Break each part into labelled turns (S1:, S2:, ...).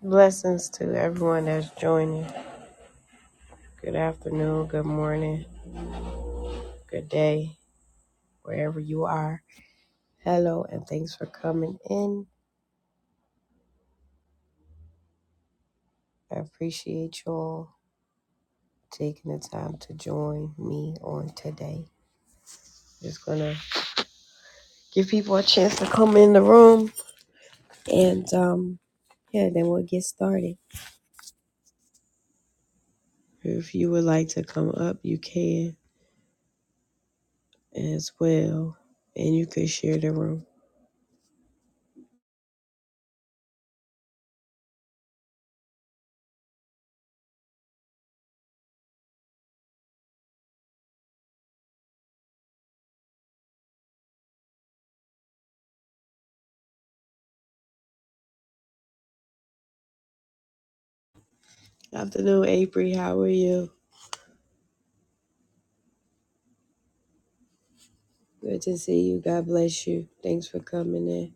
S1: Blessings to everyone that's joining. Good afternoon, good morning, good day, wherever you are. Hello, and thanks for coming in. I appreciate you all taking the time to join me on today. Just gonna give people a chance to come in the room, and um, yeah, then we'll get started. If you would like to come up, you can as well, and you can share the room. Afternoon, April. How are you? Good to see you. God bless you. Thanks for coming in.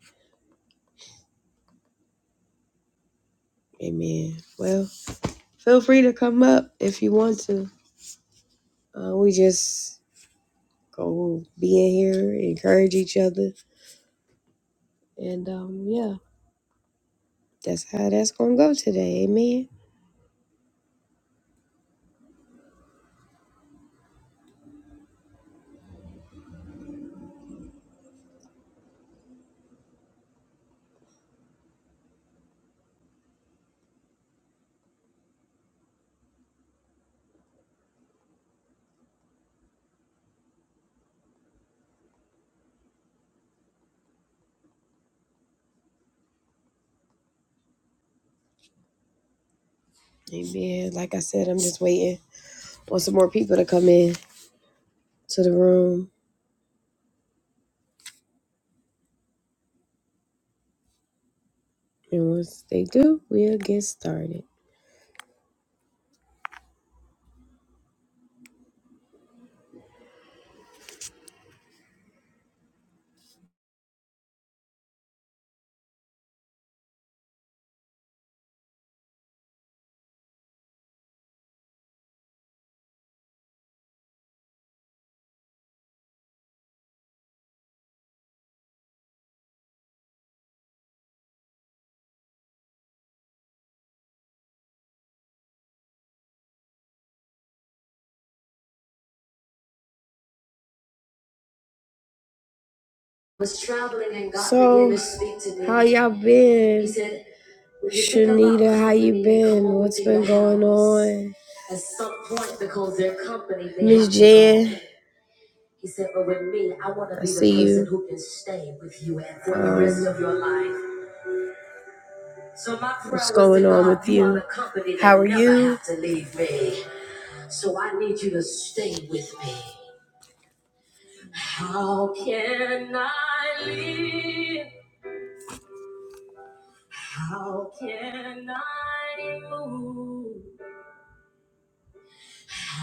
S1: Amen. Well, feel free to come up if you want to. Uh, we just go be in here, encourage each other, and um, yeah, that's how that's gonna go today. Amen. Amen. Like I said, I'm just waiting on some more people to come in to the room, and once they do, we'll get started. Was traveling and God so, began to speak to me. how y'all been? He said, Shanita, how you been? What's been going on? Miss Jan. I see you. Um, What's going on with you? How are you?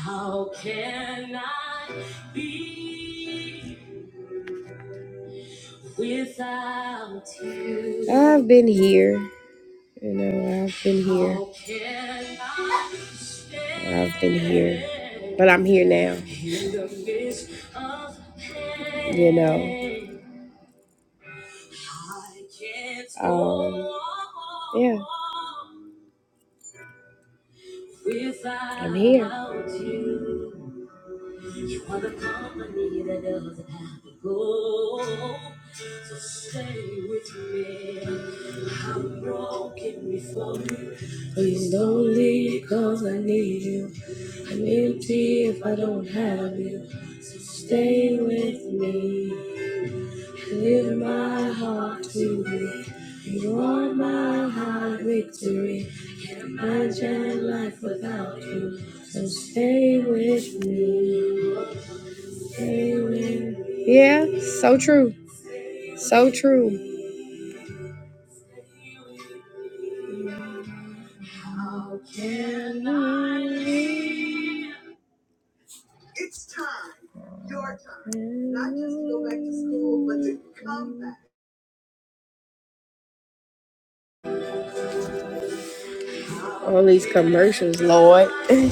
S1: How can I be without you? I've been here. You know, I've been here. How can I stand I've been here. But I'm here now. in the midst of pain? You know. I can't um, yeah. survive I'm here. you. You are the company that doesn't have to go. So stay with me. I'm broken before you. Please don't leave, cause I need you. I'm empty if I don't have you. So stay with me. Live my heart to you. You are my high victory. Imagine life without you. So stay with me. Yeah, so true. So true. All these commercials, Lord. you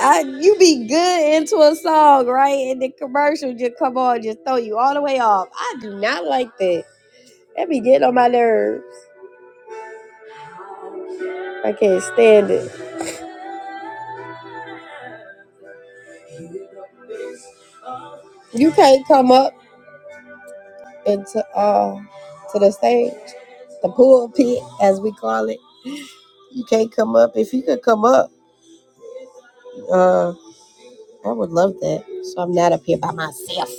S1: I, you be good into a song, right? And the commercial just come on, just throw you all the way off. I do not like that. That be getting on my nerves. I can't stand it. You can't come up. into uh to the stage, the pulpit as we call it. You can't come up. If you could come up, uh, I would love that. So I'm not up here by myself.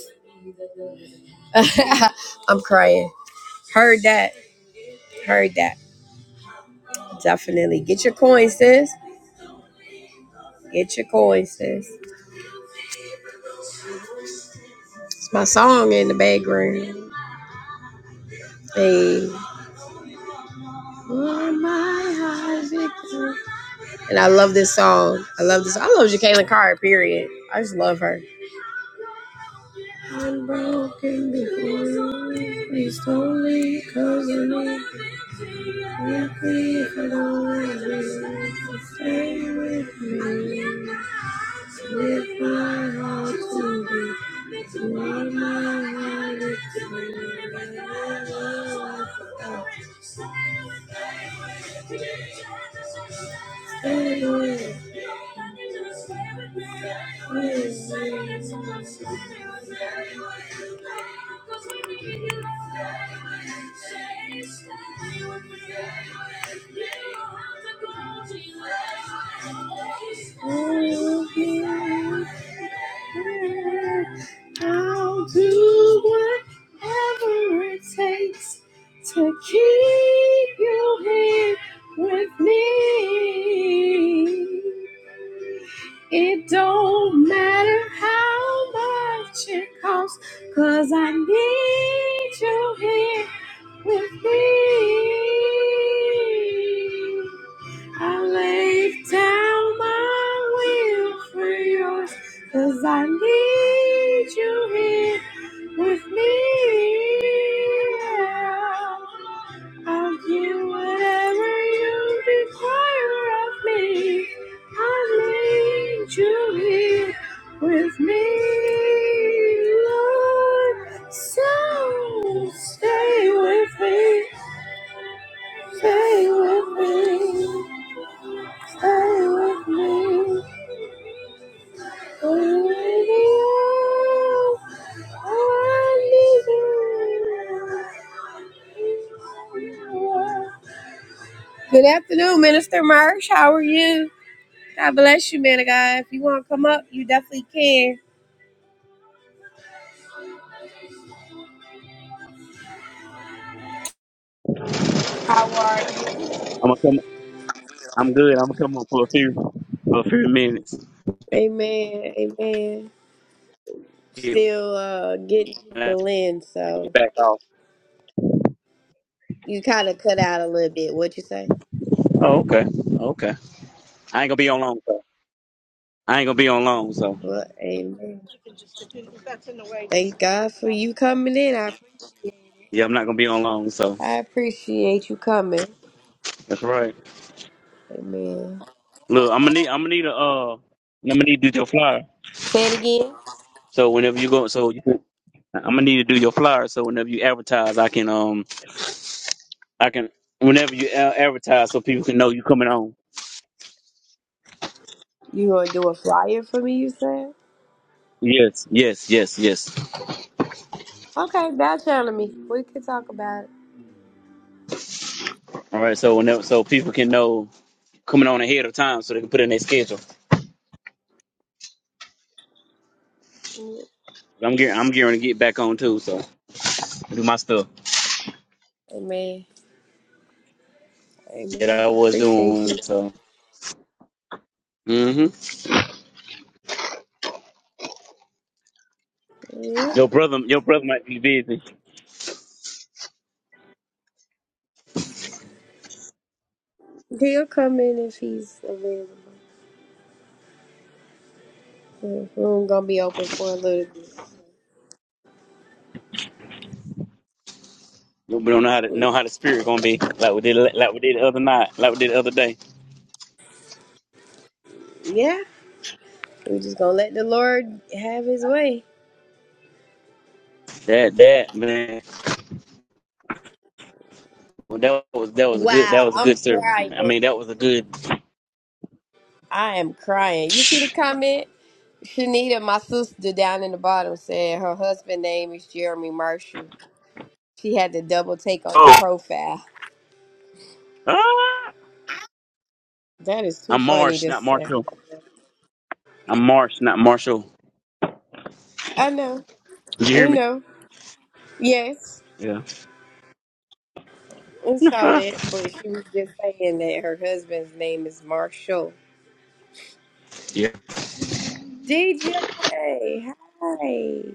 S1: I'm crying. Heard that. Heard that. Definitely get your coin, sis. Get your coin, sis. It's my song in the background. Hey. Oh my eyes victim? And I love this song. I love this. I love Jacqueline Carr, period. I just love her. Unbroken before Please don't leave, cause you know exactly if I don't want you to stay with me. If to tomorrow night is tomorrow, I'll do whatever it takes to keep you here with me. It don't matter how much it costs, cause I need you here with me. I lay down my will for yours, cause I need you here with me. I'll do whatever you require with me. Good afternoon, Minister Marsh. How are you? God bless you, man of God. If you want to come up, you definitely can. How are you?
S2: I'm gonna come. I'm good. I'm gonna come up for a few, for a few minutes.
S1: Amen. Amen.
S2: Yeah,
S1: Still uh, getting
S2: and I take
S1: people in,
S2: it
S1: so
S2: back off.
S1: you kind of cut out a little bit. what you say?
S2: Oh, okay. Okay. I ain't gonna be on long. So. I ain't gonna be on long. So
S1: Well, amen. Thank God for you coming in. I,
S2: yeah, I'm not gonna be on long. So
S1: I appreciate you coming.
S2: that's right.
S1: Amen.
S2: Look, I'm gonna need. I'm gonna need a. Uh, I'm gonna need to do your flyer.
S1: Say it again.
S2: So whenever you go, so you, I'm gonna need to do your flyer. So whenever you advertise, I can. Um, I can. Whenever you a- advertise, so people can know you coming on.
S1: You gonna do a flyer for me? You said.
S2: Yes. Yes. Yes. Yes.
S1: Okay, bow down to me. We can talk about
S2: All right. So whenever, so people can know coming on ahead of time, so they can put in their schedule.
S1: it.
S2: I'm getting I'm getting to get back on too, so do my stuff
S1: Amen.
S2: that
S1: Amen.
S2: I was
S1: Appreciate
S2: doing.
S1: you.
S2: So hmm
S1: Yeah.
S2: your brother your brother might be busy.
S1: He'll come in if he's available. The room gonna be open for a little bit.
S2: We don't know how to know how the spirit gonna be like we did like we did the other night, like we did the other day.
S1: Yeah. we just gonna let the Lord have his way.
S2: That that man, well, that was that was a good that
S1: Wow,
S2: was a good
S1: I'm
S2: service.
S1: crying.
S2: Man. I mean that was a good.
S1: I am crying. You see the comment? Shanita, my sister down in the bottom, said her husband name is Jeremy Marshall. She had to double take on
S2: Oh,
S1: the profile.
S2: ah!
S1: That is too
S2: I'm
S1: funny
S2: Marsh,
S1: to
S2: not
S1: say.
S2: Marshall. I'm Marsh, not Marshall.
S1: I know.
S2: Did you hear
S1: We
S2: me?
S1: know. Yes,
S2: Yeah.
S1: I saw
S2: Ah,
S1: that, but she was just saying that her husband's name is Marshall.
S2: yeah.
S1: DJ, hi. Hey,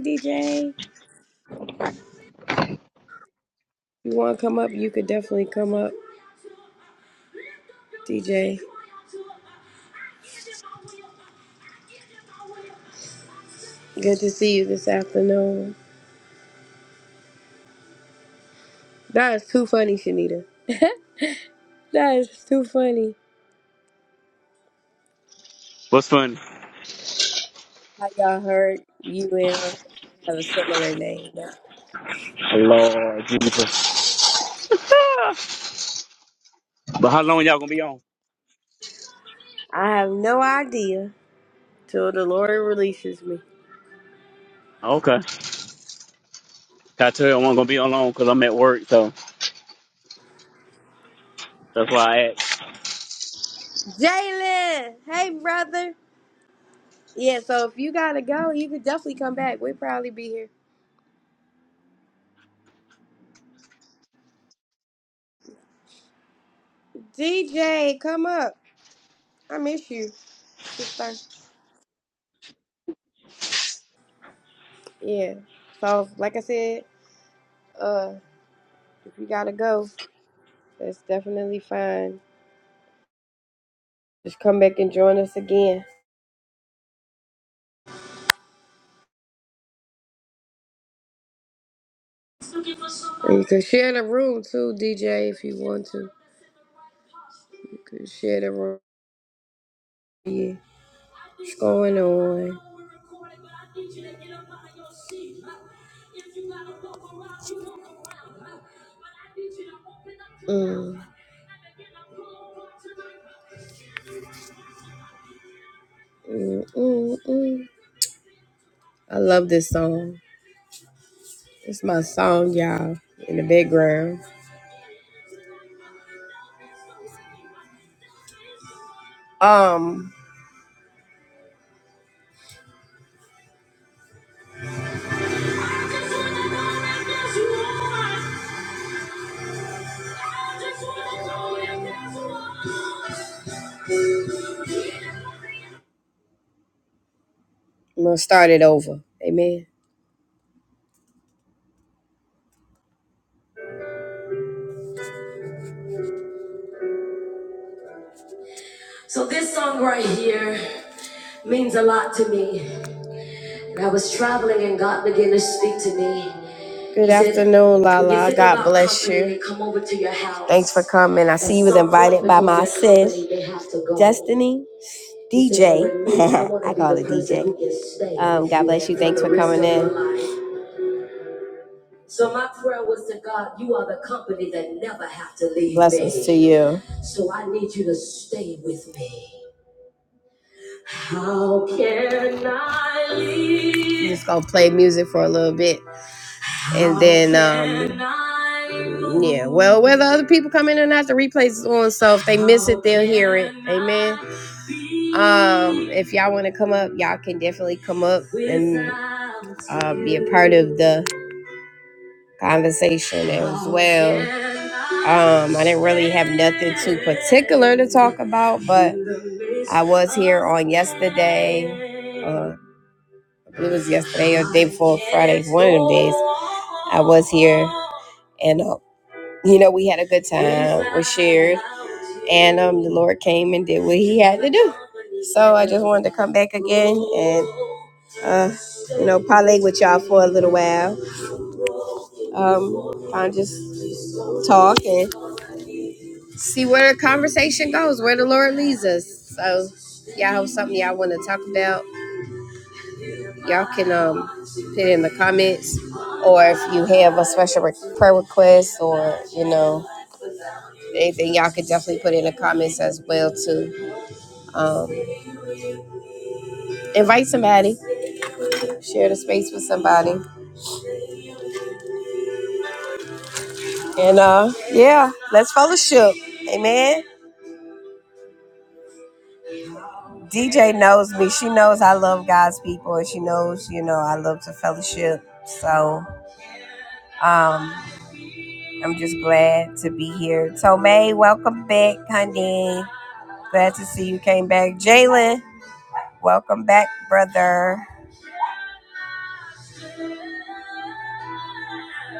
S1: DJ. You want to come up? You could definitely come up, DJ. Good to see you this afternoon. That is too funny, Shanita. That is too funny.
S2: What's funny?
S1: How y'all heard you and her have a similar name.
S2: Lord Jesus. Ah! But how long y'all gonna be on?
S1: I have no idea till the Lord releases me.
S2: Okay. I tell you, I wasn't gonna be alone because I'm at work, so that's why I asked.
S1: Jalen, hey brother. Yeah, so if you gotta go, you could definitely come back. We'd probably be here. DJ, come up. I miss you, sister. Yeah. So like I said, uh, if you gotta go, that's definitely fine. Just come back and join us again. And you can share the room too, DJ, if you want to. You can share the room. Yeah. What's going on? Mm. Mm, mm, mm. I love this song. It's my song, y'all, in the background. Um. I'm gonna start it over. Amen. So this song right here means a lot to me. And I was traveling and God began to speak to me. Good He said, afternoon, Lala. "When you think God about bless company, you. they Come over to your house. Thanks for coming. I see you was And someone invited by who my is sis, company, they have to go. Destiny, DJ. I wanna I be call the it DJ. Um, God bless you. for Thanks the for rest coming of in. your life." So my prayer was to God, you are the company that never have to leave. Blessings me. to you. So I need you to stay with me. How can I leave? Just gonna play music for a little bit, and then um, yeah. Well, whether other people come in or not, the replays is on, so if they miss it, they'll hear it. Amen. Um, if y'all want to come up, y'all can definitely come up and uh, be a part of the conversation as well. Um, I didn't really have nothing too particular to talk about, but I was here on yesterday. Uh, it was yesterday or the day before Friday, one of the days. I was here, and uh, you know we had a good time. We shared, and um, the Lord came and did what He had to do. So I just wanted to come back again and uh, you know parlay with y'all for a little while. Um, kind just talk and see where the conversation goes, where the Lord leads us. So y'all have something y'all want to talk about Y'all can um put it in the comments, or if you have a special re- prayer request, or you know anything, y'all can definitely put it in the comments as well too. Um, invite somebody, share the space with somebody, and uh, yeah, let's fellowship. Amen. DJ knows me. She knows I love God's people, and she knows you know I love to fellowship. So um, I'm just glad to be here. Tomei, welcome back, honey. Glad to see you came back. Jalen, Welcome back, brother.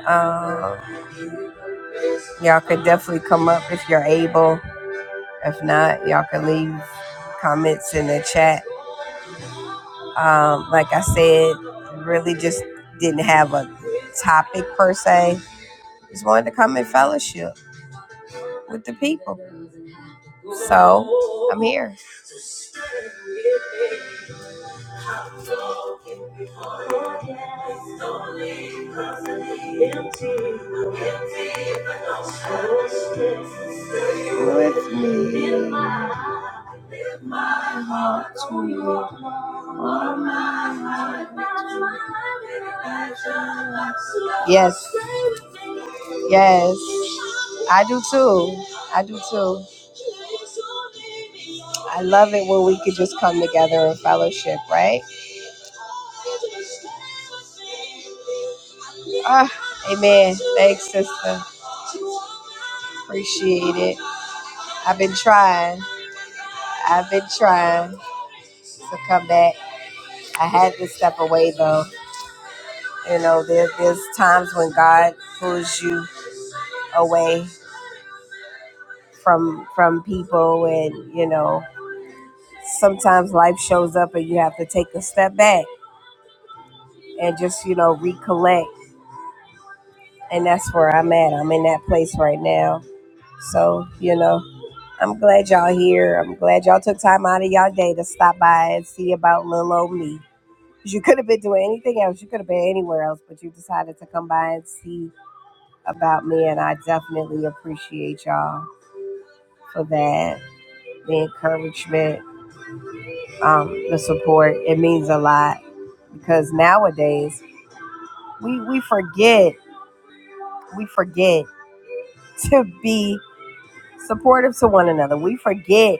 S1: Um, y'all could definitely come up if you're able. If not, y'all could leave comments in the chat. Um, like I said, really just didn't have a topic per se. Just wanted to come and fellowship with the people. So I'm here. Yes, yes. I do too. I do too. I love it when we could just come together in fellowship, right? Ah, amen. Thanks, sister. Appreciate it. I've been trying. I've been trying to come back. I had to step away though. You know, there, there's times when God pulls you away from from people, and you know, sometimes life shows up and you have to take a step back. and just, you know, recollect. And that's where I'm at. I'm in that place right now. So, you know, I'm glad y'all here. I'm glad y'all took time out of y'all day to stop by and see about little old me. 'Cause You could have been doing anything else. You could have been anywhere else, but you decided to come by and see about me. And I definitely appreciate y'all for that. The encouragement, um, the support. It means a lot because nowadays we, we forget, we forget to be supportive to one another. We forget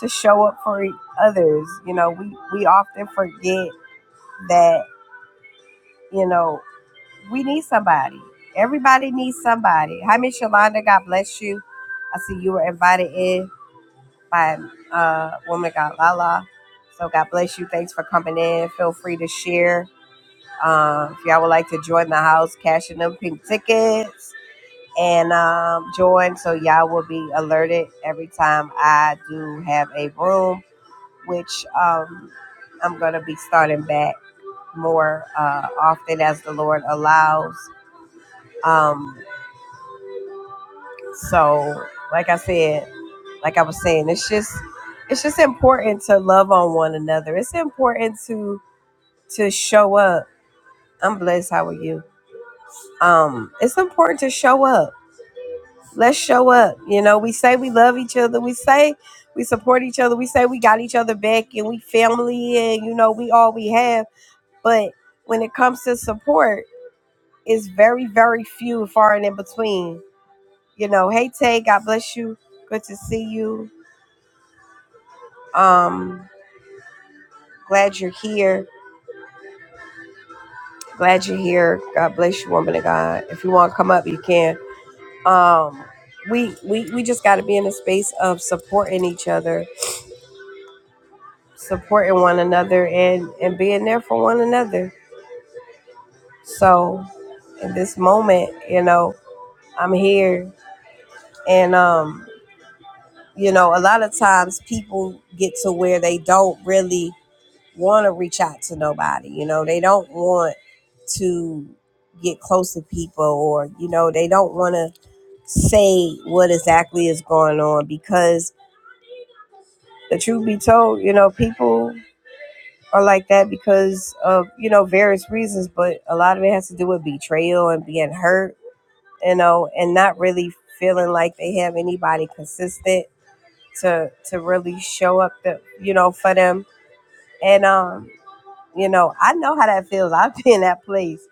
S1: to show up for e- others. You know, we we often forget that you know we need somebody. Everybody needs somebody. Hi, Miss Yolanda. God bless you. I see you were invited in by uh, woman of God Lala. So God bless you. Thanks for coming in. Feel free to share. Um, if y'all would like to join the house, cashing them pink tickets. and um, join so y'all will be alerted every time I do have a room, which um, I'm going to be starting back more uh, often as the Lord allows. Um, so, like I said, like I was saying, it's just it's just important to love on one another. It's important to to show up. I'm blessed. How are you? Um, it's important to show up let's show up. You know, we say we love each other. We say we support each other. We say we got each other back and we family and you know, we all we have. But when it comes to support, it's very, very few and far and in between. You know, hey Tay, God bless you. Good to see you. Um, glad you're here. Glad you're here. God bless you, woman of God. If you want to come up, you can. Um, we we we just gotta be in a space of supporting each other supporting one another and and being there for one another so in this moment you know i'm here and um you know a lot of times people get to where they don't really want to reach out to nobody you know they don't want to get close to people or you know they don't want to say what exactly is going on because the truth be told you know people Are like that because of you know various reasons but a lot of it has to do with betrayal and being hurt you know and not really feeling like they have anybody consistent to to really show up the, you know for them and um you know i know how that feels i've been in that place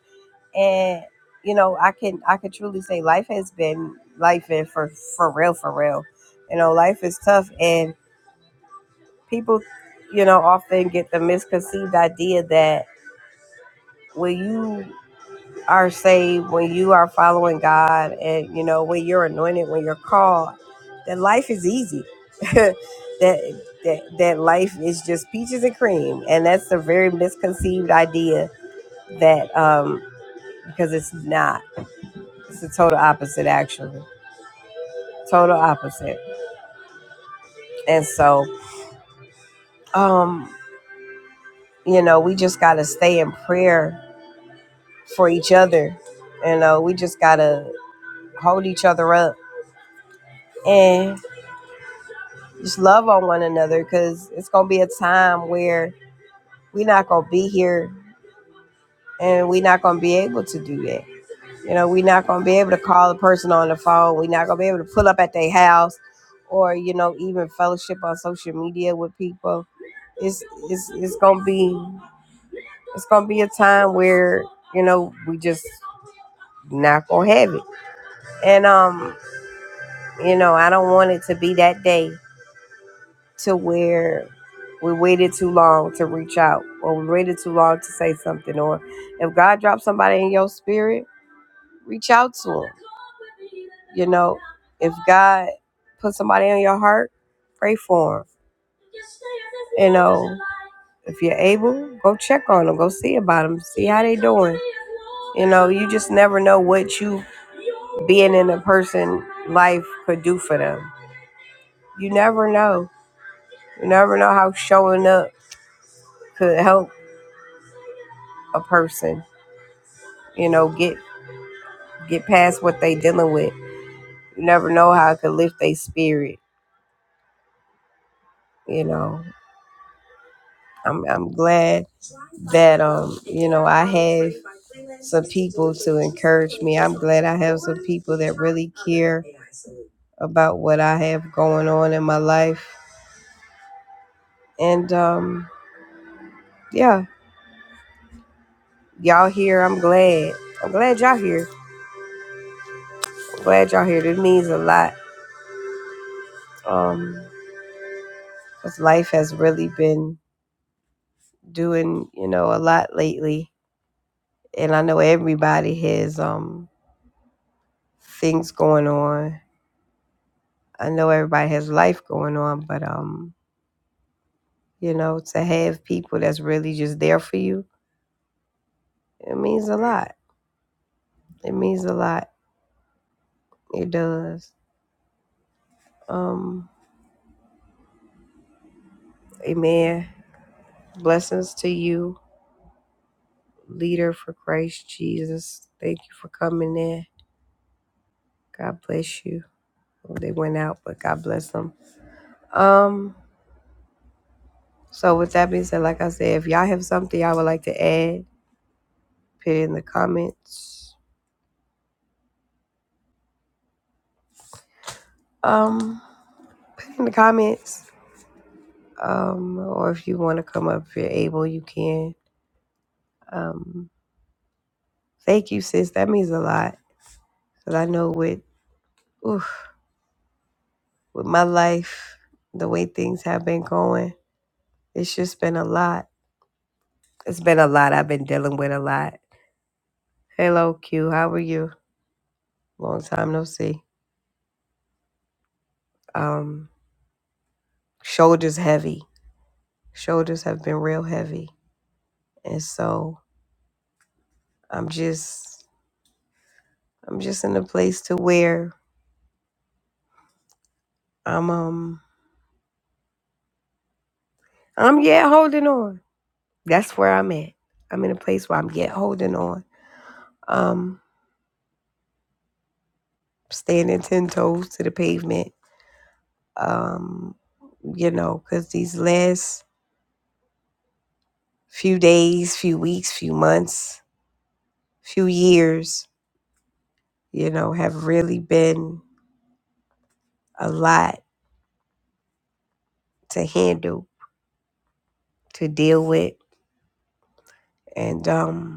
S1: and you know i can i can truly say life has been life and for for real for real you know life is tough and people you know often get the misconceived idea that when you are saved, when you are following God, and you know when you're anointed, when you're called, that life is easy. that that that life is just peaches and cream, and that's a very misconceived idea that um because it's not. It's the total opposite, actually. Total opposite. And so, um, you know, we just gotta stay in prayer for each other. You know, we just gotta hold each other up and. just love on one another because it's gonna be a time where we're not gonna be here and we're not gonna be able to do that. You know, we're not gonna be able to call a person on the phone. We're not gonna be able to pull up at their house, or you know, even fellowship on social media with people. It's it's it's gonna be it's gonna be a time where you know we just not gonna have it. And um, you know, I don't want it to be that day to where we waited too long to reach out or we waited too long to say something or if god drops somebody in your spirit reach out to him you know if god put somebody on your heart pray for him you know if you're able go check on them go see about them see how they doing you know you just never know what you being in a person life could do for them you never know you never know how showing up could help a person you know get get past what they dealing with you never know how it could lift their spirit you know i'm i'm glad that um you know i have some people to encourage me i'm glad i have some people that really care about what i have going on in my life and um yeah y'all here i'm glad i'm glad y'all here i'm glad y'all here this means a lot um 'cause life has really been doing you know a lot lately and I know everybody has um things going on. I know everybody has life going on, but um, you know, to have people that's really just there for you, it means a lot. It means a lot. It does. Um, amen. Blessings to you, leader for Christ Jesus. Thank you for coming in. God bless you. Well, they went out, but God bless them. Um, so with that being said, like I said, if y'all have something y'all would like to add, put it in the comments Um, put in the comments. Um, or if you want to come up, if you're able, you can. Um, thank you, sis. That means a lot because I know with oof, with my life, the way things have been going, it's just been a lot. It's been a lot. I've been dealing with a lot. Hello, Q. How are you? Long time no see. Um, shoulders heavy. Shoulders have been real heavy, and so I'm just, I'm just in a place to where I'm um I'm yet holding on. That's where I'm at. I'm in a place where I'm yet holding on. Um, standing ten toes to the pavement. Um, you know, because these last few days, few weeks, few months, few years, you know, have really been a lot to handle, to deal with, and um,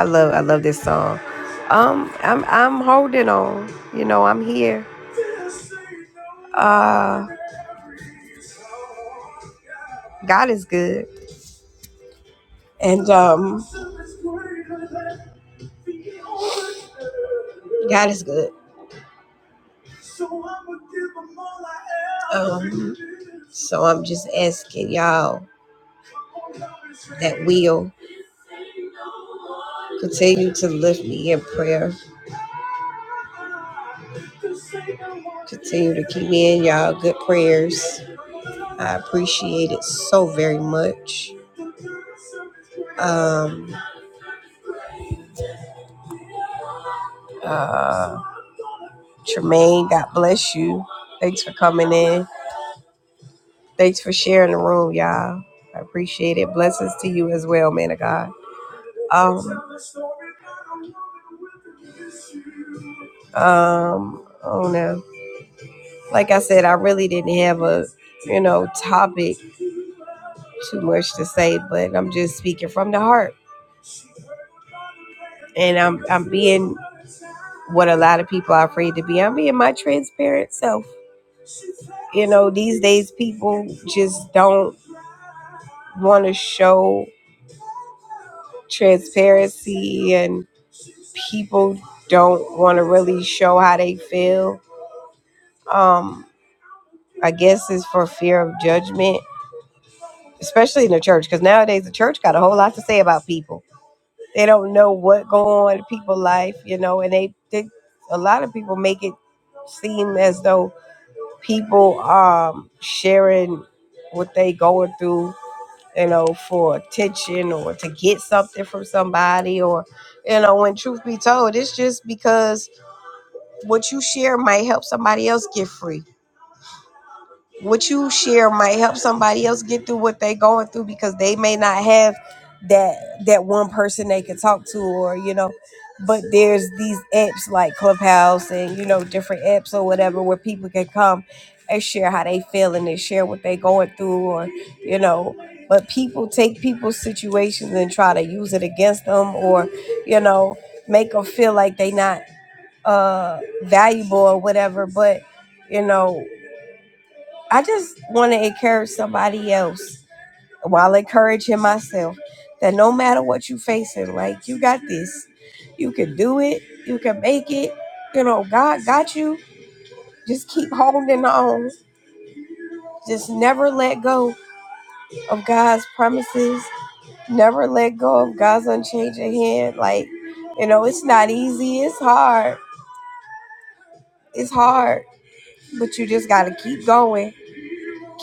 S1: I love I love this song. Um, I'm I'm holding on. You know, I'm here. Uh, God is good. And um, God is good. Um, so I'm just asking y'all that will continue to lift me in prayer. Continue to keep in y'all good prayers. I appreciate it so very much. Um, uh, Tremaine, God bless you. Thanks for coming in. Thanks for sharing the room, y'all. I appreciate it. Blessings to you as well, man of God. Um, um, Oh no. Like I said, I really didn't have a, you know, topic too much to say, but I'm just speaking from the heart, and I'm I'm being what a lot of people are afraid to be. I'm being my transparent self. You know, these days people just don't want to show transparency, and people don't want to really show how they feel. Um, I guess it's for fear of judgment, especially in the church, because nowadays the church got a whole lot to say about people They don't know what going on in people's life, you know, and they, they a lot of people make it seem as though people um sharing what they going through, you know, for attention or to get something from somebody or you know, when truth be told, it's just because what you share might help somebody else get free what you share might help somebody else get through what they're going through because they may not have that that one person they can talk to or you know but there's these apps like clubhouse and you know different apps or whatever where people can come and share how they feeling and share what they going through or you know but people take people's situations and try to use it against them or you know make them feel like they not uh valuable or whatever but you know I just want to encourage somebody else while encouraging myself that no matter what you facing, like you got this, you can do it, you can make it. You know, God got you. Just keep holding on. Just never let go of God's promises. Never let go of God's unchanging hand. Like, you know, it's not easy. It's hard. It's hard. But you just got to keep going.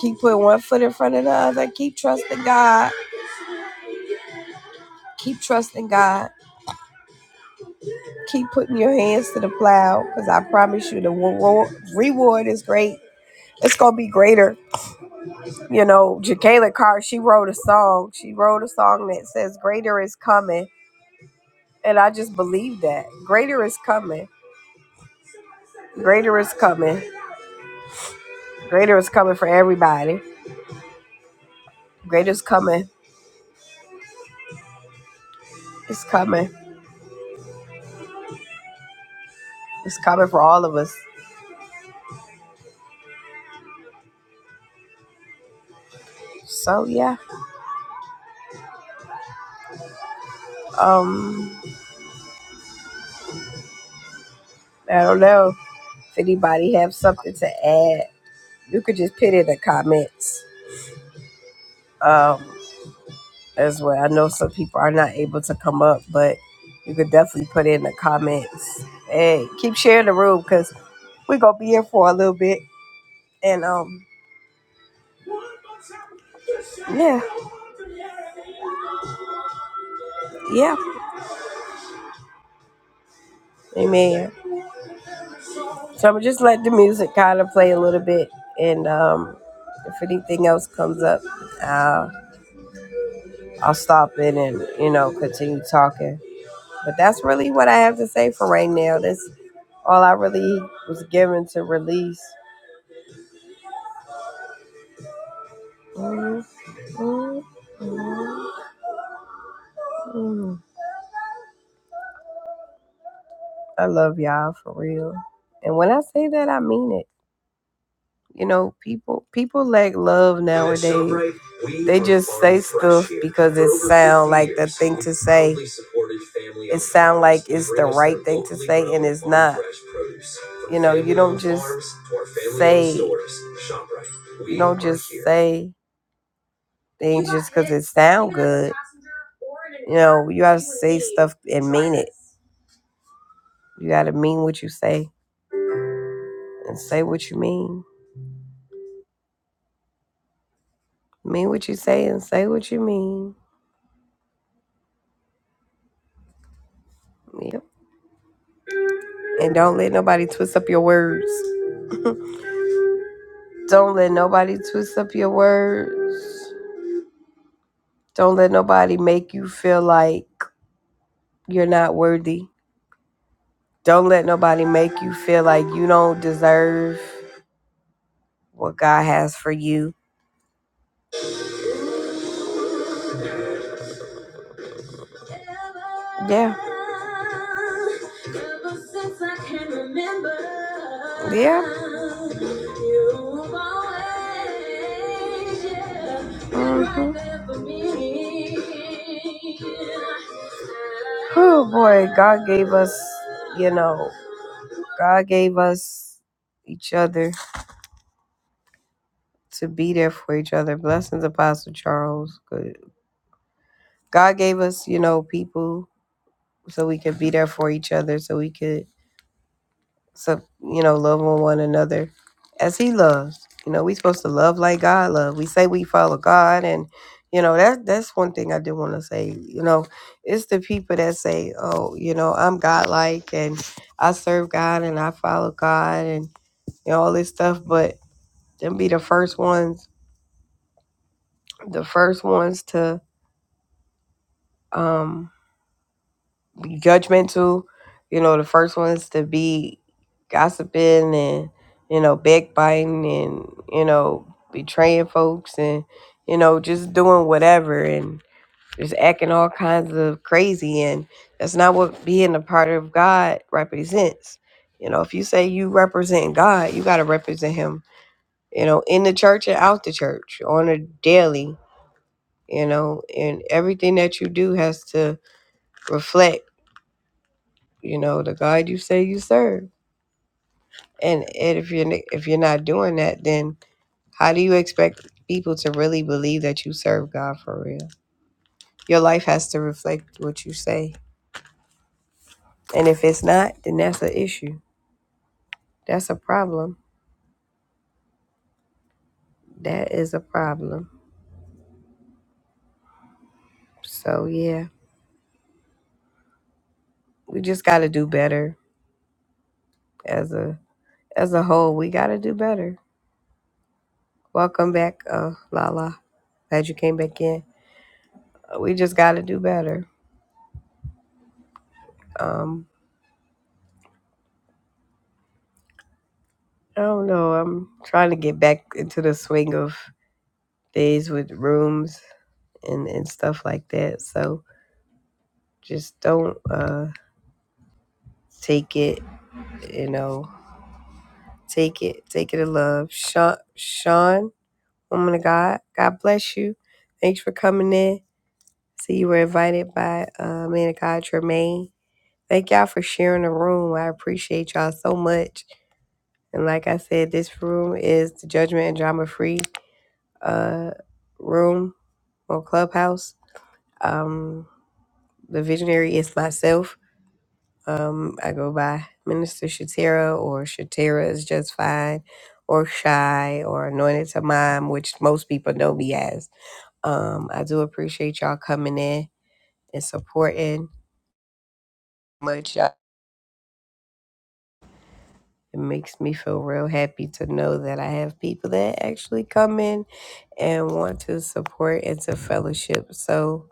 S1: Keep putting one foot in front of the other. Keep trusting God. Keep trusting God Keep putting your hands to the plow because I promise you the reward, reward is great. It's going to be greater. You know, Jacqueline Carr, she wrote a song. She wrote a song that says, Greater is coming. And I just believe that. Greater is coming. Greater is coming. Greater is coming for everybody. Greater is coming. It's coming. It's coming for all of us. So, yeah. Um, I don't know if anybody have something to add. You could just put it in the comments. Um, as well. I know some people are not able to come up, but you could definitely put in the comments. Hey, keep sharing the room because we're gonna be here for a little bit. And um Yeah. Yeah. Amen. So I'm just let the music kind of play a little bit and um if anything else comes up, uh, I'll stop in and you know continue talking. But that's really what I have to say for right now. This All I really was given to release. Mm, mm, mm, mm. I love y'all for real. And when I say that, I mean it. You know, people people lack love nowadays. They just say stuff because it sound like the thing to say. It sound like it's the right thing to say, and it's not. You know, you don't just say. You don't just say. things just because it sound good. You know, you gotta say stuff and mean it. You gotta mean what you say and say what you mean. Mean what you say and say what you mean. Yep. And don't let nobody twist up your words. Don't let nobody twist up your words. Don't let nobody make you feel like you're not worthy. Don't let nobody make you feel like you don't deserve what God has for you Yeah. Yeah. hmm Oh boy, God gave us, you know, God gave us each other to be there for each other. Blessings, Apostle Charles. Good. God gave us, you know, people so we could be there for each other, so we could So, you know, love on one another as he loves. You know, we supposed to love like God love. We say we follow God and you know, that that's one thing I do want to say. You know, it's the people that say, Oh, you know, I'm God like and I serve God and I follow God and you know, all this stuff, but them be the first ones the first ones to um judgmental. You know, the first ones to be gossiping and, you know, backbiting and, you know, betraying folks and, you know, just doing whatever and just acting all kinds of crazy. And that's not what being a part of God represents. You know, if you say you represent God, you got to represent Him, you know, in the church and out the church on a daily, you know, and everything that you do has to reflect you know, the God you say you serve. And, and if you're if you're not doing that, then how do you expect people to really believe that you serve God for real? Your life has to reflect what you say. And if it's not, then that's an issue. That's a problem. That is a problem. So yeah, we just got to do better as a as a whole. We got to do better. Welcome back, uh, Lala. Glad you came back in. Uh, We just got to do better. Um. I don't know. I'm trying to get back into the swing of days with rooms and, and stuff like that. So just don't uh take it, you know, take it, take it in love. Sean, Sean, woman of God, God bless you. Thanks for coming in. See, you were invited by uh, man of God, Tremaine. Thank y'all for sharing the room. I appreciate y'all so much. And like I said, this room is the judgment and drama free uh, room on Clubhouse. Um, the visionary is myself. Um, I go by Minister Shatera or Shatera is just fine, or Shy or Anointed to Mom, which most people know me as. Um, I do appreciate y'all coming in and supporting much. y'all. It makes me feel real happy to know that I have people that actually come in and want to support and to fellowship. So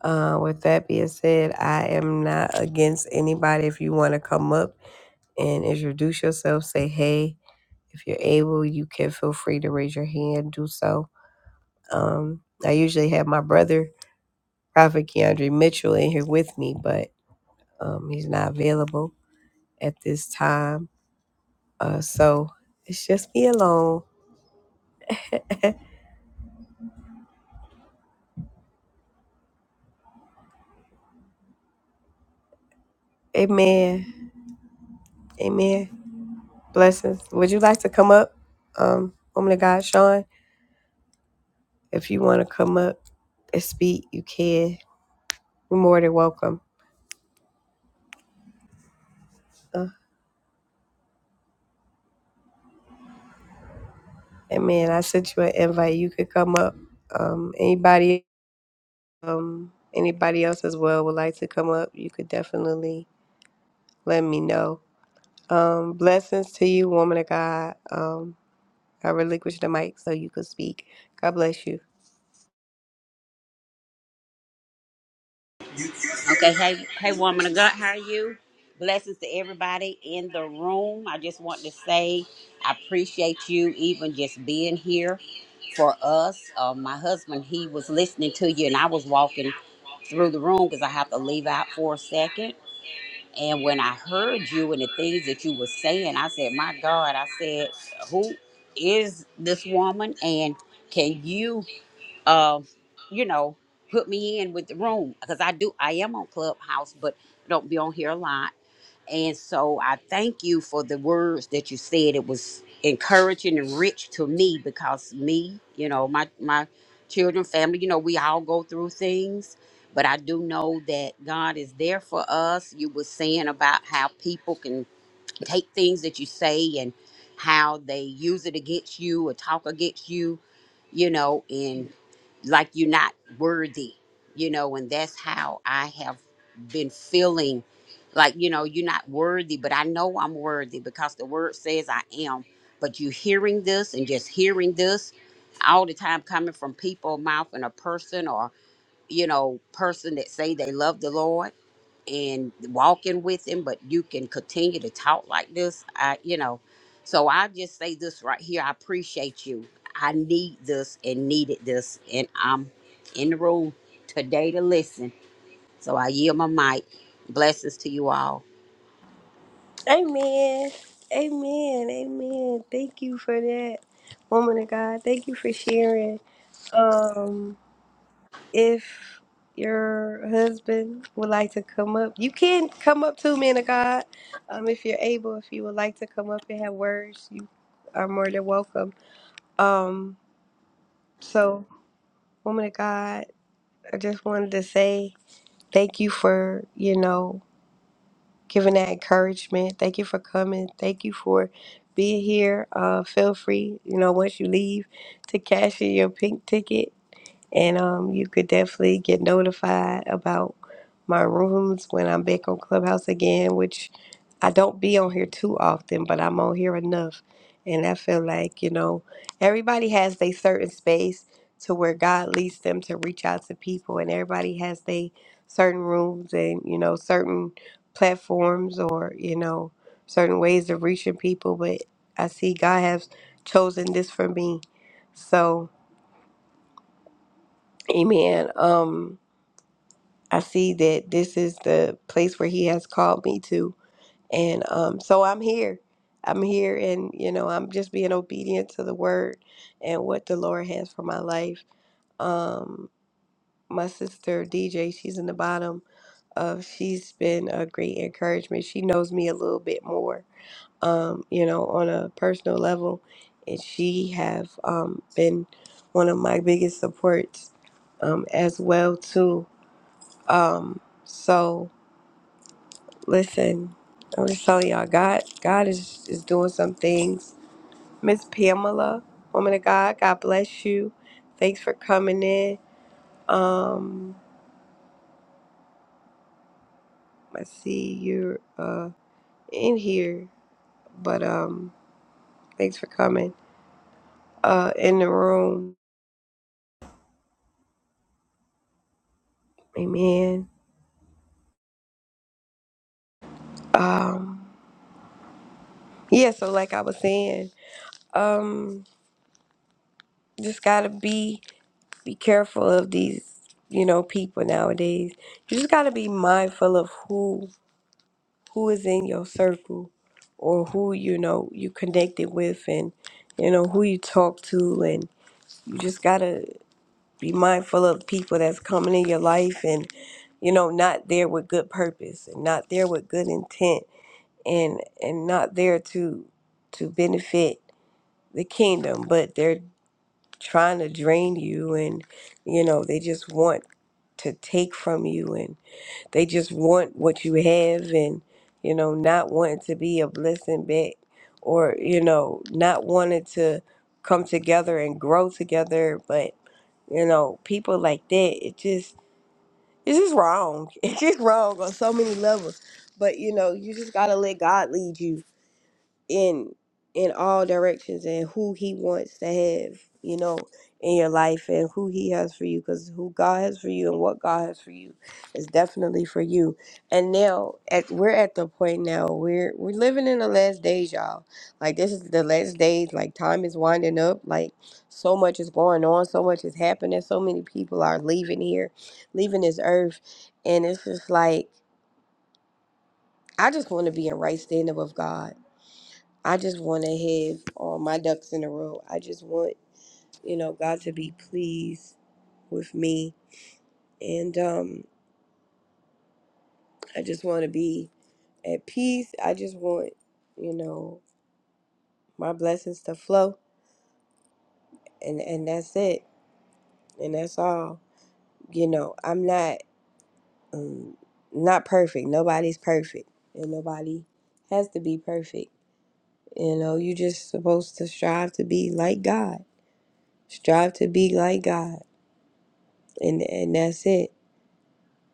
S1: Uh, with that being said, I am not against anybody. If you want to come up and introduce yourself, say hey. If you're able, you can feel free to raise your hand, do so. Um, I usually have my brother, Prophet Keandre Mitchell, in here with me, but um, he's not available at this time. Uh, so it's just me alone. Amen. Amen. Blessings. Would you like to come up, um, woman of God, Sean? If you want to come up and speak, you can. You're more than welcome. Uh, and man, I sent you an invite. You could come up. Um, anybody, um, anybody else as well would like to come up. You could definitely let me know. Um, blessings to you, woman of God. Um, I relinquished the mic so you could speak. God bless you.
S3: Okay, hey, hey, woman of God, how are you? Blessings to everybody in the room. I just want to say I appreciate you even just being here for us. Uh, my husband, he was listening to you, and I was walking through the room because I have to leave out for a second. And when I heard you and the things that you were saying, I said, "My God!" I said, "Who is this woman?" And can you? um, you know, put me in with the room because I do I am on Clubhouse, but don't be on here a lot. And so I thank you for the words that you said. It was encouraging and rich to me because me, you know, my my children, family, you know, we all go through things. But I do know that God is there for us. You were saying about how people can take things that you say and how they use it against you or talk against you, you know, and like you're not worthy, you know, and that's how I have been feeling like, you know, you're not worthy, but I know I'm worthy because the word says I am. But you hearing this and just hearing this all the time coming from people mouth and a person or, you know, person that say they love the Lord and walking with him, but you can continue to talk like this. I, you know, so I just say this right here. I appreciate you. I need this and needed this, and I'm in the room today to listen. So I yield my mic. Blessings to you all.
S1: Amen. Amen. Amen. Thank you for that, woman of God. Thank you for sharing. Um. if your husband would like to come up, you can come up too, man of God. Um, if you're able, if you would like to come up and have words, you are more than welcome. Um, so, woman of God, I just wanted to say thank you for, you know, giving that encouragement. Thank you for coming. Thank you for being here. Uh, feel free, you know, once you leave to cash in your pink ticket and um, you could definitely get notified about my rooms when I'm back on Clubhouse again, which I don't be on here too often, but I'm on here enough. And I feel like, you know, everybody has their certain space to where God leads them to reach out to people, and everybody has their certain rooms and, you know, certain platforms or, you know, certain ways of reaching people. But I see God has chosen this for me. So, amen. Um, I see that this is the place where He has called me to. And um, so I'm here. I'm here, and you know, I'm just being obedient to the word and what the Lord has for my life. Um, my sister DJ, she's in the bottom of. She's been a great encouragement. She knows me a little bit more, um, you know, on a personal level, and she have um, been one of my biggest supports um, as well too. Um, so Listen, I'm just telling y'all, God, God is is doing some things. Miss Pamela, woman of God, God bless you. Thanks for coming in. Um, I see you're uh in here, but um, thanks for coming uh in the room. Amen. Um, yeah. So like I was saying, um, just gotta be be careful of these, you know, people nowadays. You just gotta be mindful of who who is in your circle or who you know you connected with and you know who you talk to and you just gotta be mindful of people that's coming in your life and you know not there with good purpose and not there with good intent and and not there to to benefit the kingdom but they're trying to drain you and you know they just want to take from you they just want what you have and, you know, not wanting to be a blessing back or, you know, not wanting to come together and grow together. But, you know, people like that, it just, it's just wrong. It's just wrong on so many levels. But, you know, you just got to let God lead you in in all directions and who he wants to have you know in your life and who he has for you because who god has for you and what god has for you is definitely for you and now at we're at the point now we're we're living in the last days y'all like this is the last days like time is winding up like so much is going on so much is happening so many people are leaving here leaving this earth and it's just like i just want to be in right standing with god I just want to have all my ducks in a row. I just want, you know, God to be pleased with me. And um, I just want to be at peace. I just want, you know, my blessings to flow. And, and that's it. And that's all. You know, I'm not um, not perfect. Nobody's perfect. And nobody has to be perfect. You know, you just supposed to strive to be like God. Strive to be like God. And, and that's it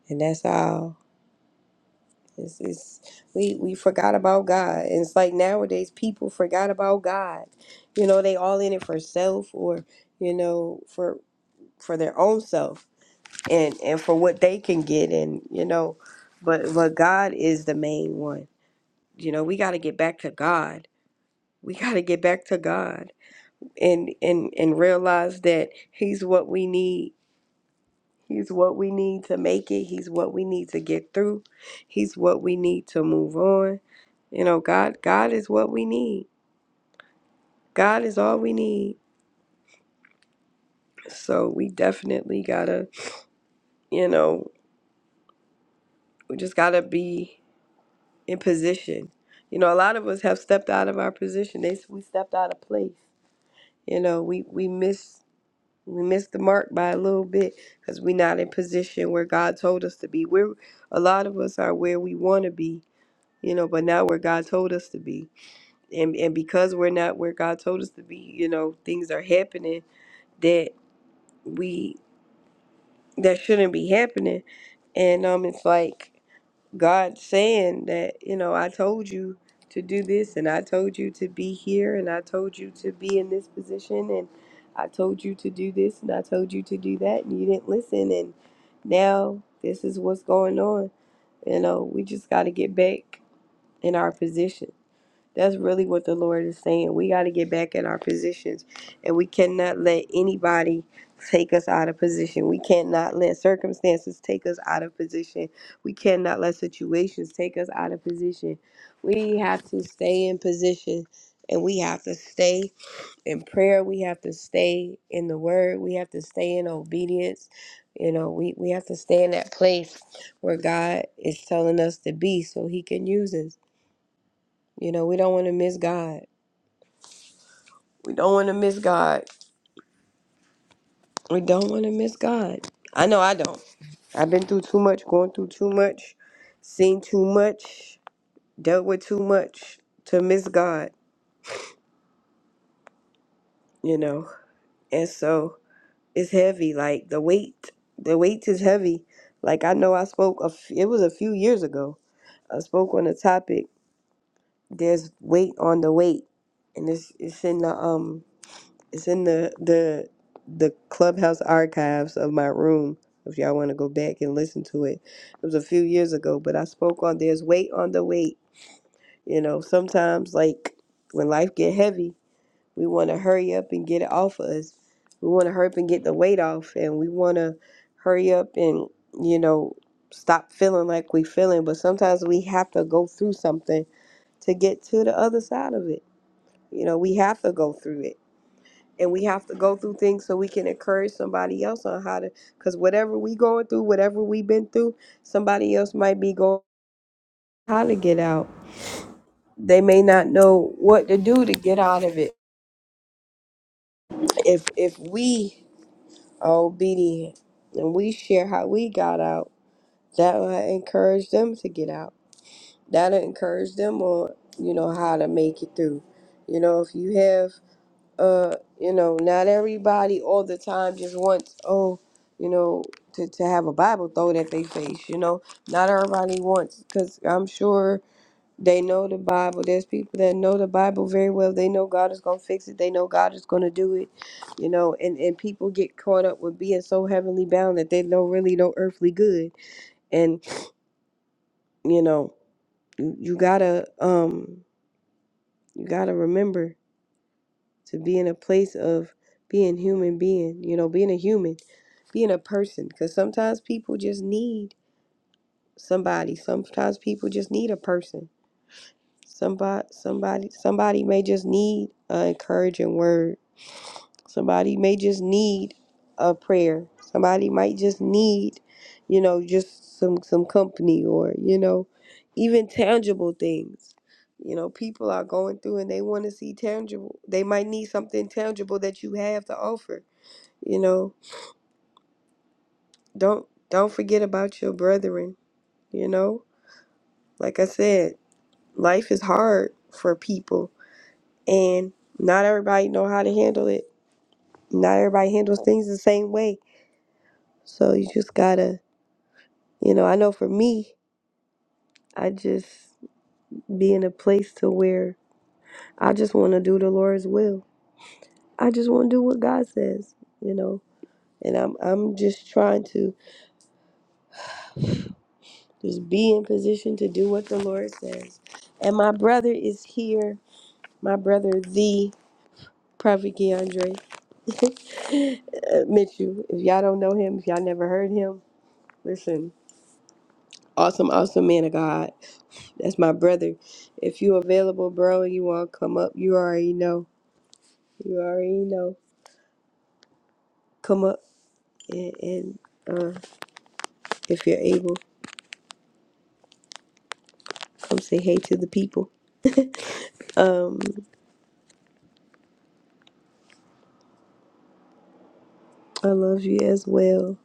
S1: and that's all. It's, it's we we forgot about God, and it's like nowadays people forgot about God. You know, they all in it for self, or you know, for for their own self, and and for what they can get, and you know, but but God is the main one. You know, we got to get back to God. We got to get back to God, and and and realize that He's what we need He's what we need to make it. He's what we need to get through. He's what we need to move on. You know, God God is what we need. God is all we need. So we definitely got to, you know, we just got to be in position. You know, a lot of us have stepped out of our position. They we stepped out of place. You know, we we missed we missed the mark by a little bit because we're not in position where God told us to be. We're a lot of us are where we want to be, you know but not where god told us to be and and because we're not where god told us to be you know things are happening that we that shouldn't be happening and um it's like god saying that you know i told you to do this and i told you to be here and i told you to be in this position and i told you to do this and i told you to do that and you didn't listen and now this is what's going on you know we just got to get back in our position That's really what the Lord is saying. We got to get back in our positions, and we cannot let anybody take us out of position. We cannot let circumstances take us out of position. We cannot let situations take us out of position. We have to stay in position, and we have to stay in prayer. We have to stay in the Word. We have to stay in obedience. You know, we, we have to stay in that place where God is telling us to be so He can use us. You know, we don't want to miss God. We don't want to miss God. We don't want to miss God. I know I don't. I've been through too much, going through too much, seen too much, dealt with too much to miss God, you know. And so it's heavy. Like the weight, the weight is heavy. Like I know I spoke, a f- it was a few years ago. I spoke on a topic. There's weight on the weight, and it's it's in the um It's in the the the clubhouse archives of my room. If y'all want to go back and listen to it, it was a few years ago, but I spoke on there's weight on the weight. You know, sometimes like when life get heavy, we want to hurry up and get it off of us. We want to hurry up and get the weight off, and we want to hurry up and you know stop feeling like we feeling. But sometimes we have to go through something to get to the other side of it. You know, we have to go through it and we have to go through things so we can encourage somebody else on how to because whatever we going through whatever we've been through somebody else might be going how to get out they may not know what to do to get out of it if if we are obedient and we share how we got out that will encourage them to get out that'll encourage them on you know how to make it through you know if you have uh, you know, not everybody all the time just wants, oh, you know, to, to have a Bible thrown at their face, you know. Not everybody wants, because I'm sure they know the Bible. There's people that know the Bible very well. They know God is going to fix it. They know God is going to do it, you know. And, and people get caught up with being so heavenly bound that they know really no earthly good. And, you know, you, you got to, um, you got to remember. to be in a place of being human being, you know, being a human, being a person. Because sometimes people just need somebody. Sometimes people just need a person. Somebody, somebody, somebody may just need an encouraging word Somebody may just need a prayer. Somebody might just need, you know, just some some company or, you know, even tangible things. You know, people are going through and they want to see tangible. They might need something tangible that you have to offer. You know, don't don't forget about your brethren, you know? Like I said, life is hard for people and not everybody know how to handle it. Not everybody handles things the same way. So you just got to You know, I know for me, I just be in a place to where I just want to do the Lord's will. I just want to do what God says, you know. And I'm I'm just trying to just be in position to do what the Lord says. And my brother is here. My brother, the Prophet Keandre uh, Mitchell. If y'all don't know him, if y'all never heard him, listen. Awesome, awesome man of God. That's my brother. If you available, bro, and you want to come up, you already know. You already know. Come up and, and uh, if you're able, come say hey to the people. Um, I love you as well.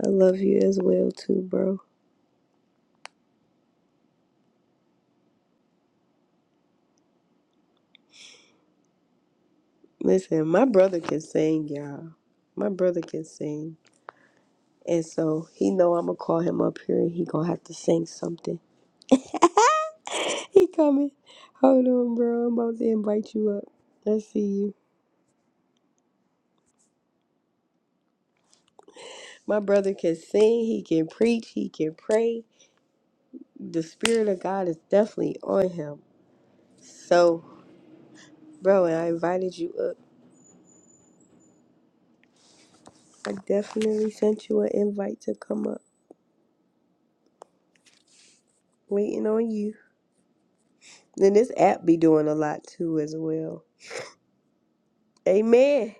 S1: I love you as well too, bro. Listen, my brother can sing, y'all. My brother can sing, and so he know I'm gonna call him up here, and he gonna have to sing something. he coming. Hold on, bro. I'm about to invite you up. I see you. My brother can sing. He can preach. He can pray. the spirit of God is definitely on him. So, bro, and I invited you up. I definitely sent you an invite to come up. Waiting on you. Then this app be doing a lot too as well. Amen.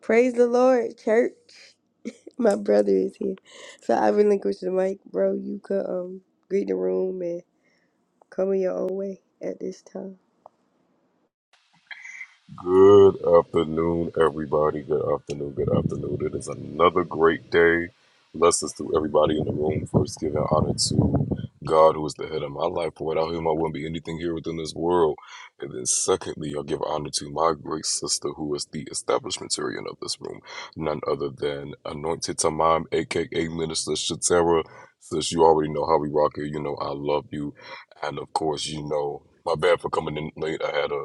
S1: Praise the Lord, church. My brother is here. So I relinquish the mic, bro. You could um greet the room and come in your own way at this time.
S4: Good afternoon, everybody. Good afternoon. Good afternoon. It is another great day. Blessings to everybody in the room. First, giving honor to God, who is the head of my life. For without Him, I wouldn't be anything here within this world. And then, secondly, I'll give honor to my great sister, who is the establishmentarian of this room, none other than Anointed Tamam, aka Minister Shatera. Since you already know how we rock here, you know I love you, and of course, you know my bad for coming in late. I had a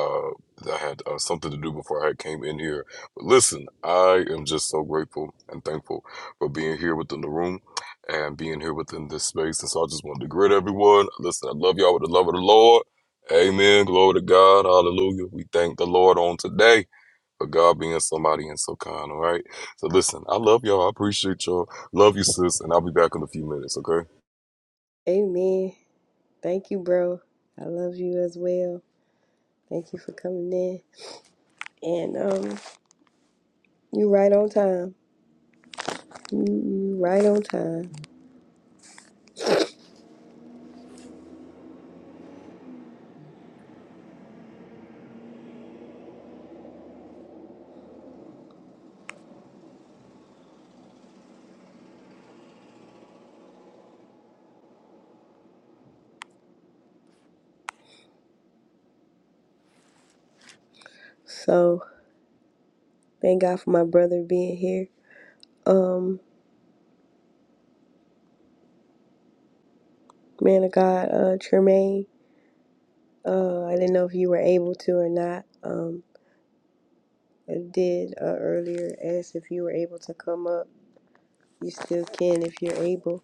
S4: uh, that I had uh, something to do before I came in here. But listen, I am just so grateful and thankful for being here within the room and being here within this space. And so I just wanted to greet everyone. Listen, I love y'all with the love of the Lord. Amen. Glory to God. Hallelujah. We thank the Lord on today for God being somebody and so kind. All right. So listen, I love y'all. I appreciate y'all. Love you, sis. And I'll be back in a few minutes. Okay.
S1: Amen. Thank you, bro. I love you as well. Thank you for coming in. And um you right on time. You, you right on time. So thank God for my brother being here. Um, man of God, uh, Tremaine. Uh, I didn't know if you were able to or not. Um, I did uh, earlier ask if you were able to come up. You still can if you're able.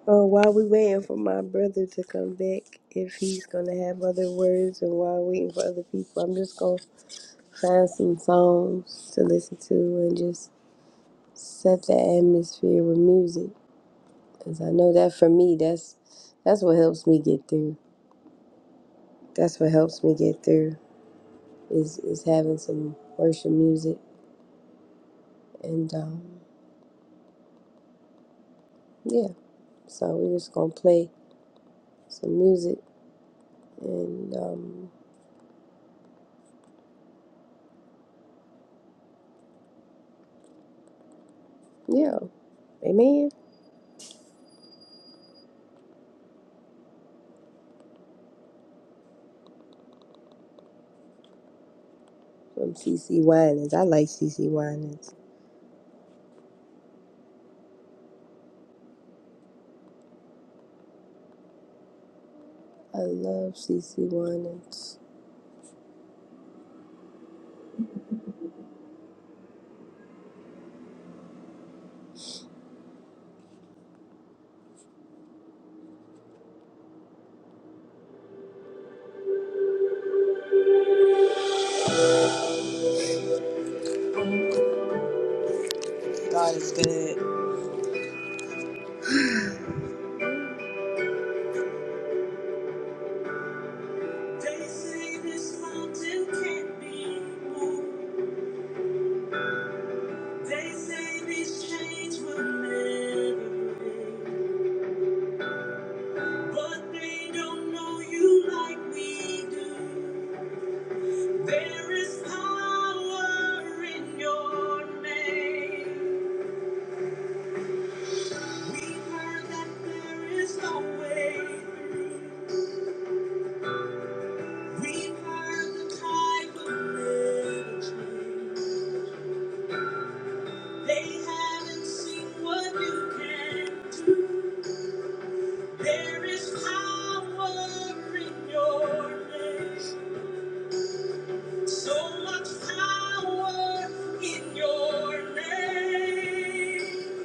S1: Uh, while we waiting for my brother to come back, if he's gonna have other words, and while waiting for other people, I'm just gonna find some songs to listen to and just set the atmosphere with music. Cause I know that for me, that's that's what helps me get through. That's what helps me get through is is having some worship music and um, yeah. So we're just gonna play some music and um, yeah, amen. From CC Winans, I like CC Winans. I love CC Winans. God is good. They say this mountain can't be moved. They say these chains will never break. But they don't know you like we do. There is power in your name. We've heard that there is no way through. We've heard the type of ministry. They haven't seen what you can do. There is power in your name. So much power in your name.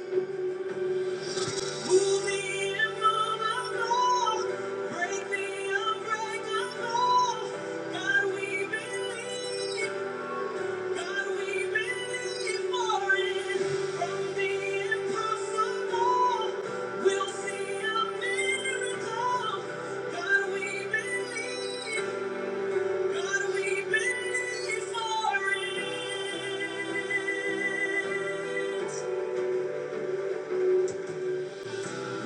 S1: Move me immovable. Break me unbreakable. God, we believe. God, we believe for it. From the impossible, we'll see a miracle. God, we believe. Could we be friends?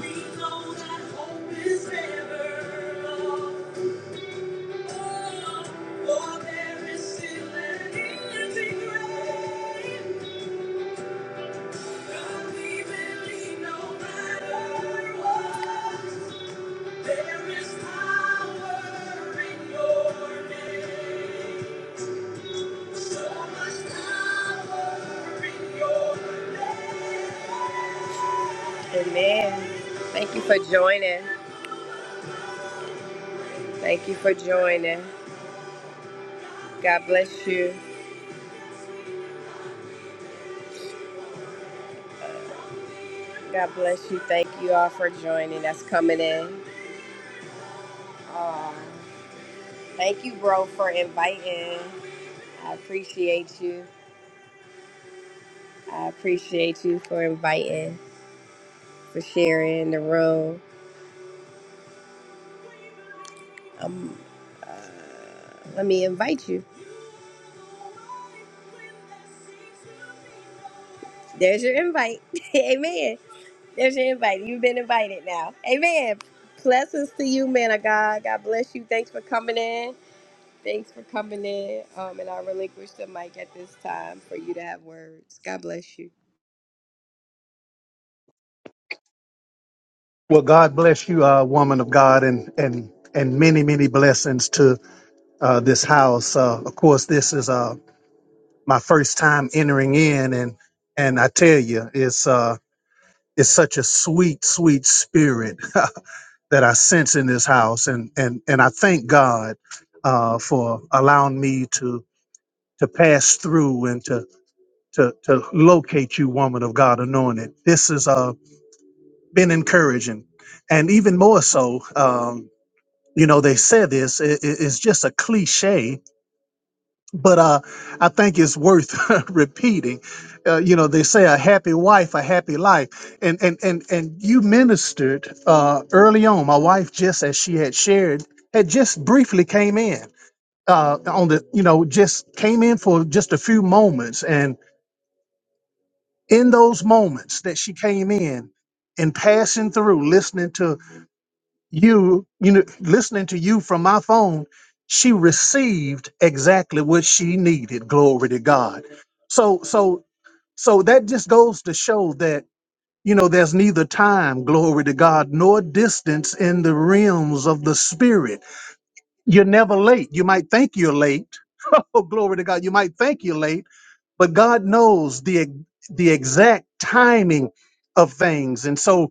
S1: We know that hope is never lost. For there is still an empty grave. God, we believe no matter what, there is power in your name. Amen. Thank you for joining. Thank you for joining. God bless you. God bless you. Thank you all for joining That's coming in. Um, thank you, bro, for inviting. I appreciate you. I appreciate you for inviting, for sharing the room. Um, uh, let me invite you. There's your invite. Amen. There's your invite. You've been invited now. Amen. Blessings to you, man of God. God bless you. Thanks for coming in. Thanks for coming in. Um, and I relinquish the mic at this time for you to have words. God bless you.
S5: Well, God bless you, uh, woman of God, and and and many many blessings to uh, this house. Uh, of course, this is uh, my first time entering in, and and I tell you, it's uh, it's such a sweet sweet spirit that I sense in this house, and and and I thank God uh, for allowing me to to pass through and to to to locate you, woman of God, anointed. This has uh, been encouraging, and even more so. Um, you know they said this i i- it's just a cliche but uh, i think it's worth repeating uh, you know they say a happy wife a happy life and and and, and you ministered uh, early on my wife just as she had shared had just briefly came in uh, on the you know just came in for just a few moments and in those moments that she came in and passing through listening to you you know listening to you from my phone she received exactly what she needed glory to god so so so that just goes to show that you know there's neither time glory to god nor distance in the realms of the spirit you're never late you might think you're late oh glory to god you might think you're late but God knows the the exact timing of things. And so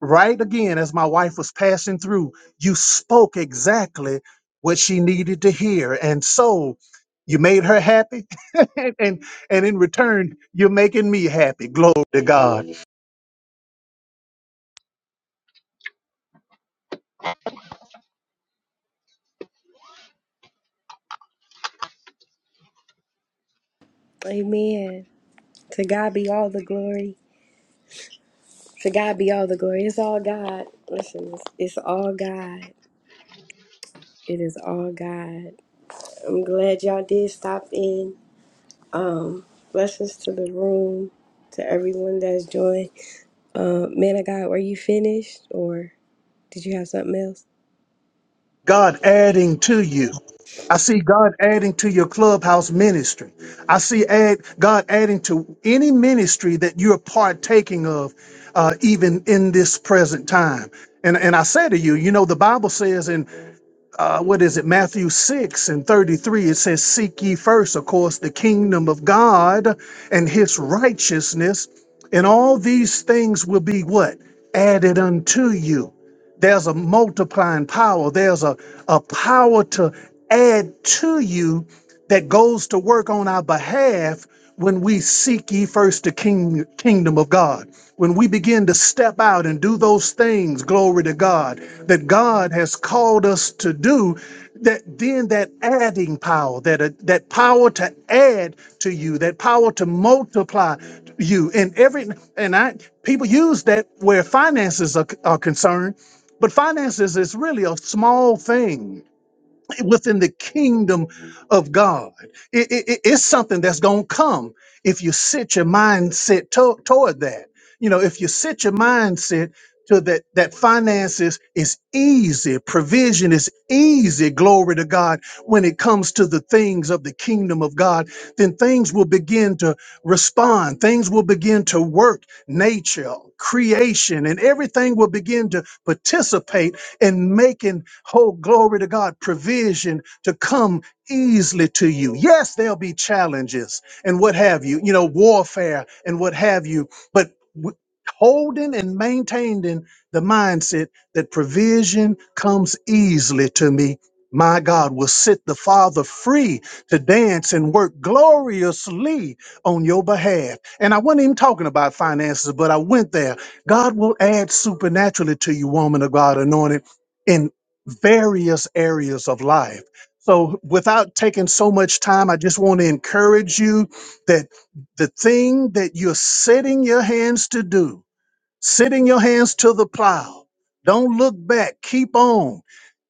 S5: right again as my wife was passing through, you spoke exactly what she needed to hear. And so you made her happy and and in return you're making me happy. Glory to God.
S1: Amen. To God be all the glory. To God be all the glory. It's all God. Listen, it's, it's all God. It is all God. I'm glad y'all did stop in. Um, blessings to the room, to everyone that's joined. Uh, man of God, were you finished or did you have something else?
S5: God adding to you. I see God adding to your clubhouse ministry. I see add, God adding to any ministry that you're partaking of, uh, even in this present time. And, and I say to you, you know, the Bible says in uh, what is it, Matthew 6 and 33, it says, Seek ye first, of course, the kingdom of God and his righteousness, and all these things will be what? Added unto you. There's a multiplying power, there's a, a power to add to you that goes to work on our behalf when we seek ye first the king, kingdom of God. When we begin to step out and do those things, glory to God, that God has called us to do, that then that adding power, that uh, that power to add to you, that power to multiply you, and every and I people use that where finances are, are concerned, but finances is really a small thing within the kingdom of God. It- it- it- it's something that's going to come if you set your mindset to- toward that. You know, if you set your mindset to that, that finances is easy, provision is easy, glory to God. When it comes to the things of the kingdom of God, then things will begin to respond. Things will begin to work, nature, creation, and everything will begin to participate in making whole glory to God provision to come easily to you. Yes, there'll be challenges and what have you, you know, warfare and what have you, but w- holding and maintaining the mindset that provision comes easily to me. My God will set the Father free to dance and work gloriously on your behalf. And I wasn't even talking about finances, but I went there. God will add supernaturally to you, woman of God, anointed in various areas of life. So, without taking so much time, I just want to encourage you that the thing that you're setting your hands to do, sitting your hands to the plow. Don't look back. Keep on.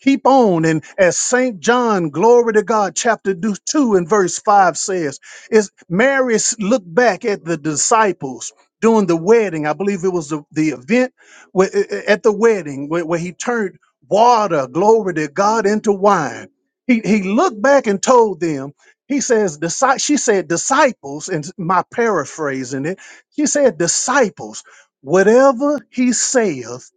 S5: Keep on. And as St. John, glory to God, chapter do- 2 and verse 5 says, is Mary s- looked back at the disciples during the wedding. I believe it was the, the event where, uh, uh, at the wedding where, where he turned water, glory to God, into wine. He, he looked back and told them, he says, "Disci-" she said, disciples, and my paraphrasing it, she said, disciples whatever he saith,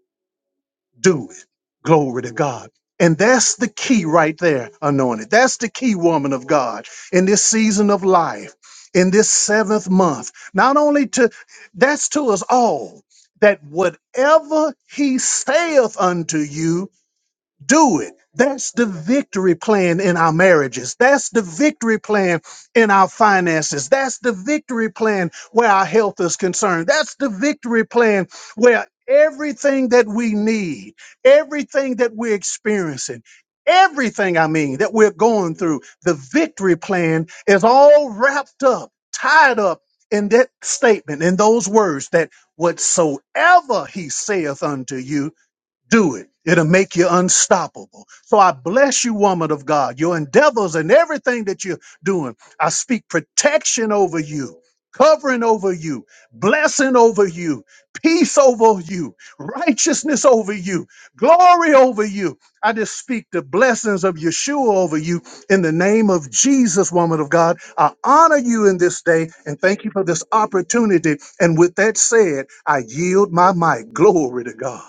S5: do it. Glory to God. And that's the key right there, anointed. That's the key, woman of God, in this season of life, in this seventh month. Not only to, that's to us all, that whatever he saith unto you, do it. That's the victory plan in our marriages. That's the victory plan in our finances. That's the victory plan where our health is concerned. That's the victory plan where everything that we need, everything that we're experiencing, everything I mean that we're going through, the victory plan is all wrapped up, tied up in that statement, in those words that whatsoever he saith unto you do it. It'll make you unstoppable. So I bless you, woman of God, your endeavors and everything that you're doing. I speak protection over you, covering over you, blessing over you, peace over you, righteousness over you, glory over you. I just speak the blessings of Yeshua over you in the name of Jesus, woman of God. I honor you in this day and thank you for this opportunity. And with that said, I yield my mic. Glory to God.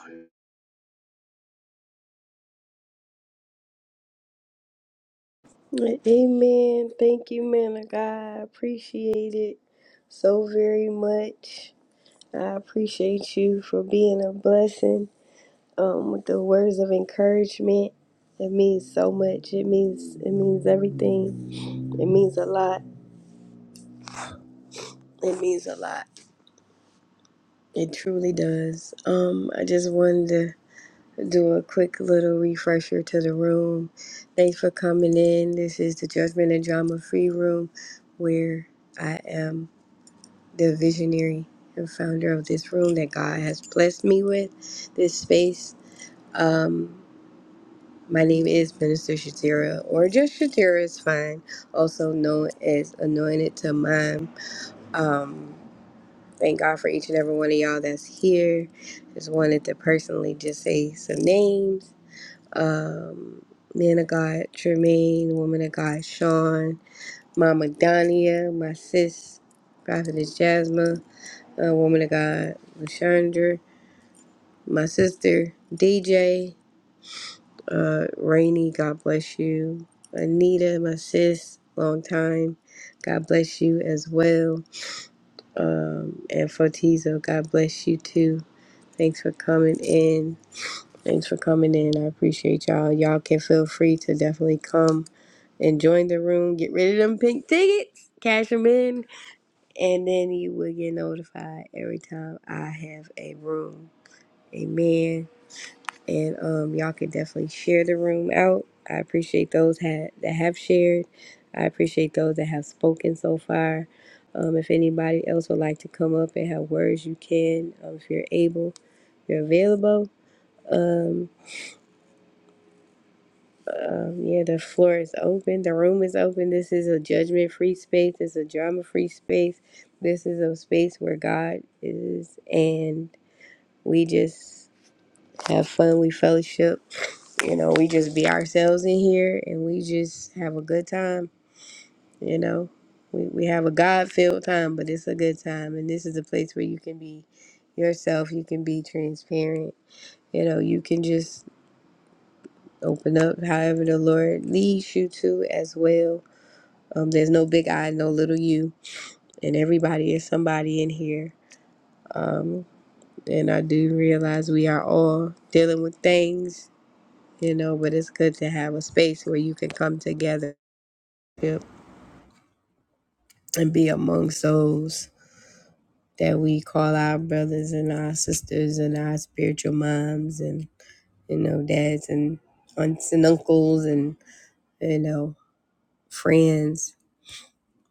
S1: Amen. Thank you, man of God. I appreciate it so very much. I appreciate you for being a blessing um, with the words of encouragement. It means so much. It means it means everything. It means a lot. It means a lot. It truly does. Um, I just wanted to do a quick little refresher to the room. Thanks for coming in. This is the Judgment and Drama Free Room, where I am. the visionary and founder of this room that God has blessed me with, this space. Um, my name is Minister Shatira, or just Shatira is fine, also known as Anointed to Mom. Um, thank God for each and every one of y'all that's here. Just wanted to personally just say some names. Um, man of God, Tremaine, woman of God, Sean, Mama Donia, my sis, Prophetess Jasmine, uh, woman of God, Lashandra, my sister, DJ, uh, Rainey, God bless you. Anita, my sis, long time, God bless you as well. Um, and Fortizo, God bless you too. Thanks for coming in. Thanks for coming in. I appreciate y'all. Y'all can feel free to definitely come and join the room. Get rid of them pink tickets, cash them in, and then you will get notified every time I have a room. Amen. and um, y'all can definitely share the room out. I appreciate those ha- that have shared. I appreciate those that have spoken so far. Um, if anybody else would like to come up and have words, you can. Um, if you're able, you're available. Um, um, yeah, the floor is open. The room is open. This is a judgment-free space. It's a drama-free space. This is a space where God is, and we just have fun. We fellowship You know, we just be ourselves in here and we just have a good time, you know. We, we have a God filled time, but it's a good time. And this is a place where you can be yourself, you can be transparent, you know, you can just open up however the Lord leads you to as well. Um, there's no big I, no little you, and everybody is somebody in here. Um, and I do realize we are all dealing with things, you know, but it's good to have a space where you can come together and be amongst those that we call our brothers and our sisters and our spiritual moms and you know dads and aunts and uncles and you know friends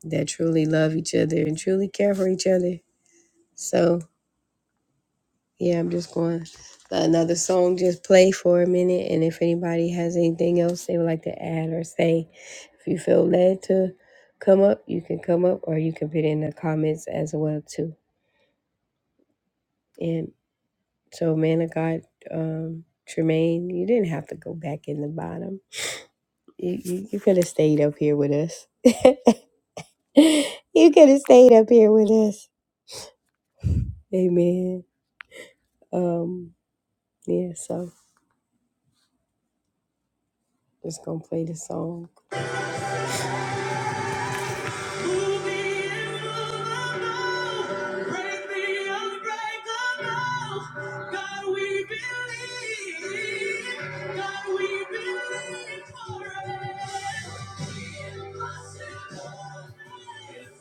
S1: that truly love each other and truly care for each other so yeah i'm just going to let another song just play for a minute and if anybody has anything else they would like to add or say if you feel led to come up you can come up or you can put in the comments as well too And So, man of God, um, Tremaine, you didn't have to go back in the bottom. You, you, you could have stayed up here with us. you could have stayed up here with us. Amen. Um, yeah, so just gonna play the song. Break the unbreakable. God, we believe. God, we believe for it. The Impossible.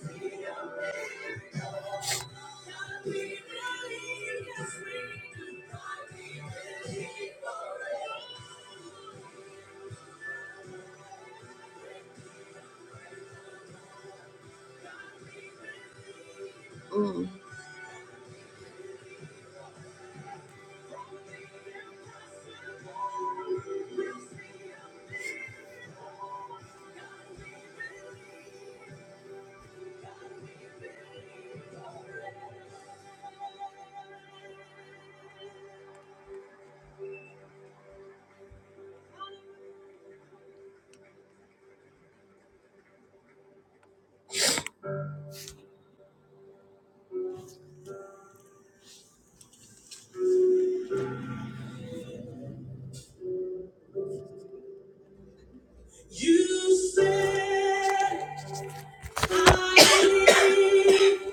S1: See a miracle. God, we believe. Yes, we do. God, we believe for it. You said, I believe.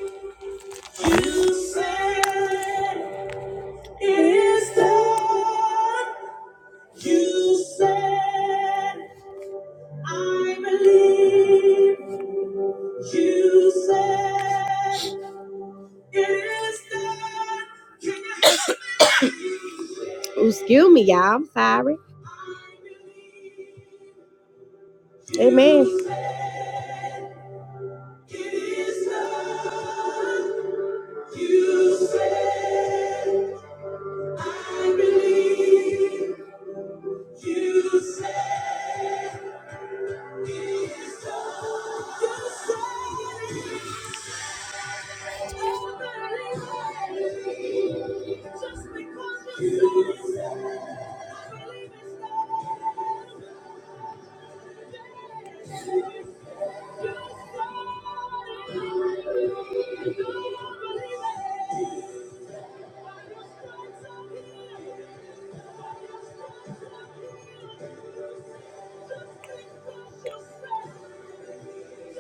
S1: You said. It is that you said, I believe you said, it is that can you help me? Excuse me, y'all. I'm sorry. Amen. You said, it is done. You said, I believe. Just because you- just because you said. Thank you.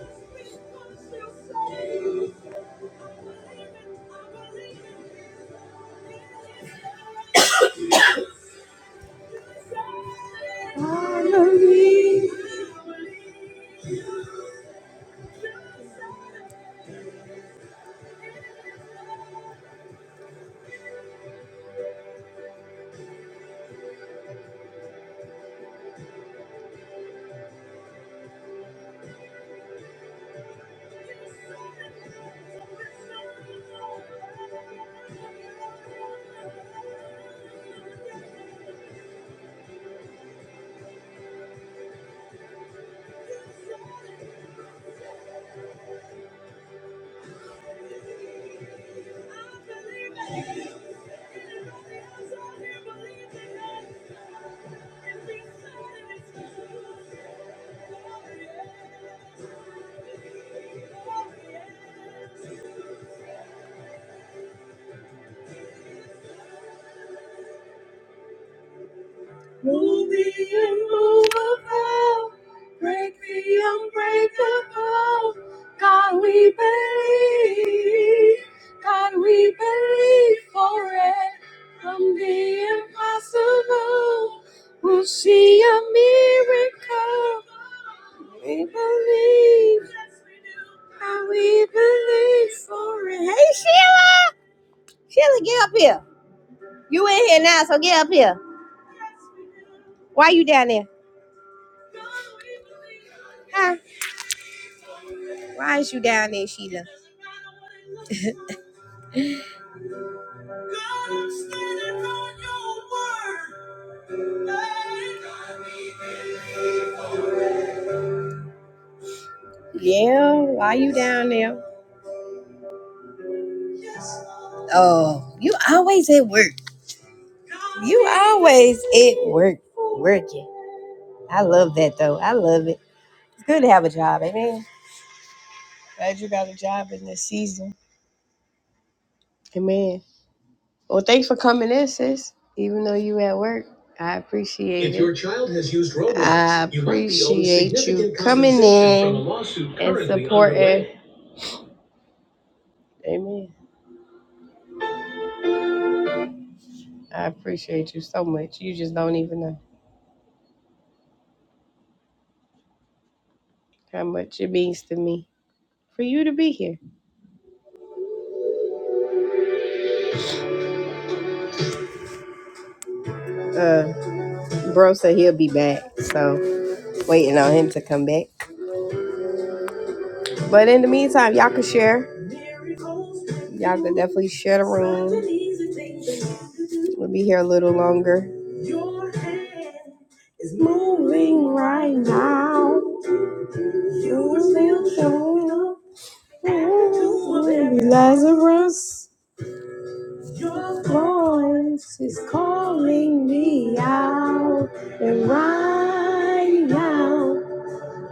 S1: Move the immovable, break the unbreakable. God, we believe. God, we believe for it. From the impossible, we'll see a miracle. We believe. God, we believe for it. There. hi. Why is you down there, Sheila? Yeah, why you down there? Oh, you always at work. You always at work, working. I love that though. I love it. It's good to have a job. Amen. Glad you got a job in this season. Amen. Well, thanks for coming in, sis. Even though you at work, I appreciate it. I appreciate you coming in and supporting. Amen. I appreciate you so much. You just don't even know how much it means to me for you to be here. Uh, bro said he'll be back, so. waiting on him to come back. But in the meantime, y'all can share. Y'all can definitely share the room. We'll be here a little longer. Right now, Lazarus, your voice is calling me out, and right now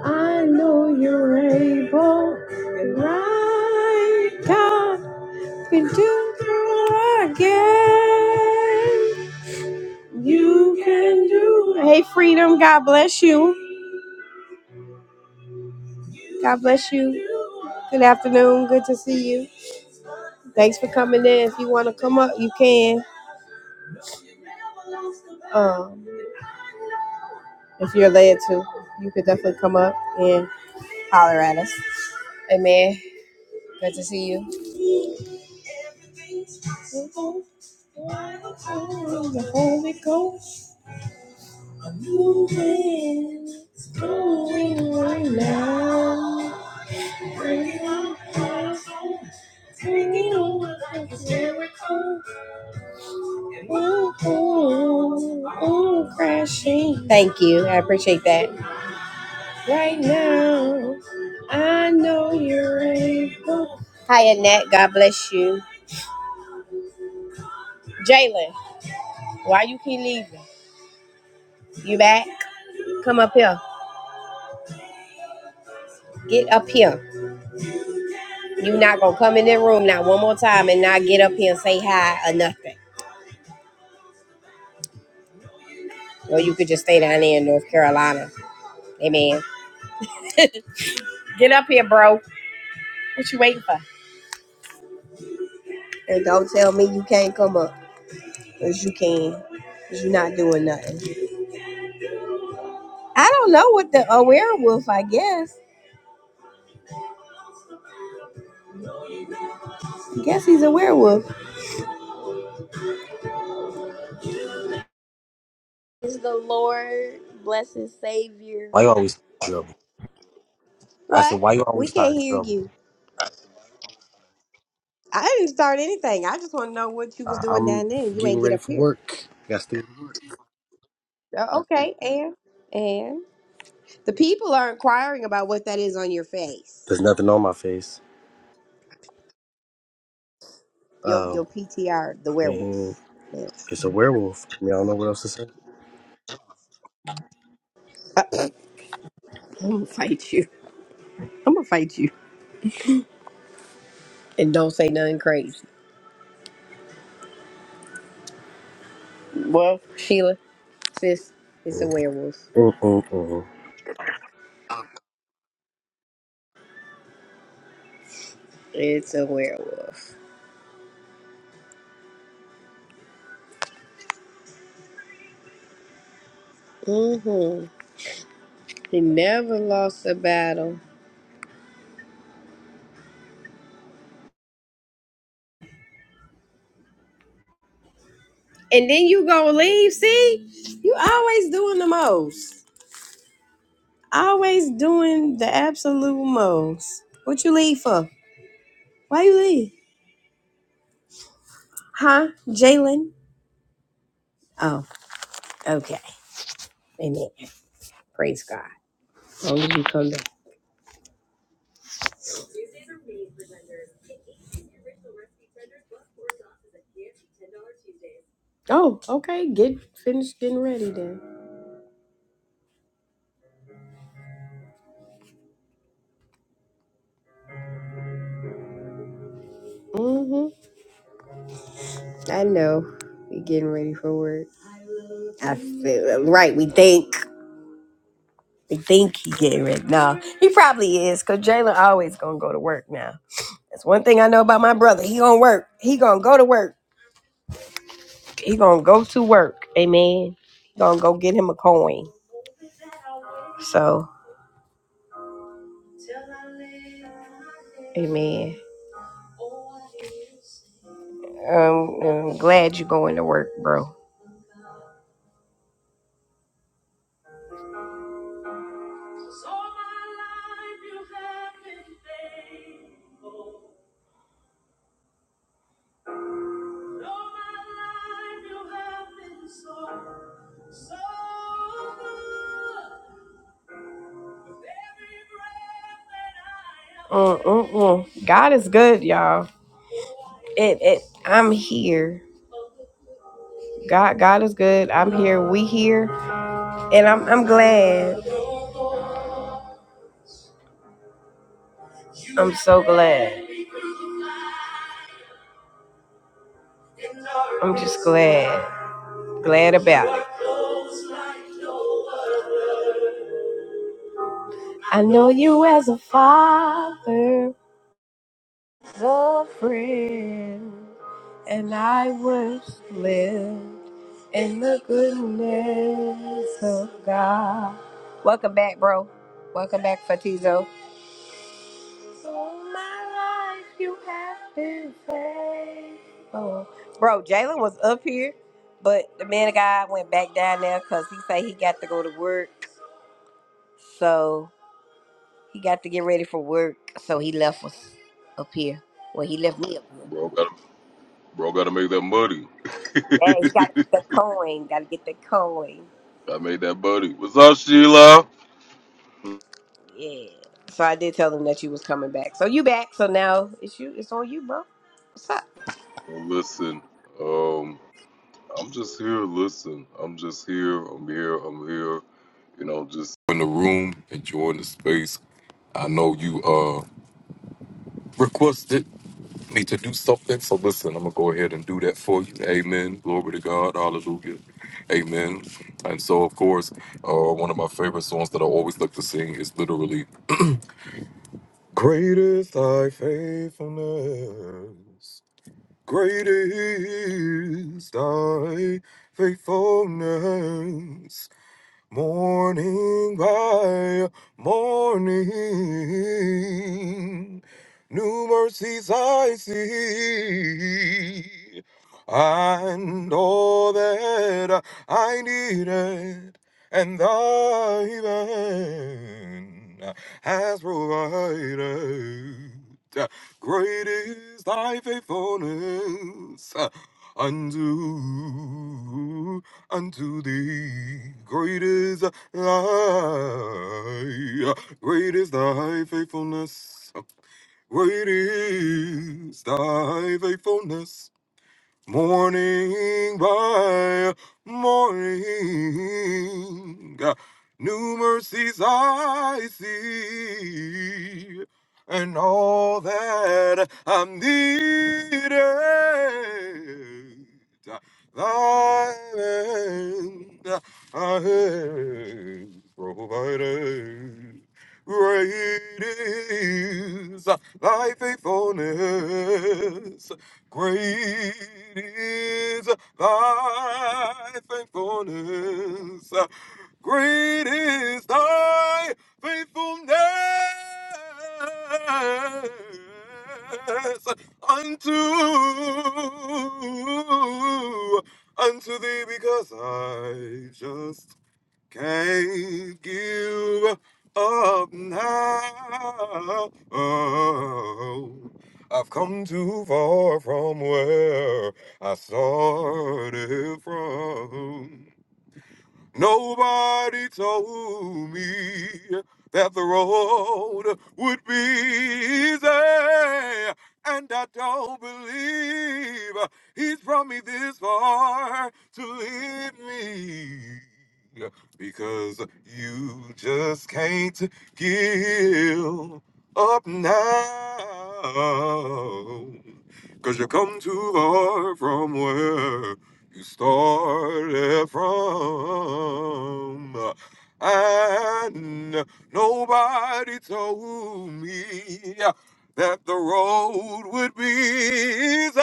S1: I know you're able, and right now you can do it again. You can do it. Hey, Freedom. God bless you. God bless you. Good afternoon. Good to see you. Thanks for coming in. If you want to come up, you can. Um, if you're led to, you could definitely come up and holler at us. Amen. Good to see you. The Holy Ghost, ooh, ooh, ooh, crashing. Thank you. I appreciate that. Right now, I know you're able. Hi, Annette. God bless you. Jalen. Why you keep leaving? You back? Come up here. Get up here. You not gonna come in that room now one more time and not get up here and say hi or nothing. Or you could just stay down there in North Carolina. Amen. Get up here, bro. What you waiting for? And don't tell me you can't come up. Cause you can. Cause you not doing nothing. I don't know what the a werewolf, I guess. I Guess he's a werewolf. Is the Lord blessed Savior.
S6: Why you always trouble? I said,
S1: What?
S6: why you
S1: We
S6: always
S1: can't
S6: starting
S1: hear
S6: trouble?
S1: you. I didn't start anything. I just want to know what you was
S6: Uh,
S1: doing
S6: I'm
S1: down there and you
S6: getting
S1: ain't get
S6: ready
S1: up
S6: for
S1: here.
S6: work. Got to do work.
S1: Oh, okay, and and the people are inquiring about what that is on your face.
S6: There's nothing on my face.
S1: Your
S6: Oh,
S1: your PTR, the
S6: I mean,
S1: werewolf. Now,
S6: it's a werewolf. I mean, I don't know what else to say.
S1: I'm gonna fight you. I'm gonna fight you. And don't say nothing crazy. Well, Sheila, sis, it's a
S6: Mm,
S1: werewolf.
S6: mm, mm, mm.
S1: It's a werewolf. Mm-hmm. He never lost a battle. And then you gonna leave, see? You always doing the most. Always doing the absolute most. What you leave for? Why you leave? Huh? Jalen? Oh, okay. Amen. Praise God. Long as you come back. Oh, okay. Get finished getting ready then. Mm-hmm. I know. We getting ready for work. I feel right. We think. We think he getting ready. No, he probably is, cause Jalen always gonna go to work now. That's one thing I know about my brother. He gonna work. He gonna go to work. He gonna go to work. Amen. He gonna go get him a coin. So, amen. I'm, I'm glad you're going to work, bro. Mm-mm-mm. God is good, y'all. It, it, I'm here. God, God is good. I'm here. We here, and I'm, I'm glad. I'm so glad. I'm just glad, glad about it. I know you as a father, a friend, and I was lived in the goodness of God. Welcome back, bro. Welcome back, Fatizo. All my life you have been faithful. Bro, Jalen was up here, but the man of God went back down there because he said he got to go to work. So he got to get ready for work. So he left us up here. Well, he left me up here.
S4: Bro, gotta, bro, gotta make that money.
S1: Yeah, he got to get that coin. Got to get that coin.
S4: I made that money. What's up, Sheila?
S1: Yeah. So I did tell them that you was coming back. So you back. So now it's you. It's on you, bro. What's up?
S4: Well, listen, um, I'm just here. Listen, I'm just here. I'm here. I'm here. You know, just in the room, enjoying the space. I know you uh requested me to do something, so listen, I'm gonna go ahead and do that for you. Amen. Glory to God. Hallelujah. Amen. And so, of course, uh, one of my favorite songs that I always like to sing is literally "Great is Thy Faithfulness." Great is thy faithfulness. Morning by morning, new mercies I see, and all that I needed, and thy hand has provided. Great is thy faithfulness unto unto thee. Great is thy, great is thy faithfulness. Great is thy faithfulness. Morning by morning, new mercies I see, and all that I'm needed, thy hand I have provided. Great is thy faithfulness. Great is thy faithfulness. Great is thy faithfulness unto unto thee because I just can't give up now. I've come too far from where I started from. Nobody told me that the road would be easy. And I don't believe he's brought me this far to lead me. Because you just can't give up now, Cause you come too far from where you started from. And nobody told me that the road would be easy.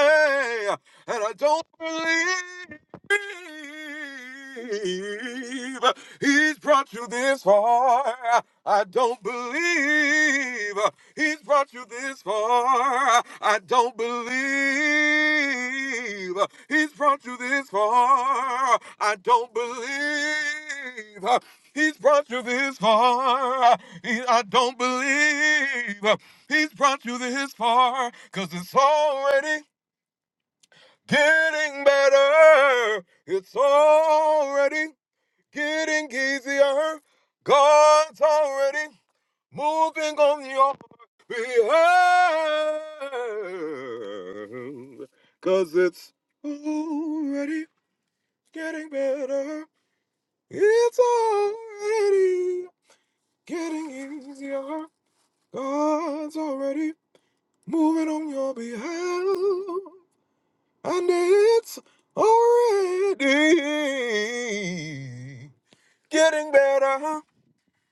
S4: And I don't believe believe he's brought you this far. I don't believe he's brought you this far. I don't believe he's brought you this far. I don't believe he's brought you this far. He- I don't believe he's brought you this far because it's already getting better. It's already getting easier. God's already moving on your behalf. Cause it's already getting better. It's already getting easier. God's already moving on your behalf. And it's already getting better.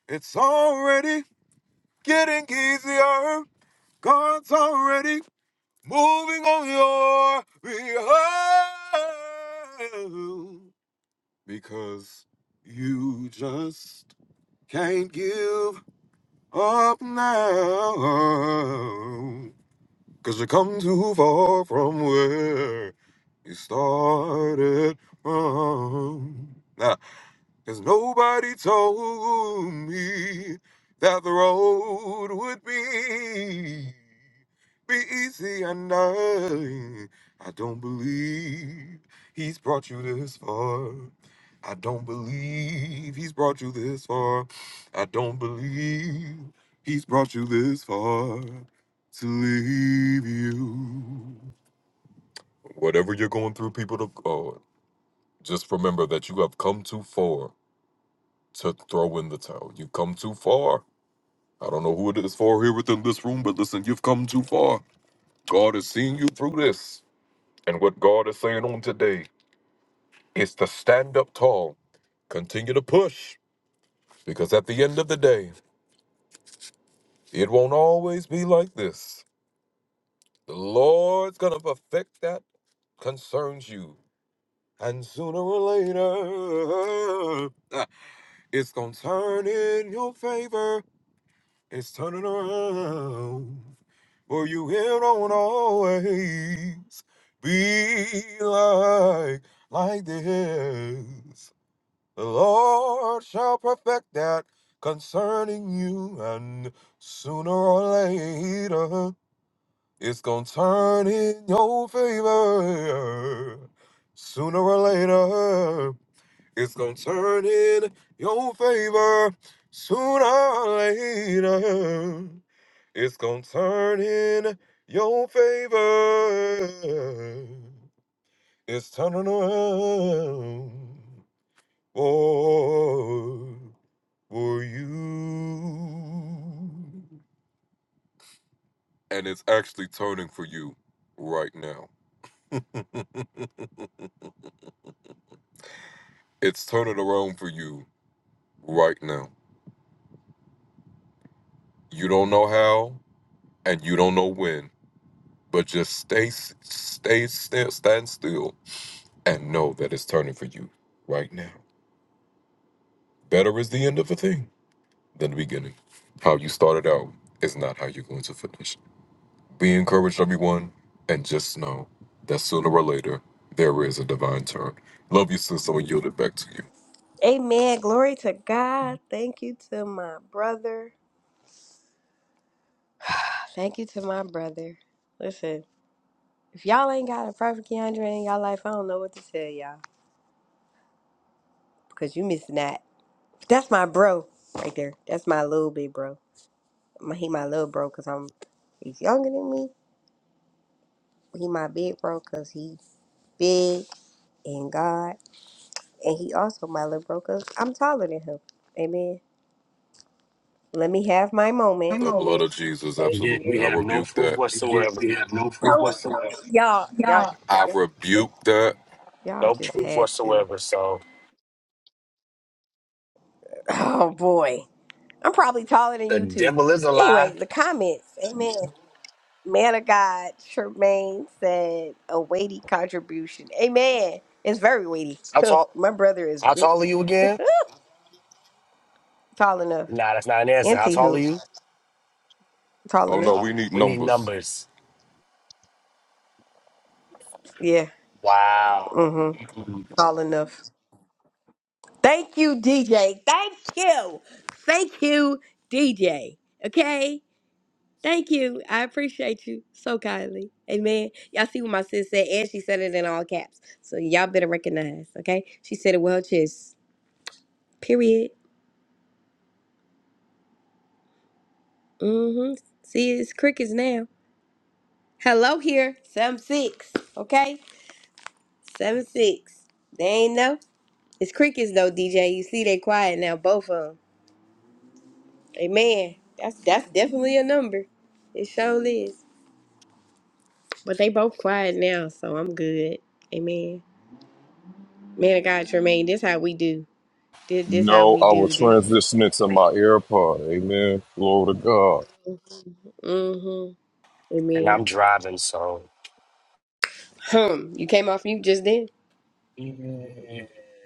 S4: It's already getting easier. God's already moving on your behalf. Because you just can't give up now. Cause you come too far from where you started from. Nah, cause nobody told me that the road would be be easy and I I don't believe he's brought you this far. I don't believe he's brought you this far. I don't believe he's brought you this far to leave you. Whatever you're going through, people to uh, just remember that you have come too far to throw in the towel. You've come too far. I don't know who it is for here within this room, but listen, you've come too far. God is seeing you through this. And what God is saying on today is to stand up tall, continue to push, because at the end of the day, It won't always be like this. The Lord's gonna perfect that concerns you. And sooner or later, uh, it's gonna turn in your favor. It's turning around. For you, it won't always be like, like this. The Lord shall perfect that concerning you. And sooner or later, It's gonna turn in your favor sooner or later. It's gonna turn in your favor sooner or later. It's gonna turn in your favor. It's turning around for, for you. And it's actually turning for you right now. It's turning around for you right now. You don't know how and you don't know when, but just stay, s- stay still, stand still, and know that it's turning for you right now. Better is the end of a thing than the beginning. How you started out is not how you're going to finish. Be encouraged, everyone, and just know that sooner or later there is a divine turn. Love you, sis. I'm gonna yield it back to you.
S1: Amen. Glory to God. Thank you to my brother. Thank you to my brother. Listen, if y'all ain't got a perfect Keandre in y'all life, I don't know what to tell y'all because you missing that. That's my bro right there. That's my little big bro. My, he my little bro because I'm he's younger than me. He my big bro because he's big in God, and he also my little bro because I'm taller than him. Amen. Let me have my moment.
S4: The blood of Jesus,
S1: Thank
S6: yet
S1: you.
S6: we
S4: absolutely. I
S6: have no
S4: rebuke
S6: proof
S4: that.
S6: whatsoever
S1: Don't- Y'all, y'all,
S4: I
S1: y'all
S4: rebuke that.
S1: y'all
S6: No
S1: just
S6: proof
S1: had to.
S6: whatsoever. So
S1: Oh boy. I'm probably taller than
S6: the
S1: you too.
S6: devil is a
S1: But
S6: lie.
S1: anyway, the comments. Amen. Man of God, Tremaine said a weighty contribution. Amen. It's very weighty.
S6: How tall?
S1: My brother is
S6: How
S1: big-
S6: tall are you again?
S1: tall enough.
S6: Nah, that's not an answer. How
S1: Auntie
S6: tall are
S1: who
S6: you?
S1: tall
S4: Oh no,
S1: enough?
S6: Uh,
S4: we need
S6: we need
S4: numbers.
S6: numbers.
S1: Yeah.
S6: Wow.
S1: Mm-hmm. Tall enough. Thank you, DJ. Thank you. Thank you, DJ. Okay. Thank you. I appreciate you so kindly. Amen. Y'all see what my sis said, and she said it in all caps. So y'all better recognize, okay? She said it well, just period. Mm-hmm. See, it's crickets now. Hello here, seven six. Okay, seven six. They ain't know it's crickets though, DJ. You see they quiet now, both of them. Amen. That's that's definitely a number. It sure is. But they both quiet now, so I'm good. Amen. Man of God, Tremaine, this how we do. This this how
S4: No,
S1: we
S4: I will
S1: do this.
S4: transition into my AirPod. Amen. Glory to God.
S1: Mm-hmm.
S6: And
S1: Amen.
S6: I'm driving, so.
S1: Hmm. You came off mute just then.
S6: Yeah,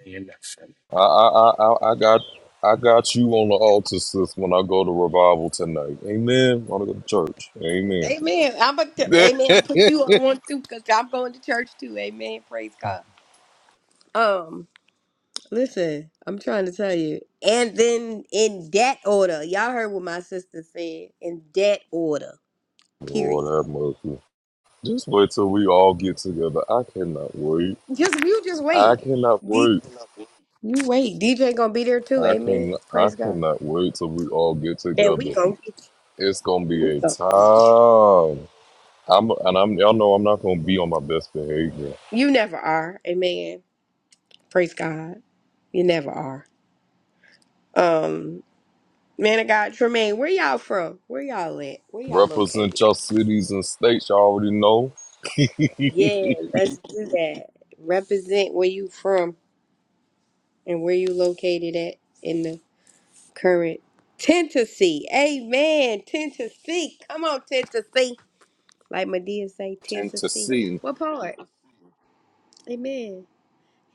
S6: nothing.
S4: I, I, I, I I got, I got you on the altar, sis. When I go to revival tonight. Amen. I want to go to church. Amen.
S1: Amen. I'm about to, Amen. Put you on one too, cause I'm going to church too. Amen. Praise God. Um, listen, I'm trying to tell you. And then in that order, y'all heard what my sister said. In that order, period.
S4: Lord have mercy. Just wait till we all get together. I cannot wait.
S1: Just you just
S4: I
S1: wait.
S4: cannot
S1: D-
S4: wait.
S1: you wait. DJ gonna be there too.
S4: I
S1: Amen.
S4: can. I
S1: Praise God.
S4: cannot wait till we all get
S1: And we
S4: together.
S1: gonna get
S4: It's gonna be
S1: we
S4: a
S1: gonna.
S4: time. I'm and I'm. Y'all know I'm not gonna be on my best behavior.
S1: You never are. Amen. Praise God. You never are. Um, man of God, Tremaine, where y'all from? Where y'all at? Where y'all
S4: Represent
S1: located?
S4: your cities and states you already know.
S1: Yeah, let's do that. Represent where you from and where you located at in the current Tennessee. Amen. Tennessee. Come on, Tennessee. Like Medea say, Tennessee.
S4: Tennessee.
S1: What part? Amen.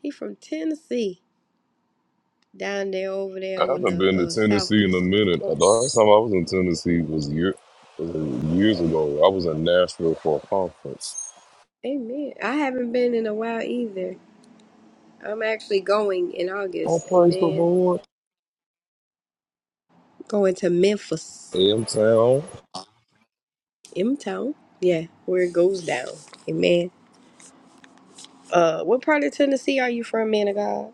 S1: He from Tennessee. Down there over there
S4: I
S1: on
S4: haven't
S1: the
S4: been to
S1: uh,
S4: Tennessee in a
S1: southwest.
S4: minute. The last time I was in Tennessee was year was years ago. I was in Nashville for a conference.
S1: Amen. I haven't been in a while either. I'm actually going in
S4: Oh,
S1: August.
S4: praise the
S1: Amen.
S4: Lord.
S1: Going to Memphis,
S4: AM Town.
S1: M Town. Yeah, where it goes down. Amen. Uh, what part of Tennessee are you from, man of God?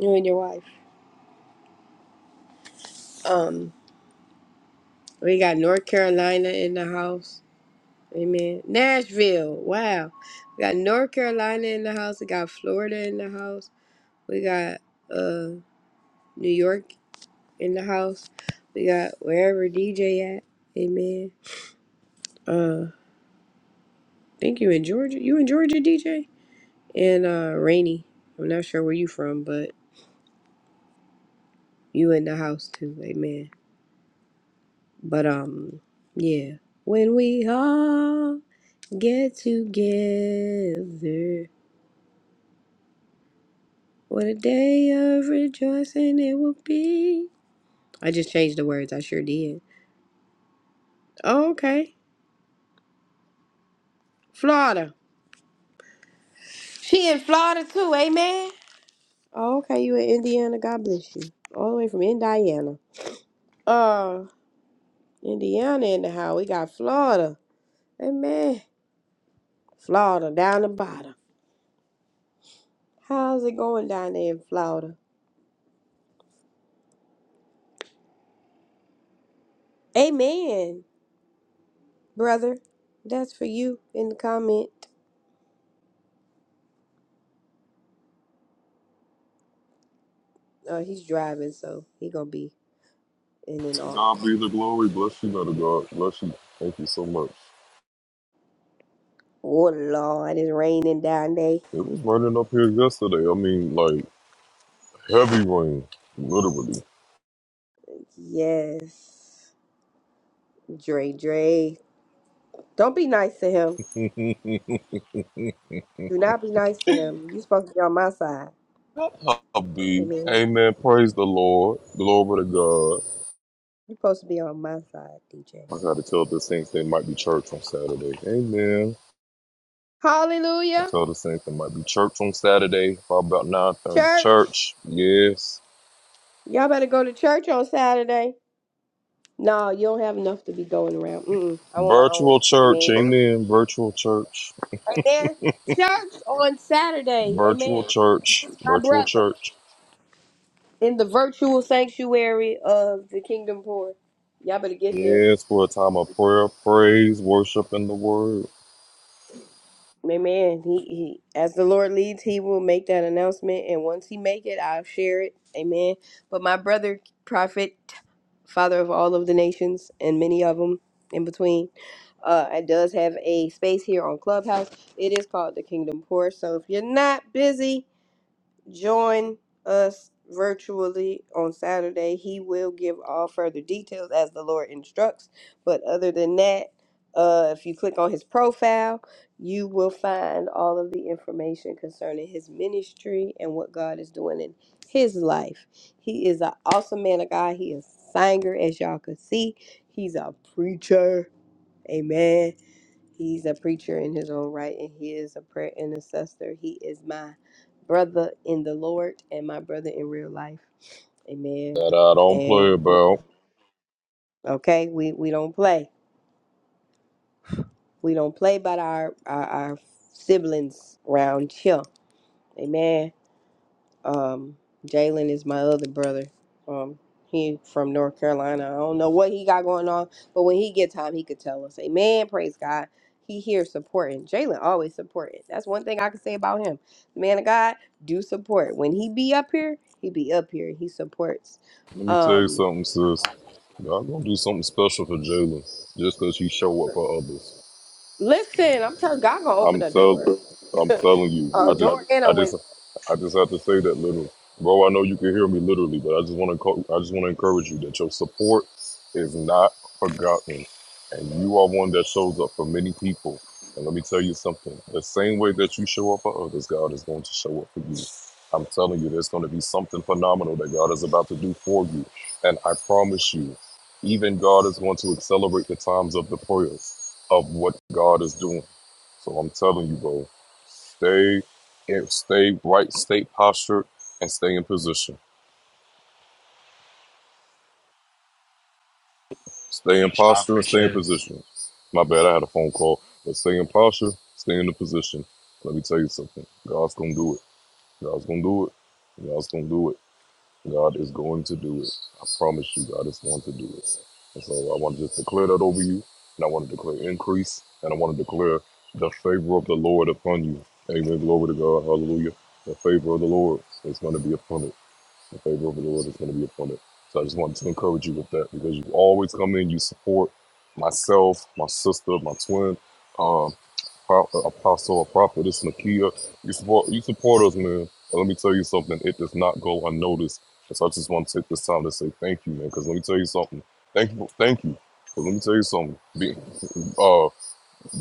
S1: You and your wife. Um, we got North Carolina in the house. Amen. Nashville. Wow. We got North Carolina in the house. We got Florida in the house. We got uh New York in the house. We got wherever DJ at. Amen. Uh, I think you in Georgia. You in Georgia, DJ? And uh, Rainy. I'm not sure where you from, but You in the house too, amen. But um, yeah. When we all get together, what a day of rejoicing it will be. I just changed the words. I sure did. Okay, Florida. She in Florida too, amen. Oh, okay, you in Indiana. God bless you. All the way from Indiana. Uh, Indiana in the house. We got Florida, amen. Florida down the bottom. How's it going down there in Florida? Amen. brother. That's for you in the comment. Oh, he's driving, so he gonna be in and
S4: To
S1: off.
S4: God be the glory. Bless you, Mother God. Bless you. Thank you so much.
S1: Oh Lord, it's raining down there.
S4: It was raining up here yesterday. I mean, like heavy rain, literally.
S1: Yes, Dre, Dre. Don't be nice to him. Do not be nice to him. you supposed to be on my side.
S4: That hubby.
S1: Amen.
S4: Amen. Praise the Lord. Glory to God.
S1: you supposed to be on my side, DJ.
S4: I gotta tell the Saints they might be church on Saturday. Amen. I
S1: Hallelujah,
S4: tell the Saints they might be church on Saturday. Probably about nine thirty.
S1: church.
S4: Church, yes.
S1: Y'all better go to church on Saturday. No, you don't have enough to be going around. Mm-mm. I want my own.
S4: Virtual church,
S1: Amen.
S4: amen. Virtual church,
S1: Amen. Church on Saturday.
S4: virtual
S1: Amen.
S4: church,
S1: my
S4: virtual
S1: brother
S4: church.
S1: in the virtual sanctuary of the kingdom poor. Y'all better get there.
S4: Yes, for a time of prayer, praise, worship, and the word
S1: Amen. He, he as the Lord leads, he will make that announcement and once he make it, I'll share it. Amen. But my brother prophet, father of all of the nations and many of them in between, uh it does have a space here on Clubhouse. It is called the Kingdom Poor. So if you're not busy, Join us virtually on Saturday. He will give all further details as the Lord instructs. But other than that, uh, if you click on his profile, you will find all of the information concerning his ministry and what God is doing in his life. He is an awesome man of God. He is a singer, as y'all can see. He's a preacher. Amen. He's a preacher in his own right, and he is a prayer intercessor. He is my brother in the Lord and my brother in real life. Amen.
S4: that I don't play
S1: And
S4: about.
S1: okay, we, we don't play. We don't play about our, our, our siblings round here. Amen. Um, Jalen is my other brother. Um, he from North Carolina. I don't know what he got going on, but when he get time, he could tell us. Amen. Praise God. He here supporting. Jalen always supporting. That's one thing I can say about him. The man of God do support. When he be up here, he be up here. He supports.
S4: Let me tell you
S1: Um,
S4: something, sis. God gonna do something special for Jalen just because he show up for others.
S1: listen, I'm telling God gonna
S4: I'm
S1: open a
S4: tell
S1: door,
S4: I'm telling you.
S1: a
S4: I just
S1: door and
S4: I
S1: a
S4: just
S1: window.
S4: I just have to say that little bro, I know you can hear me literally, but I just wanna I just wanna encourage you that your support is not forgotten. And you are one that shows up for many people. And let me tell you something. The same way that you show up for others, God is going to show up for you. I'm telling you, there's going to be something phenomenal that God is about to do for you. And I promise you, even God is going to accelerate the times of the prayers of what God is doing. So I'm telling you, bro, stay in, stay right, stay postured, and stay in position. Stay in
S6: Thanks, y'all.
S4: posture and stay in
S6: Appreciate it.
S4: position. My bad, I had a phone call, but stay in posture, stay in the position. Let me tell you something. God's gonna do it. God's gonna do it. God's gonna do it. God is going to do it. I promise you, God is going to do it. And so I want to just declare that over you, and I want to declare increase, and I want to declare the favor of the Lord upon you. Amen. Glory to God. Hallelujah. The favor of the Lord is going to be upon it. The favor of the Lord is going to be upon it. So I just wanted to encourage you with that because you always come in, you support myself, my sister, my twin. um, pro- uh, apostle or prophetess Nakia. You support you support us, man. But let me tell you something. It does not go unnoticed. And so I just want to take this time to say thank you, man. Because let me tell you something. Thank you, thank you. Because let me tell you something. Be, Uh.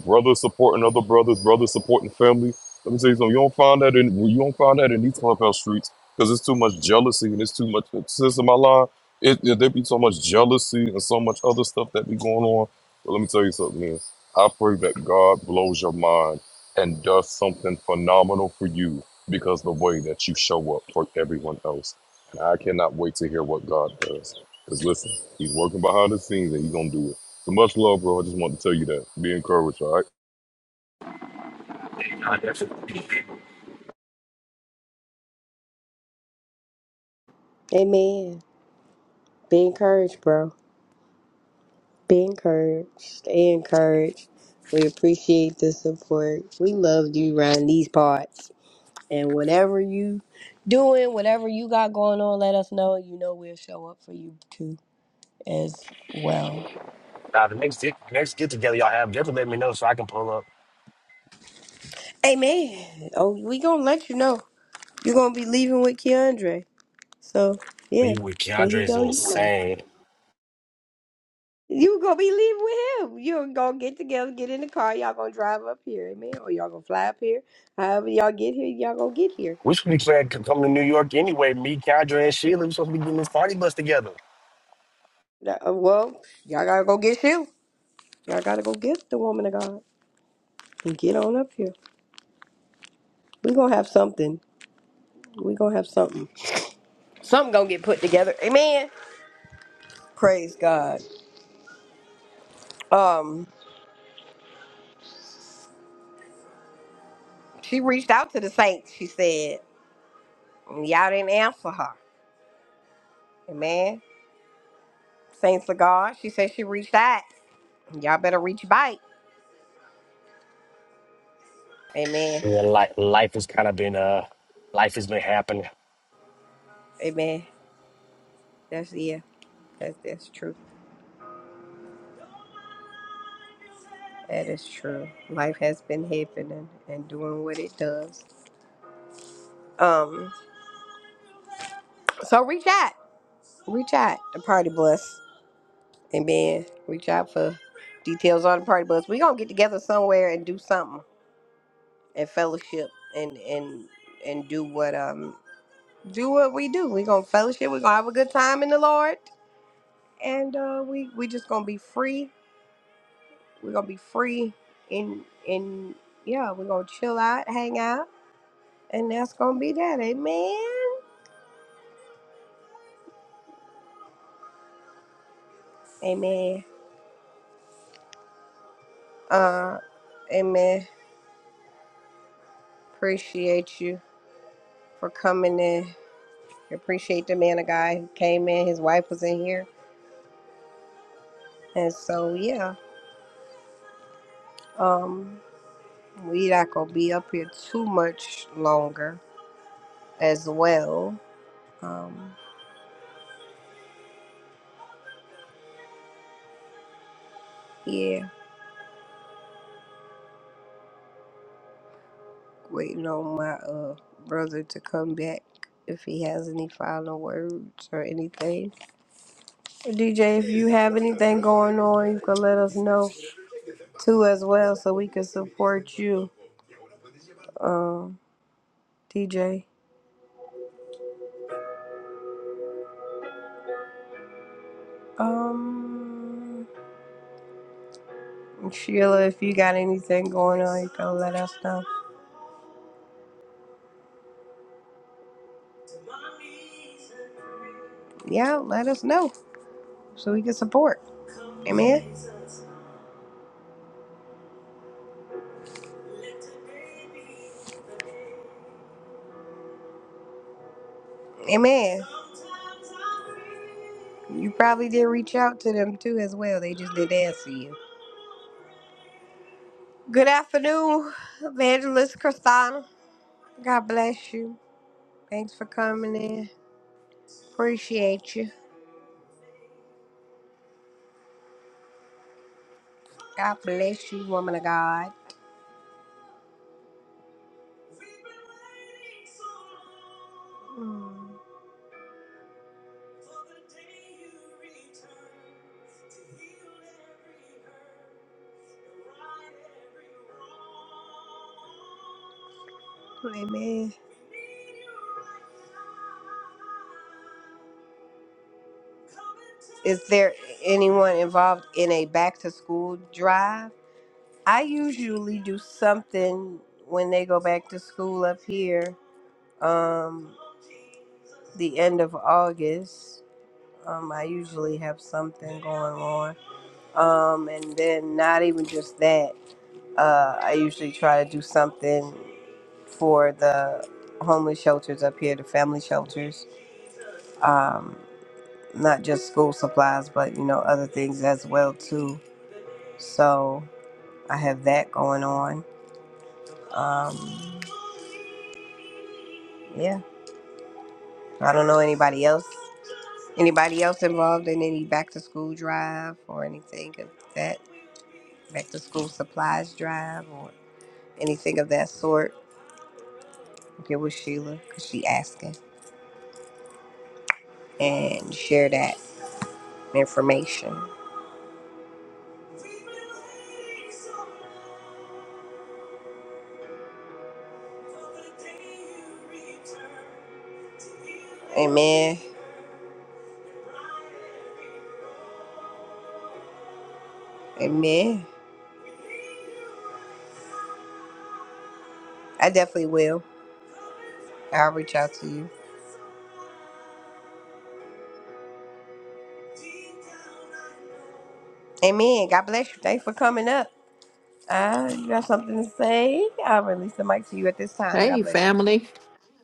S4: Brothers supporting other brothers, brothers supporting family. Let me tell you something. You don't find that in you don't find that in these clubhouse streets because it's too much jealousy and it's too much. Since in my line, it, it there be so much jealousy and so much other stuff that be going on. But let me tell you something, man. I pray that God blows your mind and does something phenomenal for you because the way that you show up for everyone else. And I cannot wait to hear what God does. Because listen, He's working behind the scenes and He's gonna do it. So much love, bro. I just wanted to tell you that. Be encouraged, all right?
S6: you definitely-
S1: Amen. Be encouraged, bro. Be encouraged. Stay encouraged. We appreciate the support. We love you around these parts. And whatever you doing, whatever you got going on, let us know. You know we'll show up for you too as well.
S6: Now, the next get, next get together y'all have, definitely let me know so I can pull up.
S1: Amen. Oh, we gonna let you know. You're gonna be leaving with Keandre. So yeah.
S6: Leave with
S1: When
S6: Keandre
S1: he
S6: is
S1: go, you come.
S6: insane.
S1: You gonna be leaving with him. You're gonna get together, get in the car, y'all gonna drive up here, amen. Or y'all gonna fly up here. However y'all get here, y'all gonna get here.
S6: We should be playing come to New York anyway. Me, Keandre, and Sheila, we supposed to be getting this party bus together.
S1: That- uh, Well, y'all gotta go get you. Y'all gotta go get the woman of God and get on up here. We gonna have something. We gonna have something. Something gonna get put together. Amen. Praise God. Um, she reached out to the saints. She said, and y'all didn't answer her. Amen. Saints of God. She said she reached out. Y'all better reach back. Amen.
S6: Well, life, life has kind of been, uh, life has been happening.
S1: Amen. That's yeah. That's that's true. That is true. Life has been happening and doing what it does. Um. So reach out. reach out to Party Bus and then reach out for details on the Party Bus. We're gonna get together somewhere and do something and fellowship and and and do what um do what we do. We're gonna fellowship. We're gonna have a good time in the Lord, and uh, we we just gonna be free. We're gonna be free in in yeah. We're gonna chill out, hang out, and that's gonna be that. Amen. Amen. Uh, amen. Appreciate you for coming in. I appreciate the man, a guy who came in. His wife was in here, and so yeah, um, we not gonna be up here too much longer as well. Um, yeah, waiting on my uh brother to come back if he has any final words or anything. DJ, if you have anything going on, you can let us know too as well, so we can support you. Um, DJ. Um. Sheila, if you got anything going on, you can let us know. Yeah, let us know so we can support. Amen. Amen. You probably did reach out to them too as well. They just didn't answer you. Good afternoon, Evangelist Christina. God bless you. Thanks for coming in. Appreciate you. God bless you, woman of God. Mm. Amen. Is there anyone involved in a back to school drive? I usually do something when they go back to school up here, um, the end of August. Um, I usually have something going on. Um, and then not even just that, uh, I usually try to do something for the homeless shelters up here, the family shelters. um, not just school supplies, but you know other things as well too. So I have that going on. Um, yeah, I don't know anybody else. Anybody else involved in any back to school drive or anything of that back to school supplies drive or anything of that sort? Get with Sheila because she asking and share that information. Amen. Amen. I definitely will. I'll reach out to you. Amen. God bless you. Thanks for coming up. Uh, you got something to say? I'll release the mic to you at this time. God
S7: Hey,
S1: bless you.
S7: family.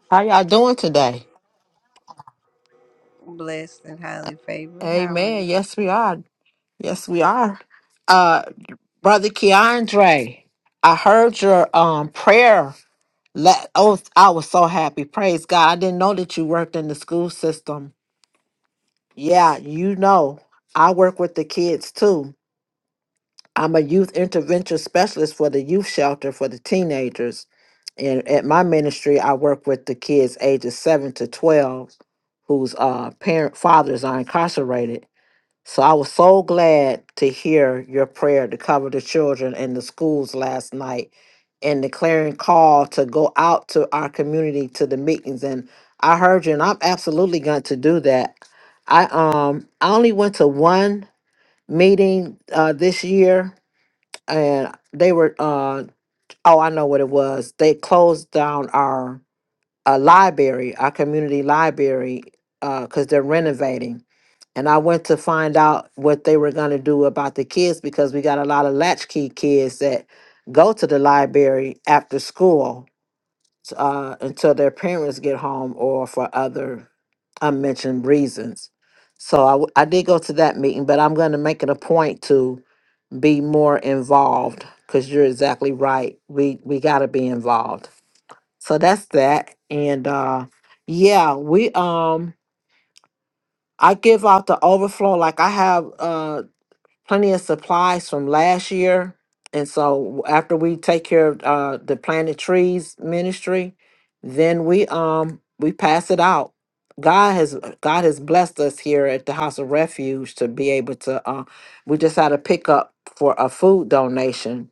S7: How y'all doing today?
S1: Blessed and highly favored. How are
S7: Amen.
S1: you?
S7: Yes, we are. Yes, we are. Uh, Brother Keandre, I heard your um prayer. Let, oh, I was so happy. Praise God. I didn't know that you worked in the school system. Yeah, you know, I work with the kids too. I'm a youth intervention specialist for the youth shelter for the teenagers. And at my ministry, I work with the kids ages 7 to 12 whose uh, parent fathers are incarcerated. So I was so glad to hear your prayer to cover the children in the schools last night and the clarion call to go out to our community to the meetings. And I heard you, and I'm absolutely going to do that. I um I only went to one meeting uh, this year, and they were uh oh I know what it was. They closed down our uh, library, our community library, because they're renovating and I went to find out what they were going to do about the kids because we got a lot of latchkey kids that go to the library after school uh, until their parents get home or for other unmentioned reasons. So I, w- I did go to that meeting, but I'm going to make it a point to be more involved because you're exactly right. We we got to be involved. So that's that, and uh, yeah, we um I give out the overflow. Like I have uh, plenty of supplies from last year. And so after we take care of uh, the planted trees ministry, then we um we pass it out. God has God has blessed us here at the House of Refuge to be able to. Uh, we just had a pickup for a food donation.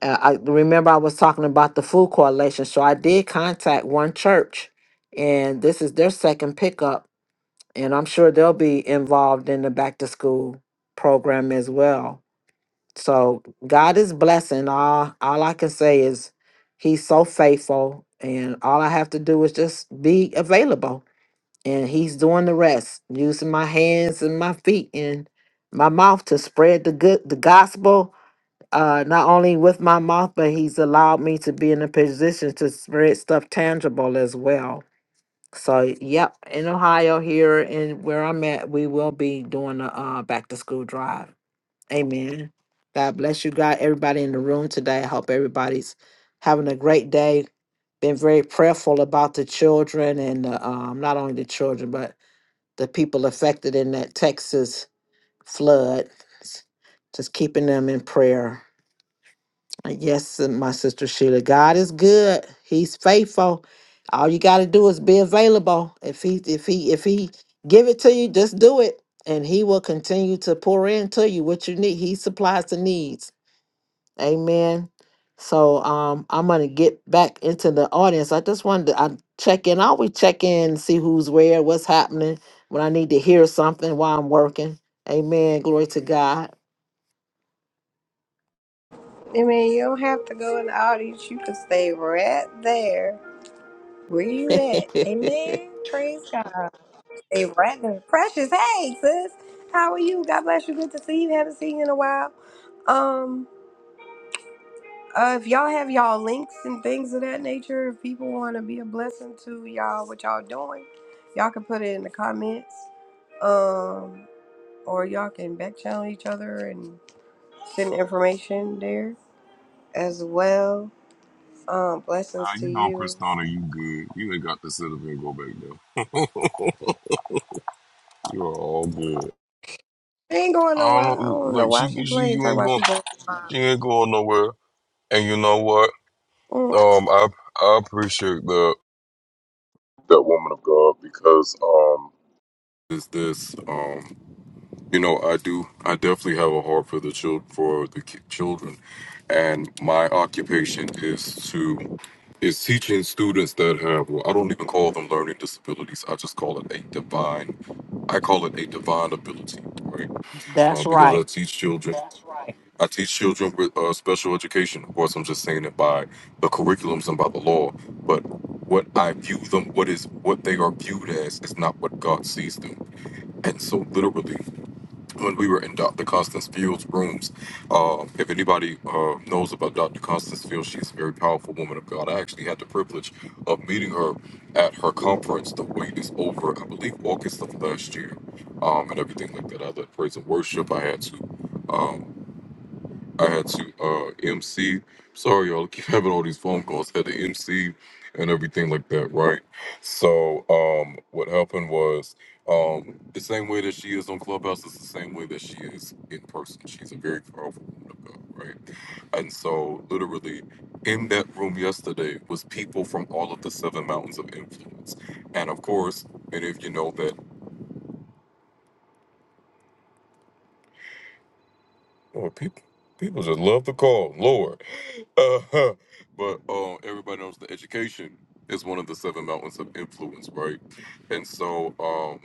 S7: Uh, I remember I was talking about the food coalition, so I did contact one church, and this is their second pickup, and I'm sure they'll be involved in the back to school program as well. So God is blessing. All all I can say is he's so faithful and all I have to do is just be available. And he's doing the rest, using my hands and my feet and my mouth to spread the good the gospel. Uh, not only with my mouth, but he's allowed me to be in a position to spread stuff tangible as well. So, yep, in Ohio here and where I'm at, we will be doing a uh, back to school drive. Amen. God bless you, God. Everybody in the room today. I hope everybody's having a great day. Been very prayerful about the children and the, um, not only the children, but the people affected in that Texas flood. Just keeping them in prayer. And Yes, and my sister Sheila, God is good. He's faithful. All you got to do is be available. If he, if he, if he give it to you, just do it, and he will continue to pour into you what you need. He supplies the needs. Amen. So um I'm gonna get back into the audience. I just wanted to I check in. I always check in, see who's where, what's happening, when I need to hear something while I'm working. Amen. Glory to God.
S1: I mean, you don't have to go in the audience. You can stay right there where you at. Amen. Praise God. Stay right there. Precious. Hey, sis. How are you? God bless you. Good to see you. Haven't seen you in a while. Um. Uh, if y'all have y'all links and things of that nature, if people want to be a blessing to y'all, what y'all doing, y'all can put it in the comments. Um, or y'all can back channel each other and send information there as well. Um, blessings
S4: Now,
S1: to
S4: you know,
S1: you.
S4: Christina, you good. You ain't got to sit up and go back there. you are all good.
S1: She ain't going
S4: I
S1: nowhere.
S4: don't
S1: I
S4: know,
S1: don't know
S4: like,
S1: why
S4: she,
S1: she
S4: she,
S1: playing.
S4: you
S1: Talk
S4: ain't
S1: about
S4: going,
S1: she going.
S4: she ain't going nowhere. And you know what?
S1: Mm.
S4: Um, I, I appreciate that, that woman of God because, um, is this, um, you know, I do, I definitely have a heart for the child for the ki- children. And my occupation is to is teaching students that have well i don't even call them learning disabilities i just call it a divine i call it a divine ability right uh,
S7: That's
S4: because i
S7: right.
S4: teach children That's right. i teach children with uh, special education of course i'm just saying it by the curriculums and by the law but what i view them what is what they are viewed as is not what god sees them and so literally when we were in Dr. Constance Fields' rooms. Uh, if anybody uh, knows about Dr. Constance Fields, she's a very powerful woman of God. I actually had the privilege of meeting her at her conference, The Wait is Over, I believe August of last year, um, and everything like that. I led praise and worship. I had to. Um, I had to uh MC. Sorry, y'all. I keep having all these phone calls. had to MC and everything like that, right? So, um, what happened was, um, the same way that she is on Clubhouse is the same way that she is in person. She's a very powerful woman of God, right? And so, literally, in that room yesterday was people from all of the seven mountains of influence, and of course, many of you know that. Lord, people, people just love the call, Lord. Uh, but um, everybody knows that education is one of the seven mountains of influence, right? And so, um,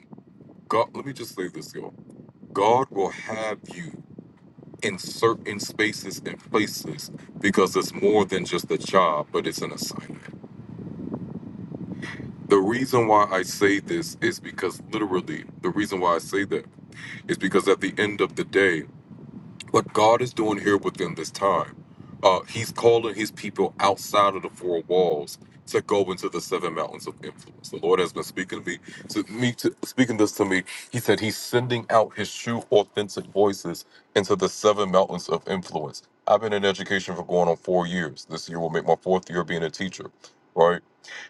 S4: God, let me just say this, y'all. God will have you in certain spaces and places because it's more than just a job, but it's an assignment. The reason why I say this is because literally, the reason why I say that is because at the end of the day, what God is doing here within this time. Uh, he's calling his people outside of the four walls to go into the seven mountains of influence. The Lord has been speaking to me, to me, to, speaking this to me. He said he's sending out his true, authentic voices into the seven mountains of influence. I've been in education for going on four years. This year will make my fourth year being a teacher, right?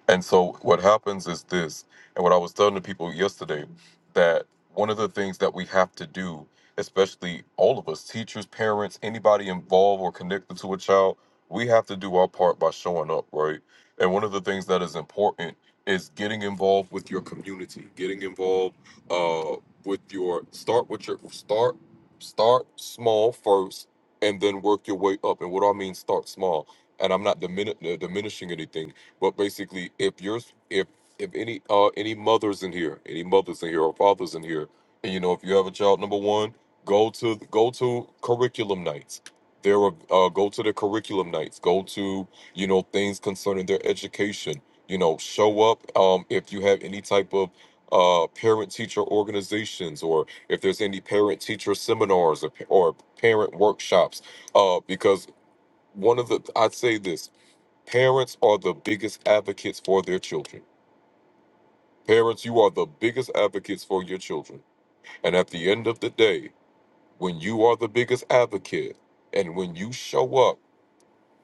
S4: And so what happens is this, and what I was telling the people yesterday, that one of the things that we have to do, especially all of us, teachers, parents, anybody involved or connected to a child, we have to do our part by showing up, right? And one of the things that is important is getting involved with your community, getting involved uh with your start with your start start small first and then work your way up. And what do I mean start small? And I'm not dimin- uh, diminishing anything but basically, if you're if if any uh any mothers in here, any mothers in here or fathers in here, and you know if you have a child, number one, go to go to curriculum nights. There are uh, go to the curriculum nights. Go to you know things concerning their education. You know, show up um, if you have any type of uh, parent teacher organizations or if there's any parent teacher seminars or, or parent workshops. Uh, because one of the I'd say this Parents are the biggest advocates for their children. Parents, you are the biggest advocates for your children. And at the end of the day, when you are the biggest advocate and when you show up,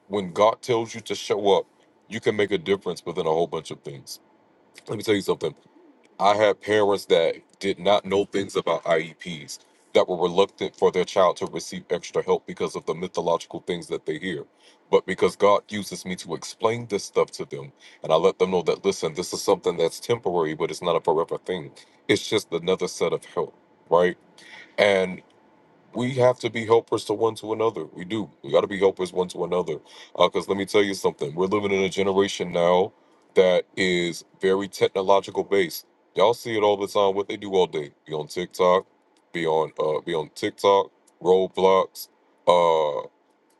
S4: when God tells you to show up, you can make a difference within a whole bunch of things. Let me tell you something. I had parents that did not know things about IEPs that were reluctant for their child to receive extra help because of the mythological things that they hear. But because God uses me to explain this stuff to them, and I let them know that, listen, this is something that's temporary, but it's not a forever thing. It's just another set of help, right? And we have to be helpers to one to another. We do. We got to be helpers one to another. Because let me tell you something. We're living in a generation now that is very technological based. Y'all see it all the time. What they do all day. Be on TikTok. Be on. Uh, be on TikTok. Roblox. Uh,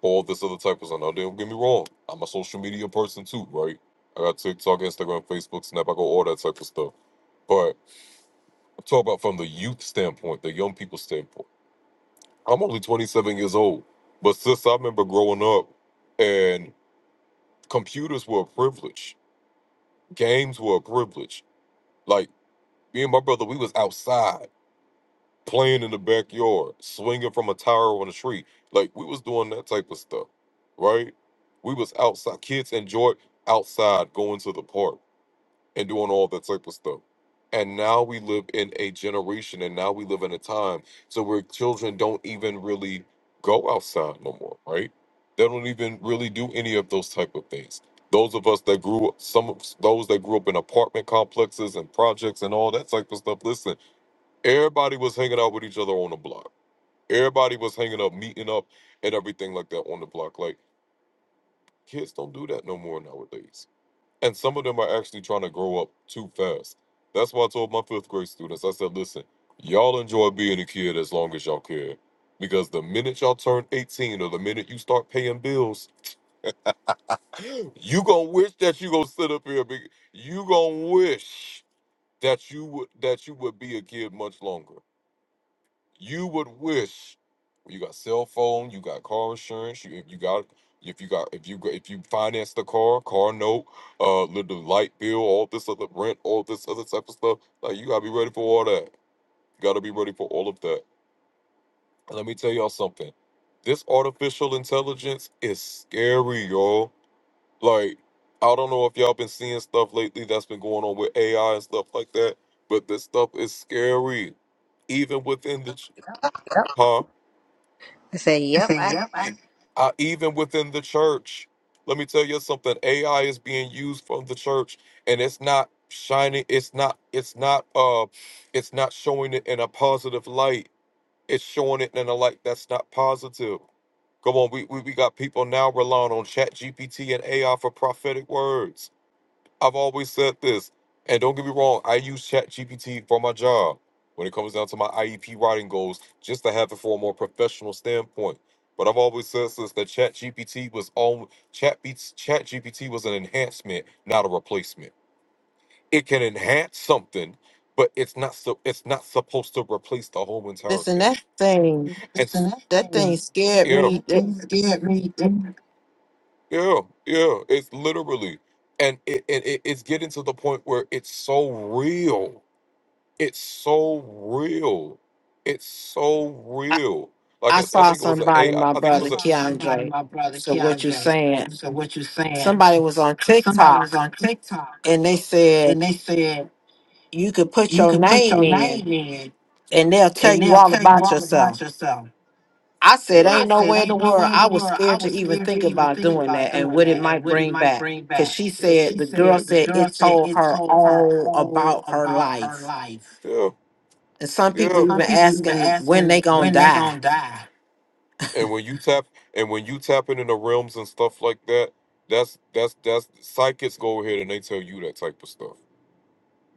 S4: all this other type of stuff. Now, don't get me wrong. I'm a social media person too, right? I got TikTok, Instagram, Facebook, Snap. I go all that type of stuff. But I'm talking about from the youth standpoint, the young people standpoint. I'm only 27 years old, but since I remember growing up, and computers were a privilege, games were a privilege. Like me and my brother, we was outside playing in the backyard, swinging from a tower on the tree. Like we was doing that type of stuff, right? We was outside. Kids enjoyed outside going to the park. and doing all that type of stuff. And now we live in a generation and now we live in a time so where children don't even really go outside no more, right? They don't even really do any of those type of things. Those of us that grew up, some of s- those that grew up in apartment complexes and projects and all that type of stuff. Listen, everybody was hanging out with each other on the block. Everybody was hanging up, meeting up, and everything like that on the block. Like kids don't do that no more nowadays and some of them are actually trying to grow up too fast. That's why I told my fifth grade students, I said, listen, y'all enjoy being a kid as long as y'all can. Because the minute y'all turn 18 or the minute you start paying bills, you gonna wish that you gonna sit up here. Be, you gonna wish that you would that you would be a kid much longer you would wish you got cell phone, you got car insurance, you if you got if you got if you go- if you finance the car, car note, uh, li- the light bill, all this other rent, all this other type of stuff. Like you gotta be ready for all that. You gotta be ready for all of that. And let me tell y'all something. This artificial intelligence is scary, y'all. Like I don't know if y'all been seeing stuff lately that's been going on with AI and stuff like that, but this stuff is scary. Even within the, huh?
S1: I say
S4: I
S1: yep,
S4: say,
S1: I
S4: yep. I, uh, even within the church. Let me tell you something. AI is being used from the church, and it's not shining. It's not. It's not. Uh, it's not showing it in a positive light. It's showing it in a light that's not positive. Come on, we we, we got people now relying on Chat GPT and AI for prophetic words. I've always said this, and don't get me wrong, I use ChatGPT for my job when it comes down to my IEP writing goals, just to have it for a more professional standpoint. But I've always said this that ChatGPT was on Chat ChatGPT was an enhancement, not a replacement. It can enhance something, but it's not so it's not supposed to replace the whole entire
S7: Listen,
S4: thing.
S7: that thing
S4: And, Listen, that
S7: that thing
S4: thing,
S7: scared
S4: yeah,
S7: me.
S4: that thing
S7: It-
S4: scared me. Yeah, yeah, it's literally, and it, and it, it's getting to the point where it's so real. It's so real. It's so
S7: I,
S4: real. Like
S7: I
S4: I, I
S7: saw
S4: think it was an
S7: somebody,
S4: AI. I
S7: my
S4: I think it I was
S7: brother
S4: a saw somebody,
S7: Keandre.
S4: my brother
S7: So what you
S4: Keandre.
S7: saying?
S4: So what you saying?
S7: Somebody was on
S4: Somebody was
S7: TikTok
S4: on TikTok
S7: and they said
S4: and they said
S7: you could put
S4: you
S7: your
S4: could put
S7: name
S4: your
S7: in
S4: name in
S7: and they'll tell
S4: and
S7: you
S4: they'll
S7: all
S4: tell you
S7: about
S4: all about
S7: yourself.
S4: yourself.
S7: I said,
S4: Yeah. I Yeah.
S7: ain't
S4: said,
S7: nowhere in the
S4: ain't no
S7: world.
S4: way in the
S7: I was
S4: world. I
S7: scared to
S4: was
S7: even
S4: scared to
S7: think
S4: even
S7: about
S4: think
S7: doing
S4: about
S7: that and
S4: doing
S7: what it
S4: that and
S7: might
S4: what it
S7: bring
S4: might
S7: back.
S4: bring
S7: Cause
S4: back.
S7: she
S4: And
S7: said,
S4: she
S7: the girl
S4: said the
S7: said
S4: girl
S7: it
S4: said
S7: told
S4: it
S7: her
S4: told her
S7: all
S4: all
S7: about her
S4: about her
S7: life.
S4: life. Yeah.
S7: And some people
S4: Yeah.
S7: even
S4: Some people even
S7: asking when they
S4: asking
S7: gonna
S4: when they
S7: die.
S4: gonna die. And when you tap and when you tapping into realms and stuff like that, that's that's that's psychics go ahead and they tell you that type of stuff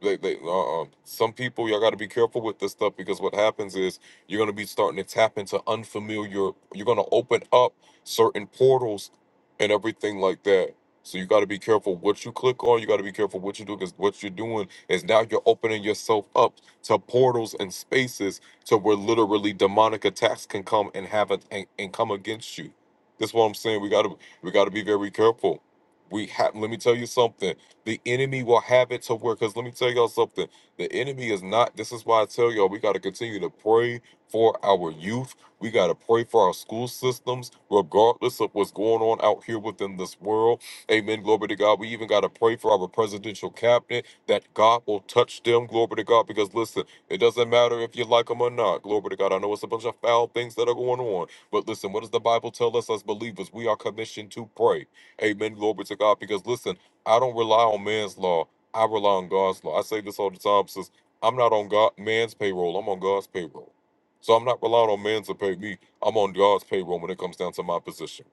S4: they, they, uh, uh, some people y'all got to be careful with this stuff because what happens is you're going to be starting to tap into unfamiliar you're going to open up certain portals and everything like that so you got to be careful what you click on you got to be careful what you do because what you're doing is now you're opening yourself up to portals and spaces to where literally demonic attacks can come and have it and, and come against you that's what i'm saying we got to we got to be very careful we have let me tell you something the enemy will have it to work. Because let me tell y'all something. The enemy is not, this is why I tell y'all we got to continue to pray for our youth. We got to pray for our school systems, regardless of what's going on out here within this world. Amen. Glory to God. We even got to pray for our presidential cabinet that God will touch them. Glory to God. Because listen, it doesn't matter if you like them or not. Glory to God. I know it's a bunch of foul things that are going on. But listen, what does the Bible tell us as believers? We are commissioned to pray. Amen. Glory to God. Because listen, I don't rely on man's law. I rely on God's law. I say this all the time since I'm not on God man's payroll. I'm on God's payroll. So I'm not relying on man to pay me. I'm on God's payroll when it comes down to my position.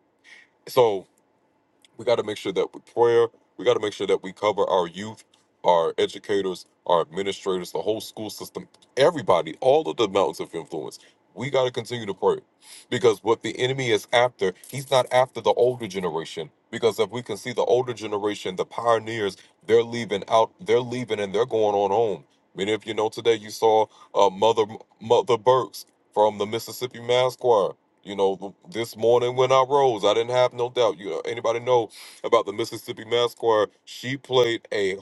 S4: So we got to make sure that with prayer, we got to make sure that we cover our youth, our educators, our administrators, the whole school system, everybody, all of the mountains of influence. We got to continue to pray because what the enemy is after, he's not after the older generation. Because if we can see the older generation, the pioneers, they're leaving out, they're leaving and they're going on home. Many of you know today you saw uh, Mother Mother Burks from the Mississippi Mass Choir. You know, th- this morning when I rose, I didn't have no doubt. You know, anybody know about the Mississippi Mass Choir? She played a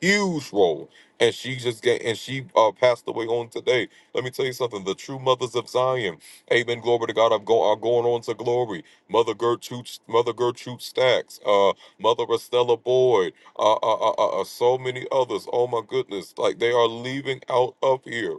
S4: huge role, and she just get and she uh, passed away on today. Let me tell you something: the true mothers of Zion, Amen. Glory to God. I'm go are going on to glory. Mother Gertrude, Mother Gertrude Stacks, uh, Mother Estella Boyd, uh, uh, uh, uh, uh, so many others. Oh my goodness! Like they are leaving out of here.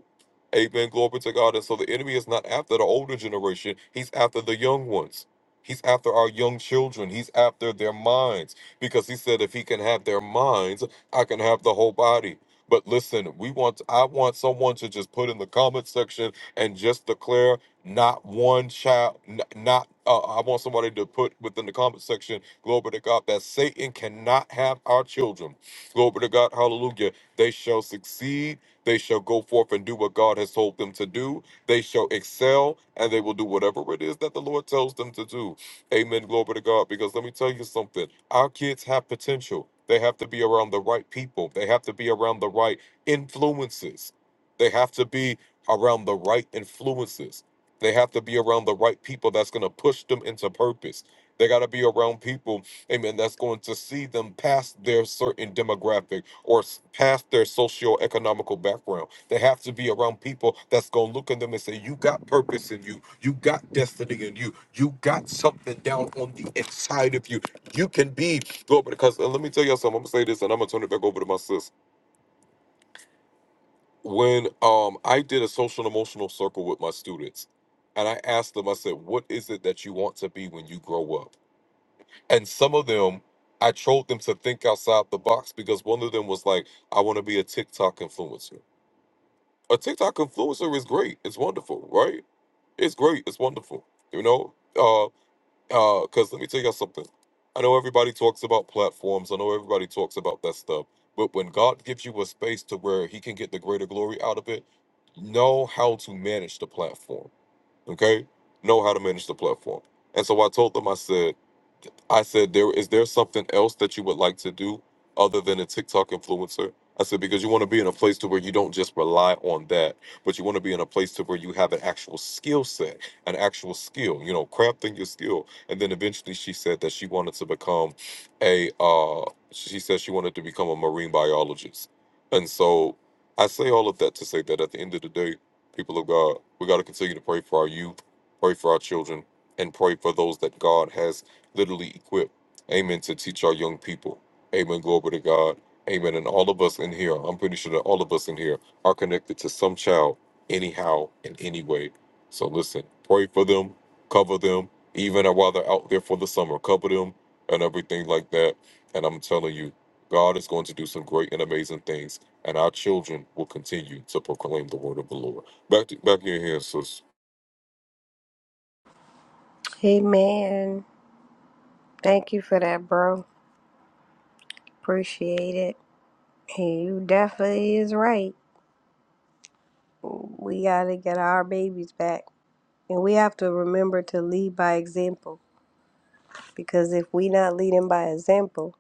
S4: Amen. Glory to God. And so the enemy is not after the older generation, he's after the young ones. He's after our young children. He's after their minds. Because he said, if he can have their minds, I can have the whole body. But listen, we want I want someone to just put in the comment section and just declare not one child, n- not uh, I want somebody to put within the comment section, glory to God, that Satan cannot have our children. Glory to God, hallelujah. They shall succeed they shall go forth and do what God has told them to do. They shall excel and they will do whatever it is that the Lord tells them to do. Amen. Glory to God. Because let me tell you something our kids have potential. They have to be around the right people, they have to be around the right influences, they have to be around the right influences. They have to be around the right people that's going to push them into purpose. They got to be around people amen, that's going to see them past their certain demographic or s- past their socio-economical background. They have to be around people that's going to look at them and say, You got purpose in you. You got destiny in you. You got something down on the inside of you. You can be, Lord, because and let me tell you something. I'm going to say this and I'm going to turn it back over to my sis. When um, I did a social and emotional circle with my students, and I asked them, I said, What is it that you want to be when you grow up? and some of them I trolled them to think outside the box because one of them was like, I want to be a TikTok influencer. A TikTok influencer is great. It's wonderful, right? It's great. It's wonderful. You know? Uh uh, because let me tell you something. I know everybody talks about platforms. I know everybody talks about that stuff. But when God gives you a space to where he can get the greater glory out of it, know how to manage the platform. Okay? Know how to manage the platform. And so I told them, I said. I said, "There is there something else that you would like to do other than a TikTok influencer?" I said, "Because you want to be in a place to where you don't just rely on that, but you want to be in a place to where you have an actual skill set, an actual skill, you know, crafting your skill." And then eventually, she said that she wanted to become a. Uh, she said she wanted to become a marine biologist, and so I say all of that to say that at the end of the day, people of God, we got to continue to pray for our youth, pray for our children, and pray for those that God has literally equipped, amen, to teach our young people. Amen. Glory to God. Amen. And all of us in here, I'm pretty sure that all of us in here are connected to some child, anyhow, in any way. So listen, pray for them, cover them, even while they're out there for the summer, cover them and everything like that. And I'm telling you, God is going to do some great and amazing things, and our children will continue to proclaim the word of the Lord. Back to, back in here, sis.
S1: Hey man, thank you for that, bro. Appreciate it. And you definitely is right. we got to get our babies back. And we have to remember to lead by example because if we not leading by example,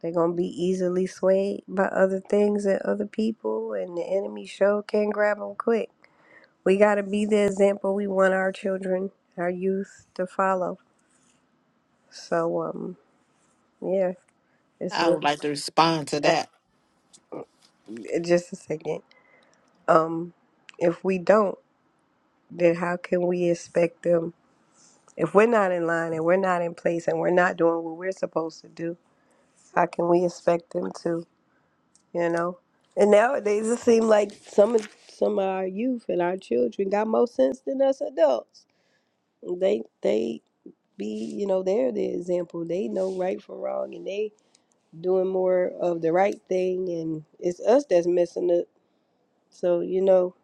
S1: they're going to be easily swayed by other things and other people, and the enemy show can grab them quick. We got to be the example we want our children, our youth to follow. So, um, yeah, it's
S7: I
S1: re-
S7: would like to respond to
S1: uh,
S7: that.
S1: just a second. Um, if we don't, then how can we expect them? If we're not in line and we're not in place and we're not doing what we're supposed to do, how can we expect them to, you know? And nowadays it seems like some of some of our youth and our children got more sense than us adults. They they be, you know, they're the example. They know right from wrong and they doing more of the right thing and it's us that's messing up. So, you know,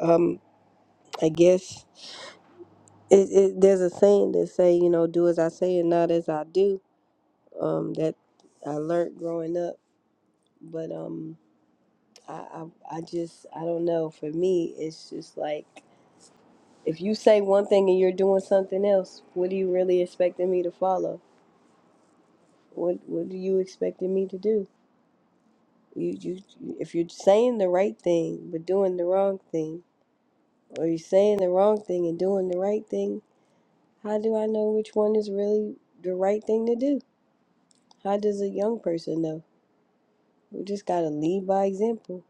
S1: um, I guess it, it, there's a saying that say, you know, do as I say and not as I do um, that I learned growing up. But um, I, I, I just, I don't know. For me, it's just like if you say one thing and you're doing something else, what are you really expecting me to follow? What What are you expecting me to do? You, you, if you're saying the right thing but doing the wrong thing, or you're saying the wrong thing and doing the right thing, how do I know which one is really the right thing to do? How does a young person know? We just gotta lead by example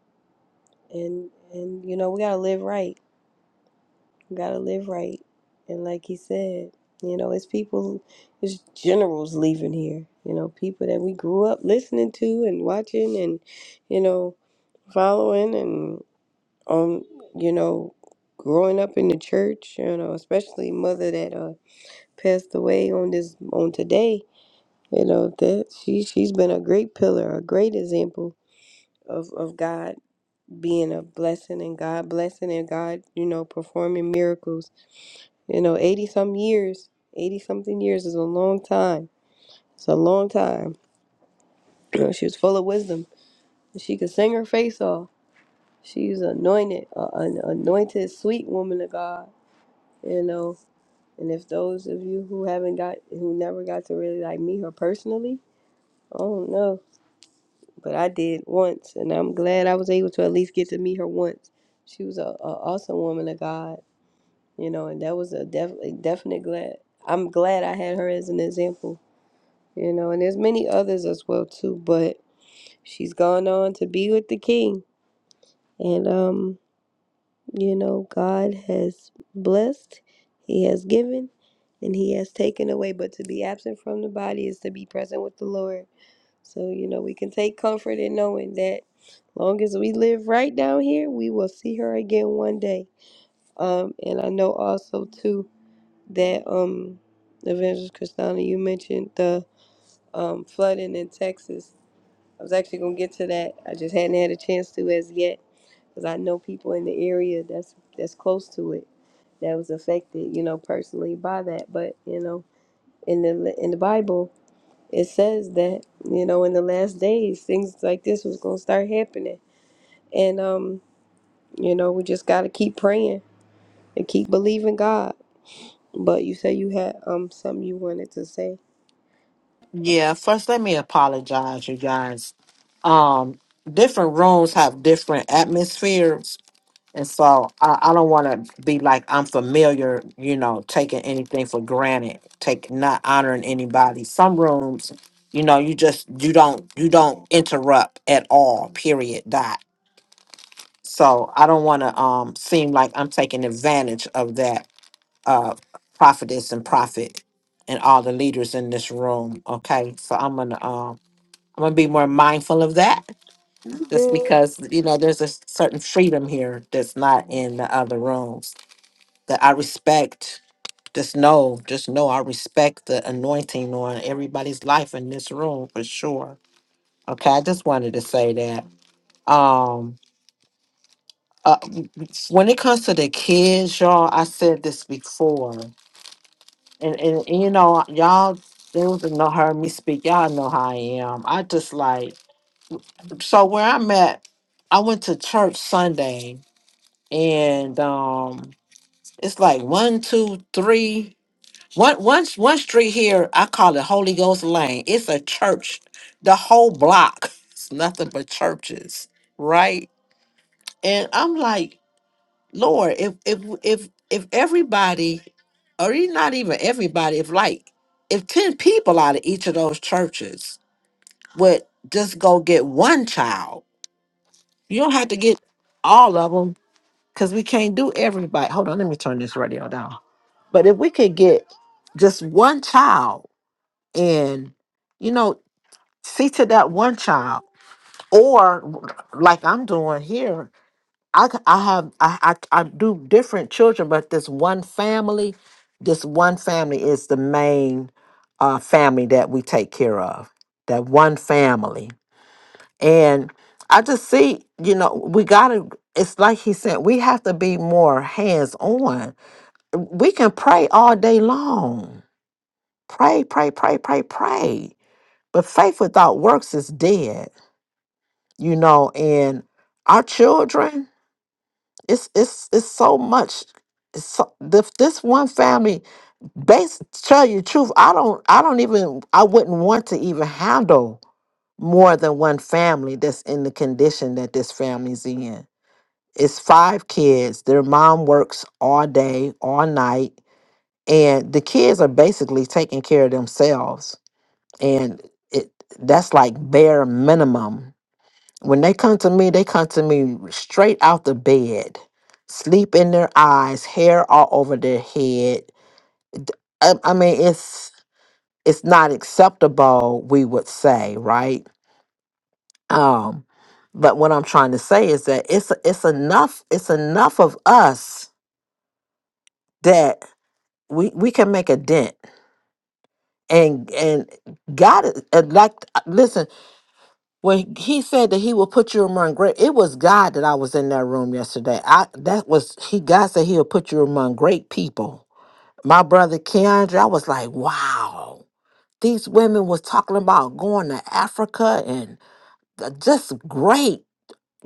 S1: and and you know we gotta live right we gotta live right and like he said you know it's people it's generals leaving here you know people that we grew up listening to and watching and you know following and um you know growing up in the church you know especially mother that uh passed away on this on today you know that she she's been a great pillar a great example of of God being a blessing and God blessing and God, you know, performing miracles. You know, 80 some years, 80 something years is a long time. It's a long time. she was full of wisdom. She could sing her face off. She's anointed, uh, an anointed, sweet woman of God, you know. And if those of you who haven't got, who never got to really like meet her personally, I don't know. But I did once, and I'm glad I was able to at least get to meet her once. She was a, a awesome woman of God you know, and that was a, def- a definite glad. I'm glad I had her as an example, you know, and there's many others as well too, but she's gone on to be with the king. And um, you know, God has blessed, he has given, and he has taken away, but to be absent from the body is to be present with the Lord. So, you know, we can take comfort in knowing that long as we live right down here, we will see her again one day. Um, and I know also too that um Evangelist Christina you mentioned the um flooding in Texas. I was actually gonna get to that. I just hadn't had a chance to as yet because I know people in the area that's that's close to it that was affected, you know, personally by that. But you know, in the in the Bible, it says that you know in the last days things like this was gonna start happening, and um you know we just gotta keep praying and keep believing God. But you say you had um something you wanted to say.
S7: Yeah, first let me apologize, you guys. Um, different rooms have different atmospheres And so I, I don't want to be like I'm familiar, you know, taking anything for granted, take not honoring anybody. Some rooms, you know, you just you don't you don't interrupt at all. Period. Dot. So I don't want to um seem like I'm taking advantage of that uh prophetess and prophet and all the leaders in this room. Okay, so I'm gonna um I'm gonna be more mindful of that just because you know there's a certain freedom here that's not in the other rooms that I respect. Just know, just know I respect the anointing on everybody's life in this room for sure. Okay, I just wanted to say that. Um uh, when it comes to the kids, y'all, I said this before. And and, and you know, y'all those that know heard me speak, y'all know how I am. I just like so where I'm at, I went to church Sunday and um it's like one, two, three. One one one street here, I call it Holy Ghost Lane. It's a church. The whole block is nothing but churches, right? And I'm like, Lord, if if if if everybody, or e- not even everybody, if like if ten people out of each of those churches would just go get one child, you don't have to get all of them because we can't do everybody. Hold on, let me turn this radio down. But if we could get just one child and you know see to that one child or like i'm doing here i c- i have i i, I do different children but this one family this one family is the main uh, family that we take care of that one family and i just see you know we gotta it's like he said we have to be more hands on we can pray all day long pray pray pray pray pray But faith without works is dead, you know, and our children, it's it's it's so much it's so, this, this one family base tell you the truth, I don't I don't even I wouldn't want to even handle more than one family that's in the condition that this family's in. It's five kids. Their mom works all day, all night, and the kids are basically taking care of themselves. And it that's like bare minimum When they come to me, they come to me straight out the bed, sleep in their eyes, hair all over their head. D- I, I mean, it's it's not acceptable, we would say, right? Um, but what I'm trying to say is that it's it's enough it's enough of us that we we can make a dent and and God is- and like listen when he said that he will put you among great it was god that i was in that room yesterday i that was he god said he'll put you among great people my brother keandre i was like wow these women was talking about going to africa and th- just great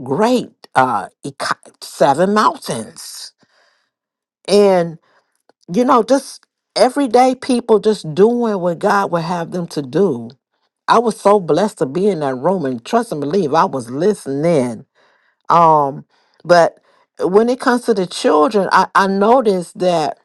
S7: great uh eco- seven mountains and you know just everyday people just doing what god would have them to do i was so blessed to be in that room and trust and believe i was listening Um, but when it comes to the children, I, I noticed that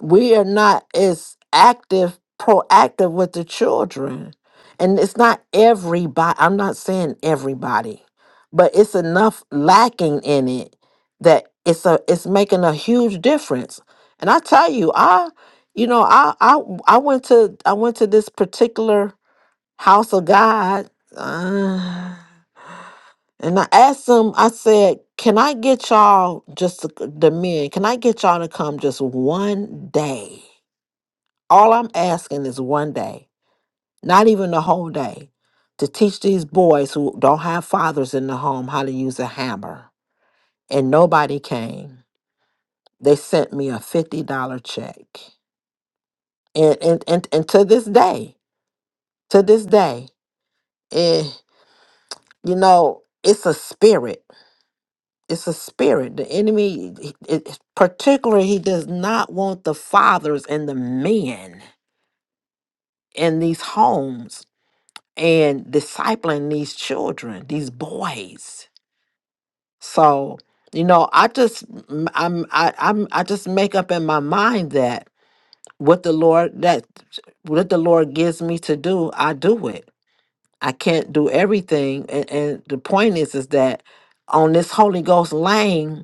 S7: we are not as active, proactive with the children. And it's not everybody, I'm not saying everybody, but it's enough lacking in it that it's a it's making a huge difference. And I tell you, I you know, I I I went to I went to this particular house of God. And I asked them, I said, can I get y'all just to, c- the men, can I get y'all to come just one day? All I'm asking is one day, not even the whole day, to teach these boys who don't have fathers in the home how to use a hammer. And nobody came. They sent me a $50 check. And, and, and, and to this day, to this day, eh, you know, it's a spirit it's a spirit. The enemy, he- it, particularly, he does not want the fathers and the men in these homes and discipling these children, these boys. So, you know, I just, m- I'm, I, I'm, I just make up in my mind that what the Lord that what the Lord gives me to do, I do it. I can't do everything, and, and the point is, is that on this Holy Ghost lane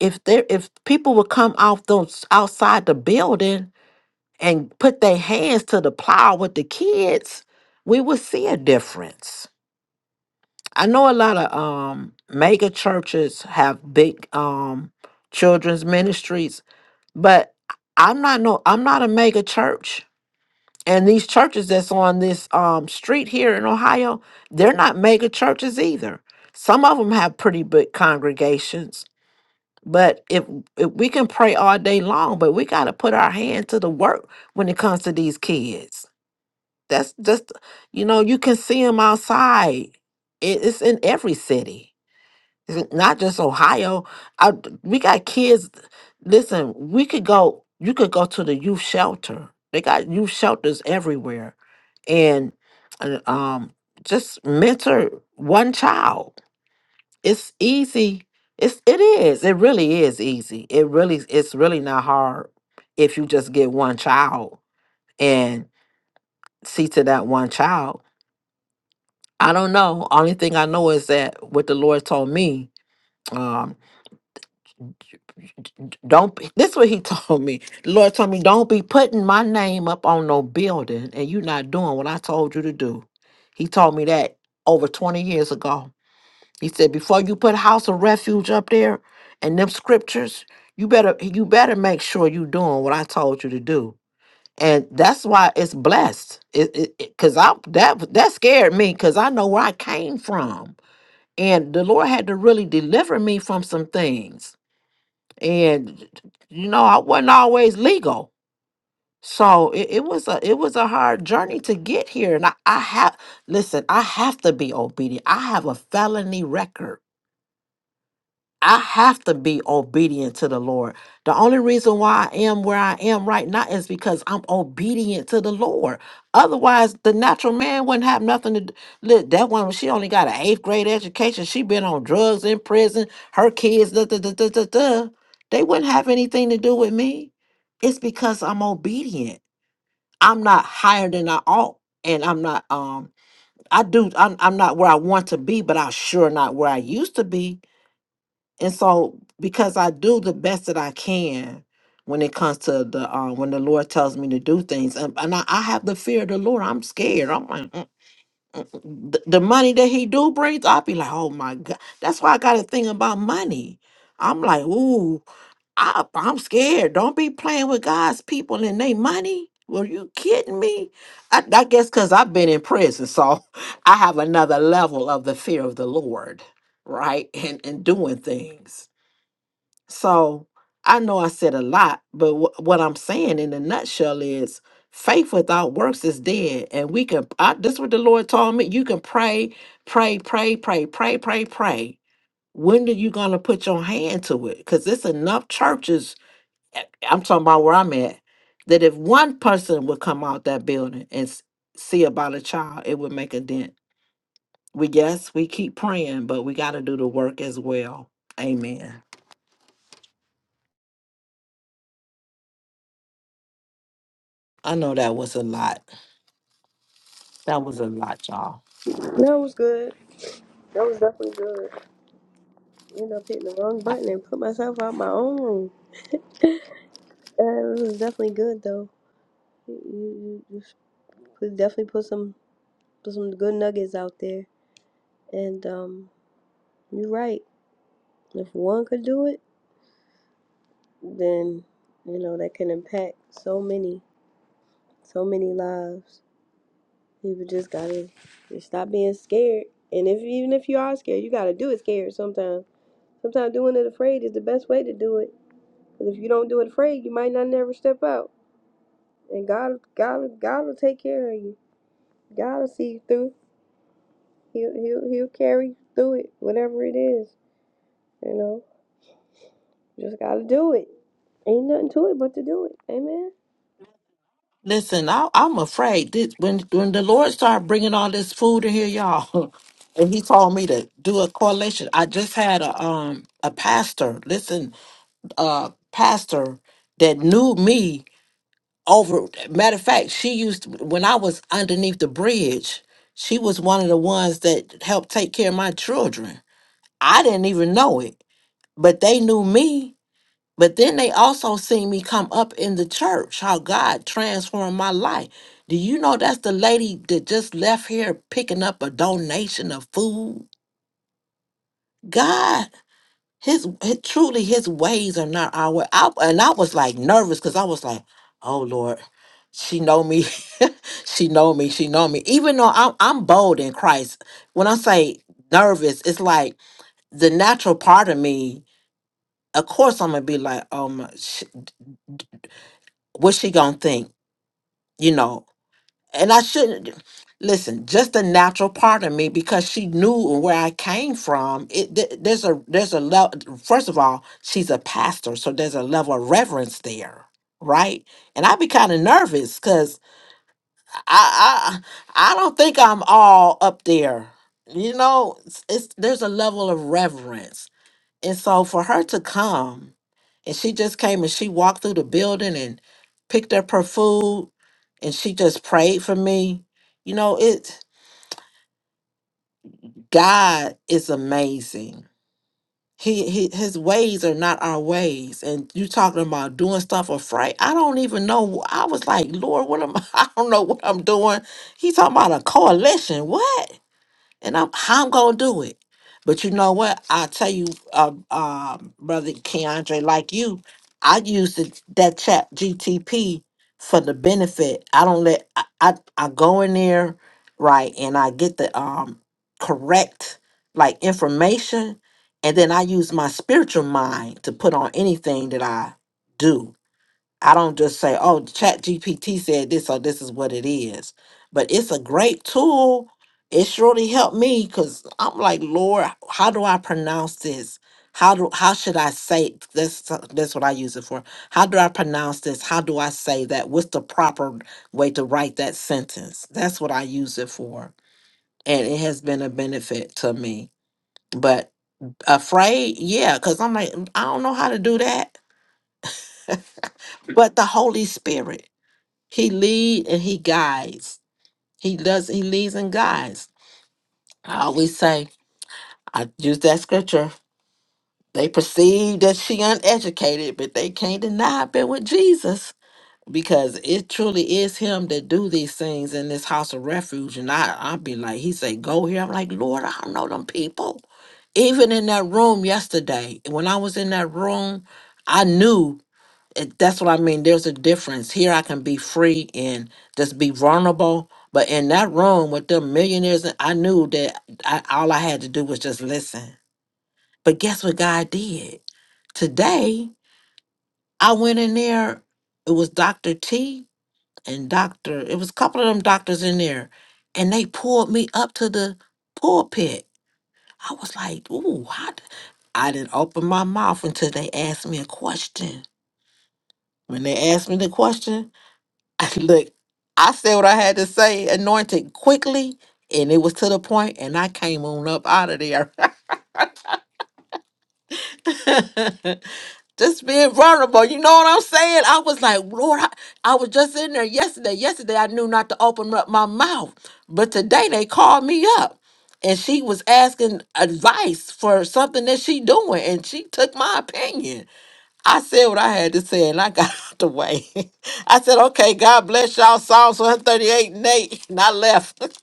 S7: if there if people would come out those outside the building and put their hands to the plow with the kids, we would see a difference. I know a lot of um mega churches have big um children's ministries, but I'm not no I'm not a mega church. And these churches that's on this um street here in Ohio, they're not mega churches either. Some of them have pretty big congregations, but if, if we can pray all day long, but we got to put our hand to the work when it comes to these kids. That's just, you know, you can see them outside. It- It's in every city, It's n- not just Ohio. I, we got kids. Listen, we could go. You could go to the youth shelter. They got youth shelters everywhere, and uh, um, just mentor one child it's easy. It's it is. It really is easy. It really it's really not hard if you just get one child and see to that one child. I don't know. Only thing I know is that what the Lord told me, um, don't be- this what he told me. The Lord told me, don't be putting my name up on no building and you not doing what I told you to do. He told me that over 20 years ago. He said, before you put house of refuge up there and them scriptures, you better you better make sure you doing what I told you to do. And that's why it's blessed. It, it, it- cause I that that scared me because I know where I came from. And the Lord had to really deliver me from some things. And you know, I wasn't always legal. So it, it was a it was a hard journey to get here. And I, I have listen, I have to be obedient. I have a felony record I have to be obedient to the Lord. The only reason why I am where I am right now is because I'm obedient to the Lord. Otherwise, the natural man wouldn't have nothing to do. Look, that woman, she only got an eighth grade education. She been on drugs in prison. Her kids, da, da, da, da, da, da. they wouldn't have anything to do with me. It's because I'm obedient. I'm not higher than I ought. And I'm not um I do I'm I'm not where I want to be, but I'm sure not where I used to be and so because I do the best that I can when it comes to the uh, when the Lord tells me to do things, and, and I, I have the fear of the Lord. I'm scared. I'm like "Mm, mm." the, the money that He do brings. I'll be like, oh my God. That's why I got a thing about money. I'm like, ooh, I, I'm scared. Don't be playing with God's people and they money. Were you kidding me? I, I guess because I've been in prison, so I have another level of the fear of the Lord, right? And and doing things. So I know I said a lot, but wh- what I'm saying in a nutshell is faith without works is dead. And we can, I, this what the Lord told me. You can pray, pray, pray, pray, pray, pray, pray. When are you going to put your hand to it? Because it's enough churches, eh, I'm talking about where I'm at, that if one person would come out that building and s- see about a child, it would make a dent. We, yes, we keep praying, but we got to do the work as well. Amen. I know that was a lot. That was a lot, y'all.
S1: That was good. That was definitely good. I Ended up hitting the wrong
S7: I,
S1: button and put myself out my own room. Uh, it was definitely good though. You you, you s- put- definitely put some put some good nuggets out there. And um, you're right. If one could do it, then you know that can impact so many, so many lives. People just gotta just stop being scared. And if even if you are scared, you gotta do it scared sometimes. Sometimes doing it afraid is the best way to do it. Because if you don't do it afraid, you might not never step out. And God, God, God will take care of you. God will see you through. He'll, he'll, he'll carry you through it, whatever it is. You know, just gotta do it. Ain't nothing to it but to do it. Amen.
S7: listen, I, I'm afraid this, when when the Lord started bringing all this food in here, y'all, and He told me to do a correlation. I just had a um a pastor, listen, a pastor that knew me over. Matter of fact, she used to- when I was underneath the bridge. She was one of the ones that helped take care of my children. I didn't even know it, but they knew me But then they also seen me come up in the church, how God transformed my life. Do you know that's the lady that just left here picking up a donation of food? God, his, his- truly his ways are not our way. I, and I was like nervous because I was like, oh Lord, she know me. she know me. She know me. Even though I'm I'm bold in Christ, when I say nervous, it's like the natural part of me, of course I'm gonna be like, oh my sh- what's she gonna think? you know, and I shouldn't listen. Just the natural part of me, because she knew where I came from. It th- there's a there's a level. First of all, she's a pastor, so there's a level of reverence there, right? And I'd be kind of nervous because I I I don't think I'm all up there. You know, it's, it's there's a level of reverence and so for her to come, and she just came and she walked through the building and picked up her food and she just prayed for me. You know, it God is amazing. He, he his ways are not our ways. And you talking about doing stuff afraid. I don't even know. I was like, Lord, what am I? I don't know what I'm doing. He talking about a coalition. What? and I'm how I'm gonna do it. But you know what? I tell you, uh, um, brother Keandre, like you, I use the, that chat GTP for the benefit. I don't let I, I I go in there right and I get the um correct like information, and then I use my spiritual mind to put on anything that I do. I don't just say, oh, Chat GPT said this, so this is what it is. But it's a great tool. It surely helped me because I'm like, Lord, how do I pronounce this? How do how should I say this? That's what I use it for. How do I pronounce this? How do I say that? What's the proper way to write that sentence? That's what I use it for, and it has been a benefit to me. But afraid, yeah, because I'm like, "Mm, I don't know how to do that. But the Holy Spirit. He lead and he guides. He does. He leads and guides. I always say I use that scripture. They perceive that she uneducated, but they can't deny I've been with Jesus because it truly is Him that do these things in this house of refuge. And I, I will be like, He say, go here. I'm like, Lord, I don't know them people. Even in that room yesterday, when I was in that room, I knew. it, that's what I mean. There's a difference. Here I can be free and just be vulnerable. But in that room with them millionaires, I knew that I, all I had to do was just listen. But guess what God did? Today, I went in there. It was Dr. T and Dr. It was a couple of them doctors in there. And they pulled me up to the pulpit. I was like, ooh, how d- I didn't open my mouth until they asked me a question. When they asked me the question, Look, I said what I had to say, anointed quickly, and it was to the point, and I came on up out of there. just being vulnerable, you know what I'm saying? I was like, Lord, I, I was just in there yesterday. Yesterday, I knew not to open up my mouth, but today they called me up. And she was asking advice for something that she doing, and she took my opinion. I said what I had to say and I got out the way. I said, okay, God bless y'all. Psalms 138 and 8. And I left.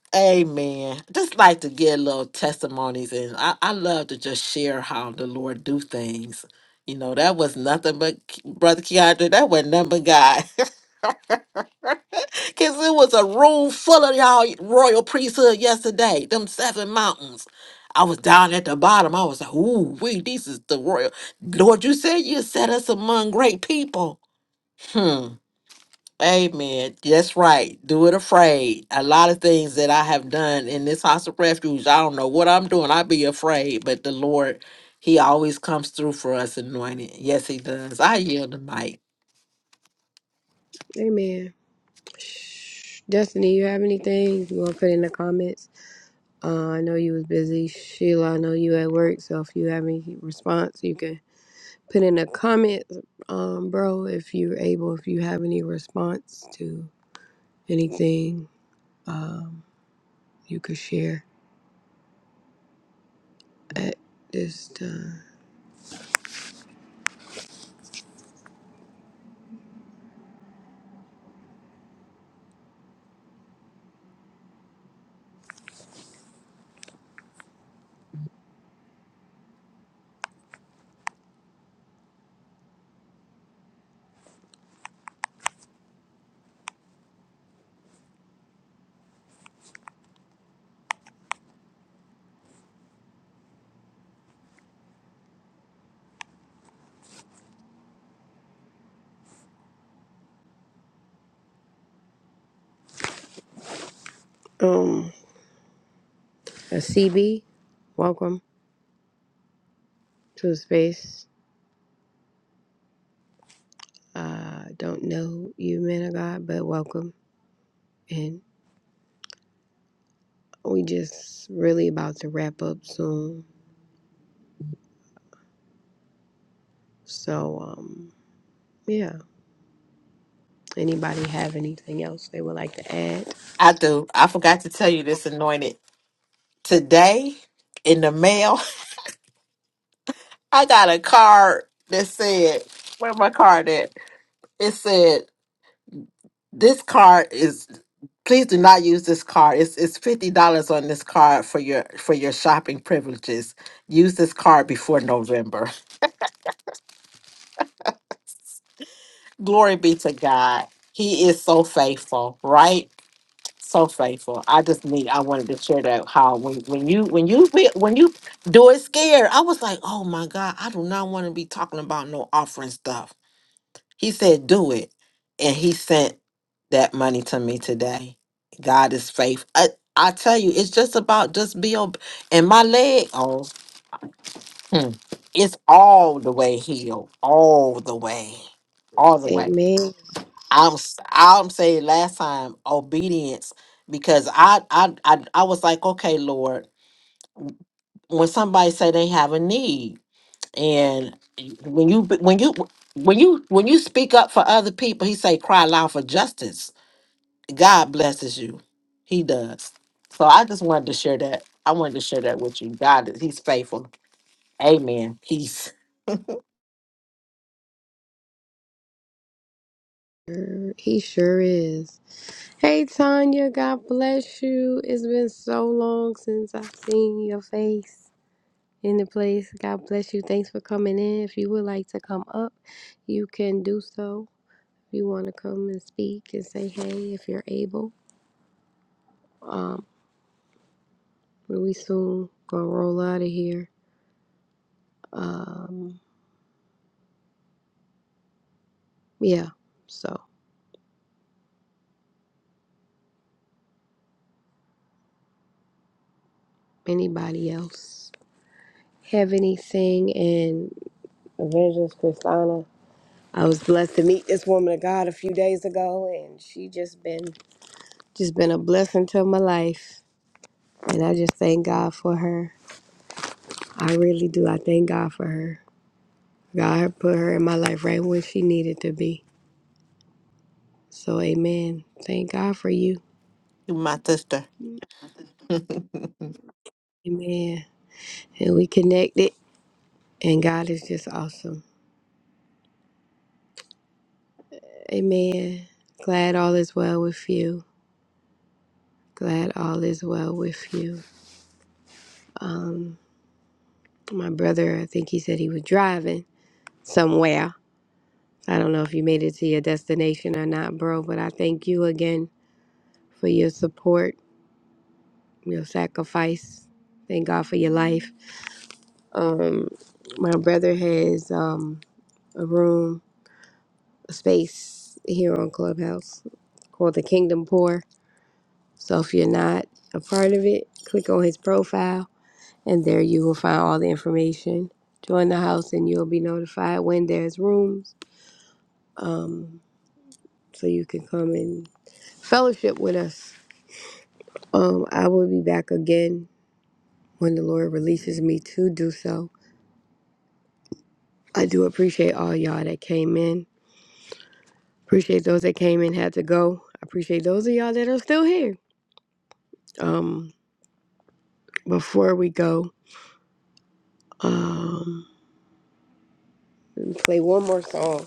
S7: Amen. Just like to get little testimonies and I, I love to just share how the Lord do things. You know, that was nothing but K- Brother Keandre, that was nothing but God. Cause it was a room full of y'all royal priesthood yesterday, them seven mountains. I was down at the bottom. I was like, ooh, we, this is the royal. Lord, you said you set us among great people. Hmm. Amen. That's right. Do it afraid. A lot of things that I have done in this house of refuge, I don't know what I'm doing. I be afraid, but the Lord, He always comes through for us anointed. Yes, He does. I yield the mic.
S1: Amen. Shh. Destiny, you have anything you want to put in the comments? Uh, I know you was busy, Sheila. I know you at work, so if you have any response, you can put in the comments, um, bro. If you're able, if you have any response to anything, um, you could share. at this Um, a CB, welcome to the space. Uh, don't know you, man of God, but welcome. And we just really about to wrap up soon. So, um, yeah. Anybody have anything else they would like to add?
S7: I do. I forgot to tell you this anointed. Today in the mail, I got a card that said, where my card at? It said, This card is please do not use this card. It's it's fifty dollars on this card for your for your shopping privileges. Use this card before November. Glory be to God. He is so faithful, right? So faithful. I just need. I wanted to share that how when when you when you fe- when you do it scared. I was like, oh my God, I do not want to be talking about no offering stuff. He said, Do it. And he sent that money to me today. God is faith. I, I tell you, it's just about just be ob- and my leg, oh, hmm, it's all the way healed. All the way. All the way.
S1: Amen.
S7: I'm s- I'm saying last time obedience because I I I, I was like, okay, Lord, when somebody say they have a need and when you when you when you when you speak up for other people, he say cry loud for justice God blesses you. He does. So I just wanted to share that. I wanted to share that with you. God is He's faithful. Amen. Peace.
S1: He sure is. Hey, Tanya, God bless you. It's been so long since I've seen your face. in the place. God bless you. Thanks for coming in. If you would like to come up, you can do so. If you want to come and speak and say hey, if you're able. Um, we soon gonna roll out of here. Um, yeah. So anybody else have anything? And Evangelist Christina, I was blessed to meet this woman of God a few days ago, and she just been just been a blessing to my life. And I just thank God for her. I really do. I thank God for her. God put her in my life right where she needed to be. So, amen. Thank God for you.
S7: You my sister.
S1: Amen. And we connected, and God is just awesome. Amen. Glad all is well with you. Glad all is well with you. My brother, I think he said he was driving somewhere. I don't know if you made it to your destination or not, bro, but I thank you again for your support, your sacrifice. Thank God for your life. Um, my brother has um, a room space here on Clubhouse called the Kingdom Poor. So if you're not a part of it, click on his profile and there you will find all the information. Join the house and you'll be notified when there's rooms so you can come and fellowship with us. Um, I will be back again when the Lord releases me to do so. I do appreciate all y'all that came in. Appreciate those that came and had to go. I appreciate those of y'all that are still here. Um, before we go, um. Let me play one more song.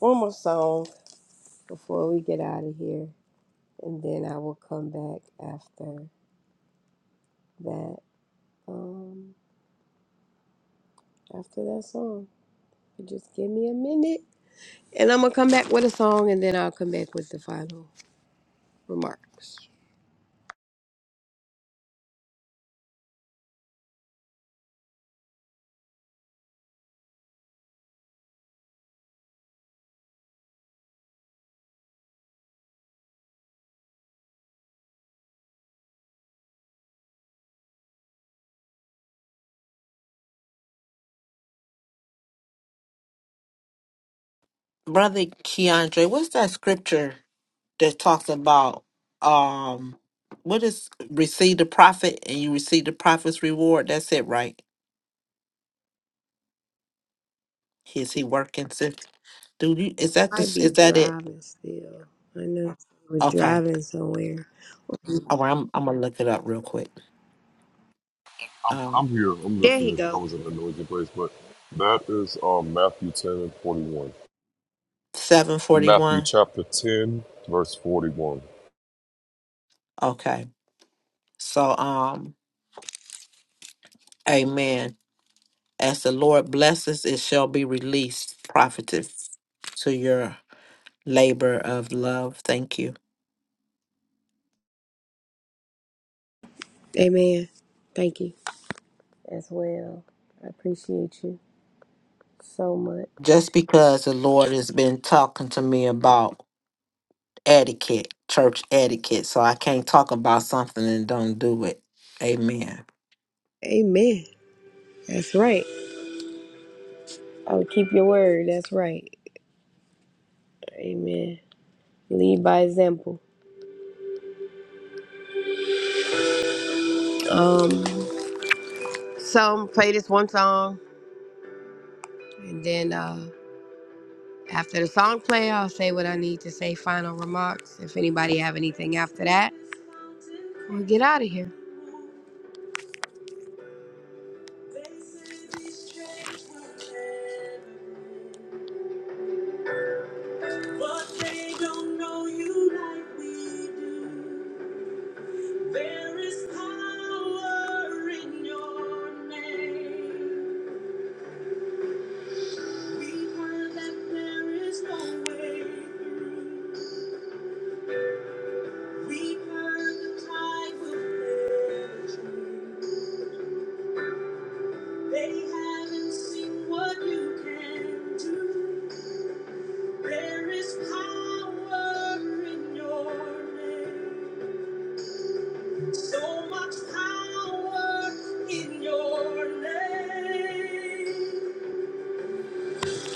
S1: One more song before we get out of here. And then I will come back after that. Um after that song. Just give me a minute. And I'm gonna come back with a song and then I'll come back with the final remarks.
S7: Brother Keandre, what's that scripture that talks about um what is receive the prophet and you receive the prophet's reward? That's it, right? Is he working sis? Do you is that
S1: I
S7: this
S1: be
S7: is that it?
S1: driving still. I know we're
S7: Okay.
S1: driving somewhere.
S7: All right, I'm I'm gonna look it up real quick.
S4: I'm,
S7: Um
S4: I'm here. I'm
S1: There he
S4: listening. I
S1: go.
S4: was in a noisy place, but that is um, Matthew 10 and 41.
S7: seven forty
S4: Matthew
S7: one.
S4: chapter 10, verse 41.
S7: Okay. So um Amen. As the Lord blesses, it shall be released, prophetess, to your labor of love. Thank you.
S1: Amen. Thank you as well. I appreciate you so
S7: Just
S1: much.
S7: because the Lord has been talking to me about etiquette, church etiquette, so I can't talk about something and don't do it. Amen.
S1: Amen. That's right. I'll keep your word. That's right. Amen. Lead by example. Um, so play this one song, and then uh, after the song play, I'll say what I need to say. Final remarks. If anybody have anything after that, we'll get out of here. But they don't know you like we do. There is power in your name. We've heard that there is no way. They haven't seen what you can do. There is power in your name. So much power in your name.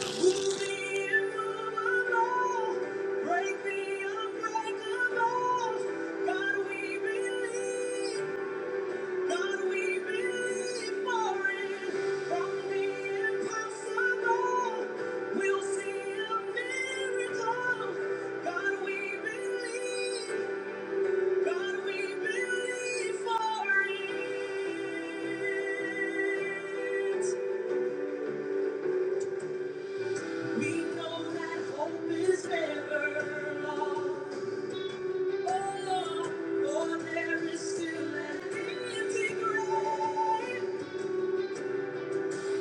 S1: Move the immovable. Break the unbreakable. God, we believe. God, we believe for it. From the impossible, we'll see a miracle. God, we believe. God, we believe for it. We know that hope is never lost. Oh, for there is still an empty grave.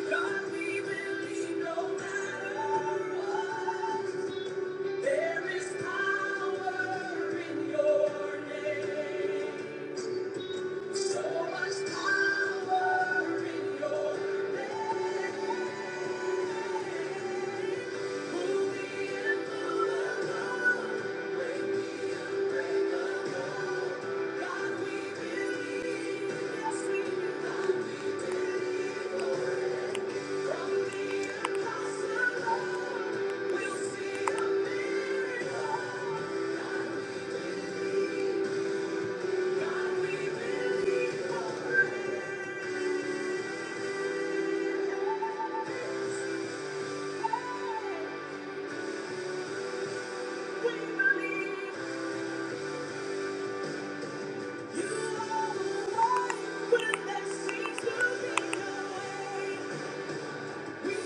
S1: God, we believe no matter what. There is power in your name. So much power in your name. You are the one when there seems to be no way. Thank you.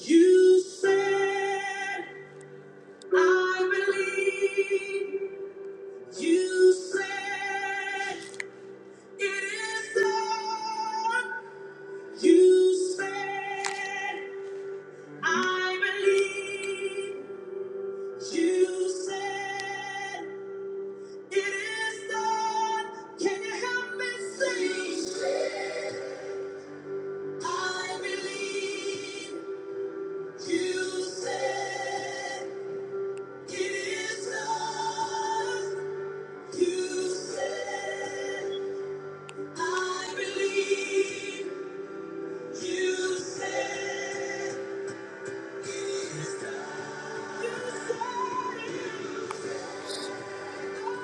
S1: You said, I believe. You said, it is done. You said, I believe. You said, It is done. Can you help me sing? I believe you said it is done. You said I believe you said it is done. You said it. I believe,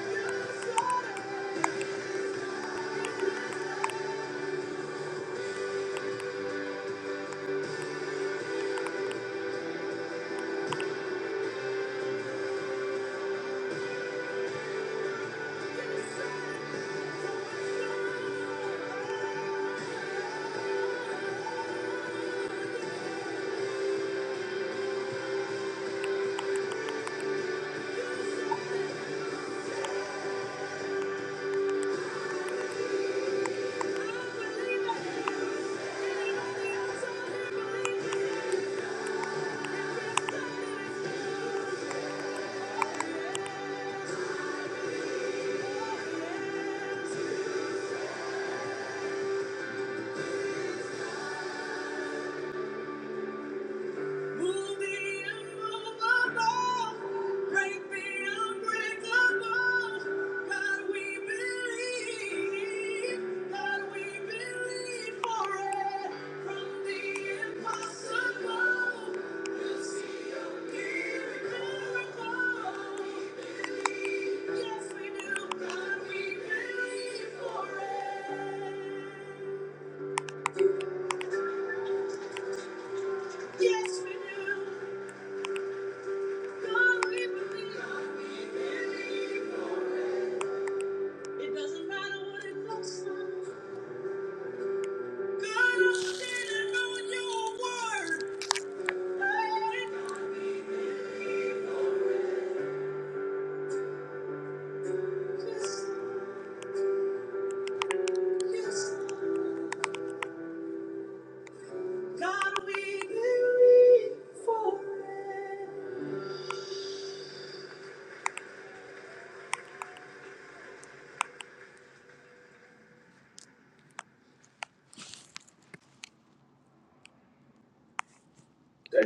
S1: Thank you. I believe in you. Every time. Yes, we do. like. Yes, yes.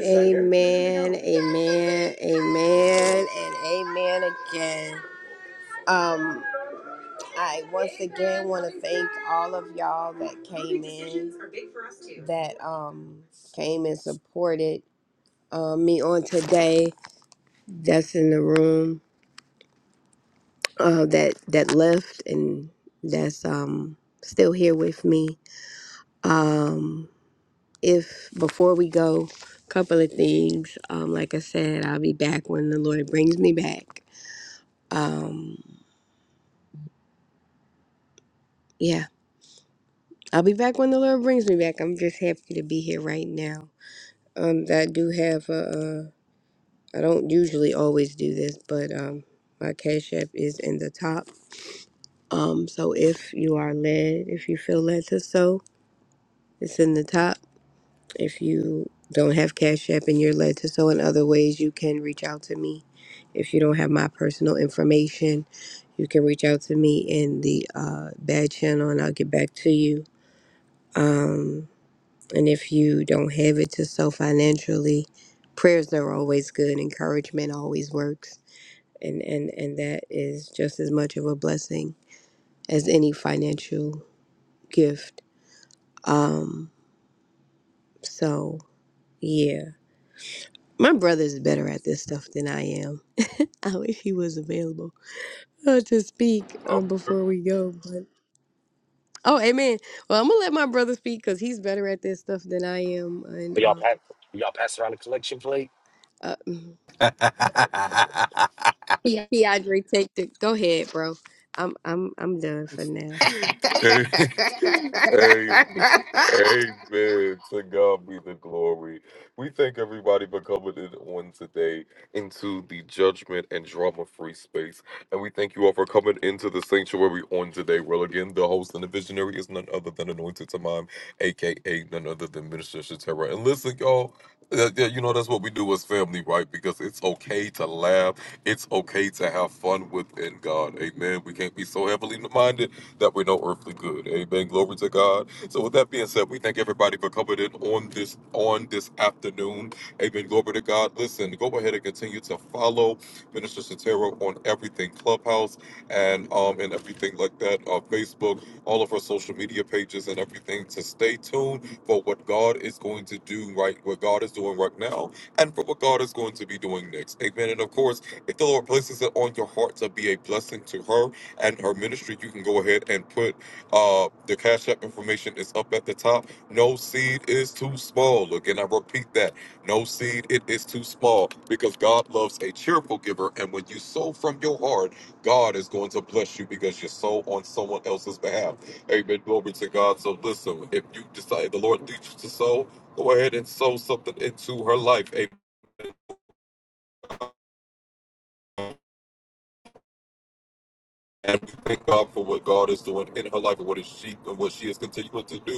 S1: Amen, amen, amen, and amen again. Um, I once again want to thank all of y'all that came in. that um came and supported uh, me on today. That's in the room. Uh, that that left and that's um still here with me. Um, if before we go, couple of things. Um, like I said, I'll be back when the Lord brings me back. Um, yeah, I'll be back when the Lord brings me back. I'm just happy to be here right now. Um, I do have a. I don't usually always do this, but um, my Cash App is in the top. Um, so if you are led, if you feel led to sow, it's in the top. If you don't have Cash App and you're led to sow in other ways, you can reach out to me. If you don't have my personal information, you can reach out to me in the uh, bad channel and I'll get back to you. Um, and if you don't have it to sow financially, prayers are always good, encouragement always works and and and that is just as much of a blessing as any financial gift um so yeah my brother's better at this stuff than i am i wish he was available uh, to speak um before we go but oh amen well i'm gonna let my brother speak because he's better at this stuff than i am and
S6: Are y'all
S1: um
S6: pass y'all pass around the collection plate?
S1: uh
S4: yeah,
S1: Keandre, take the go ahead bro i'm i'm i'm done for now
S4: Hey, hey, amen. To God be the glory. We thank everybody for coming in on today into the judgment and drama free space. And we thank you all for coming into the sanctuary on today. Well, again, the host and the visionary is none other than Anointed Tamam, aka none other than Minister Shatera. And listen, y'all. uh, yeah, you know that's what we do as family, right? Because it's okay to laugh. It's okay to have fun within God. Amen. We can't be so heavily minded that we know earthly good. Amen. Glory to God. So with that being said, we thank everybody for coming in on this on this afternoon. Amen. Glory to God. Listen, go ahead and continue to follow Minister Sotero on everything Clubhouse and um and everything like that on Facebook, all of our social media pages and everything to stay tuned for what God is going to do right, what God is doing right now, and for what God is going to be doing next. Amen. And of course, if the Lord places it on your heart to be a blessing to her, and her ministry, you can go ahead and put uh, the Cash App information is up at the top. No seed is too small. Again, I repeat that. No seed, it is too small because God loves a cheerful giver. And when you sow from your heart, God is going to bless you because you sow on someone else's behalf. Amen. Glory to God. So listen, if you decide the Lord leads you to sow, go ahead and sow something into her life. Amen. And we thank God for what God is doing in her life and what is she and what she is continuing to do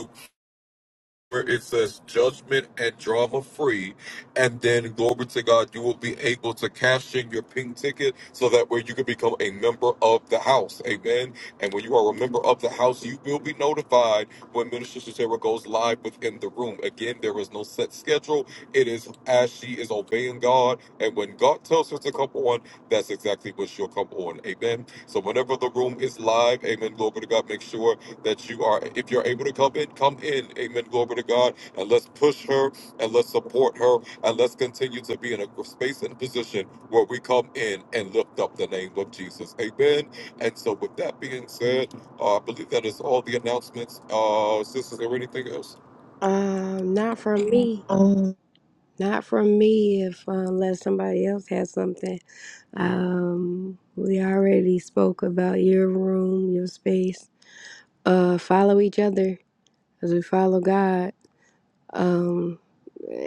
S4: where it says judgment and drama free, and then glory to God, you will be able to cash in your pink ticket so that way you can become a member of the house. Amen. And when you are a member of the house, you will be notified when Minister Sarah goes live within the room. Again, there is no set schedule. It is as she is obeying God, and when God tells her to come on, that's exactly what she'll come on. Amen. So whenever the room is live, amen, glory to God, make sure that you are, if you're able to come in, come in. Amen. Glory to God. And let's push her and let's support her and let's continue to be in a space and position where we come in and lift up the name of Jesus. Amen. And so, with that being said, uh, I believe that is all the announcements. Uh, sisters, is there anything else?
S1: um not from me Not from me, if uh, unless somebody else has something. Um, we already spoke about your room, your space. Uh, follow each other as we follow God. Um,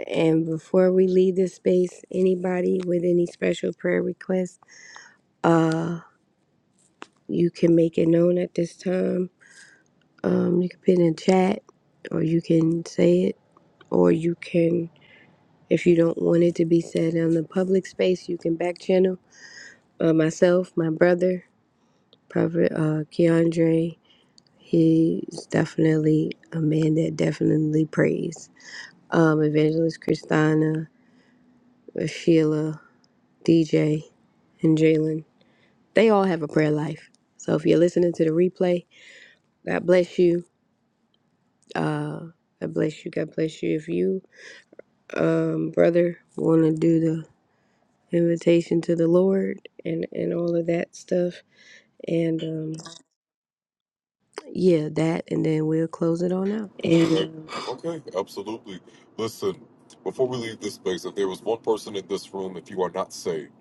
S1: and before we leave this space, anybody with any special prayer requests, uh, you can make it known at this time. Um, you can put it in chat, or you can say it, or you can, if you don't want it to be said in the public space, you can back channel uh, myself, my brother, Prophet uh, Keandre, he's definitely a man that definitely prays. Um, Evangelist Christina, uh, Sheila, DJ, and Jalen, they all have a prayer life. So if you're listening to the replay, God bless you. Uh, God bless you. God bless you. If you, um, brother, want to do the invitation to the Lord and, and all of that stuff, and um, yeah, that, and then we'll close it on out.
S4: Okay. you. Okay. Absolutely. Listen, before we leave this space, if there was one person in this room, if you are not saved,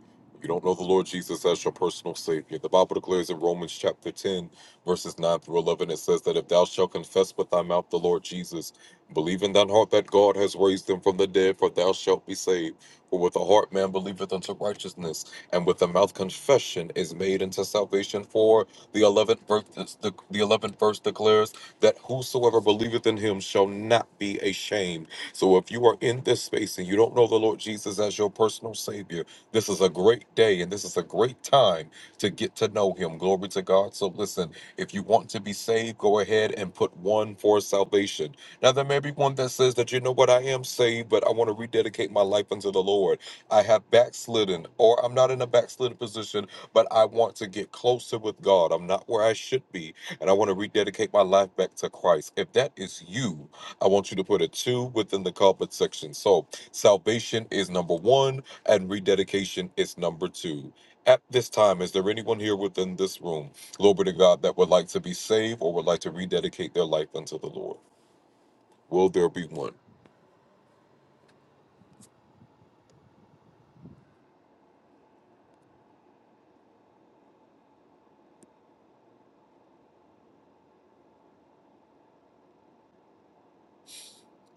S4: you don't know the Lord Jesus as your personal Savior. The Bible declares in Romans chapter 10, verses 9 through 11, it says that if thou shalt confess with thy mouth the Lord Jesus, believe in thine heart that God has raised him from the dead, for thou shalt be saved. For with the heart man believeth unto righteousness, and with the mouth confession is made unto salvation. For the 11th verse, the 11th verse declares, that whosoever believeth in him shall not be ashamed. So if you are in this space and you don't know the Lord Jesus as your personal Savior, this is a great day and this is a great time to get to know him. Glory to God. So listen, if you want to be saved, go ahead and put one for salvation. Now, there may be one that says that, you know what, I am saved, but I want to rededicate my life unto the Lord. I have backslidden, or I'm not in a backslidden position, but I want to get closer with God. I'm not where I should be and I want to rededicate my life back to Christ. If that is you, I want you to put a two within the comment section. So salvation is number one, and rededication is number two. At this time, is there anyone here within this room, glory to God, that would like to be saved or would like to rededicate their life unto the Lord? Will there be one?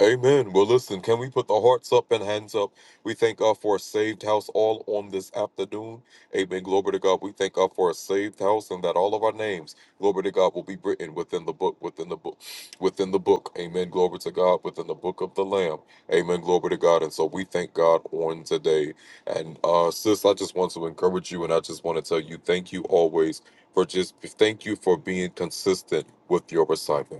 S4: Amen. Well, listen, can we put the hearts up and hands up? We thank God for a saved house all on this afternoon. Amen. Glory to God. We thank God for a saved house and that all of our names, glory to God, will be written within the book, within the book, within the book. Amen. Glory to God, within the book of the Lamb. Amen. Glory to God. And so we thank God on today. And uh, sis, I just want to encourage you and I just want to tell you thank you always for just thank you for being consistent with your assignment.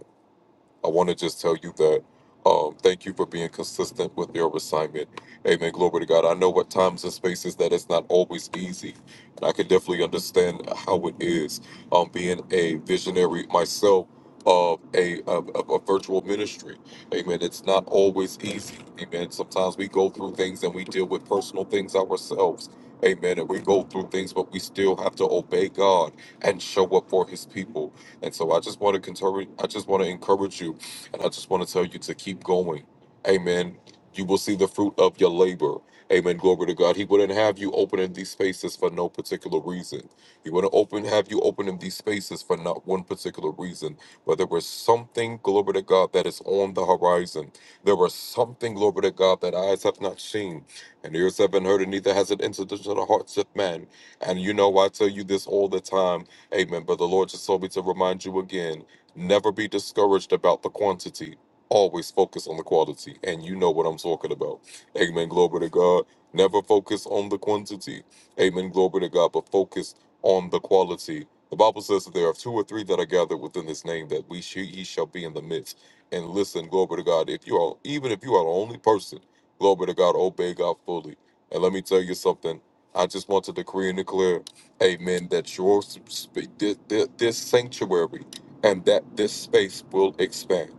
S4: I want to just tell you that um, thank you for being consistent with your assignment. Amen. Glory to God. I know what times and spaces that it's not always easy. And I can definitely understand how it is um, being a visionary myself of a, of, of a virtual ministry. Amen. It's not always easy. Amen. Sometimes we go through things and we deal with personal things ourselves. Amen. And we go through things, but we still have to obey God and show up for his people. And so I just want to continue, I just want to encourage you and I just want to tell you to keep going. Amen. You will see the fruit of your labor. Amen. Glory to God. He wouldn't have you opening these spaces for no particular reason. He wouldn't open have you opening these spaces for not one particular reason. But there was something, glory to God, that is on the horizon. There was something, glory to God, that eyes have not seen, and ears haven't heard, and neither has it entered into the hearts of man. And you know I tell you this all the time. Amen. But the Lord just told me to remind you again. Never be discouraged about the quantity. Always focus on the quality. And you know what I'm talking about. Amen. Glory to God. Never focus on the quantity. Amen. Glory to God. But focus on the quality. The Bible says that there are two or three that are gathered within his name that we sh- he shall be in the midst. And listen, glory to God. If you are even if you are the only person, glory to God, obey God fully. And let me tell you something. I just want to decree and declare, Amen, that your sp- sp- thi- this sanctuary and that this space will expand.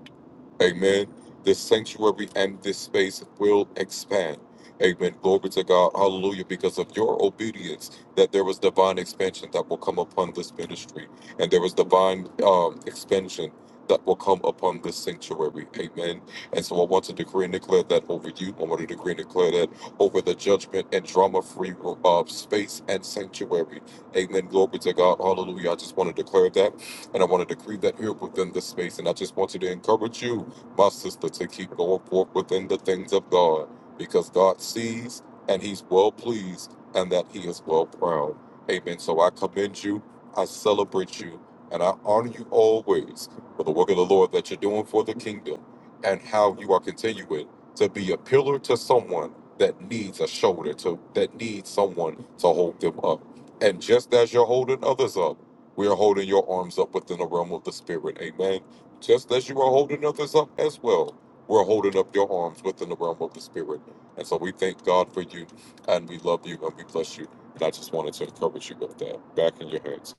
S4: Amen. This sanctuary and this space will expand. Amen. Glory to God. Hallelujah. Because of your obedience, that there was divine expansion that will come upon this ministry, and there was divine um, expansion that will come upon this sanctuary. Amen. And so I want to decree and declare that over you. I want to decree and declare that over the judgment and drama free uh, space and sanctuary. Amen. Glory to God. Hallelujah. I just want to declare that, and I want to decree that here within this space. And I just want to encourage you my sister, to keep going forth within the things of God, because God sees and He's well pleased and that He is well proud. Amen. So I commend you, I celebrate you, and I honor you always for the work of the Lord that you're doing for the kingdom and how you are continuing to be a pillar to someone that needs a shoulder to that needs someone to hold them up. And just as you're holding others up, we are holding your arms up within the realm of the spirit. Amen just as you are holding others up as well, we're holding up your arms within the realm of the Spirit. And so we thank God for you, and we love you, and we bless you. And I just wanted to encourage you with that. Back in your hands.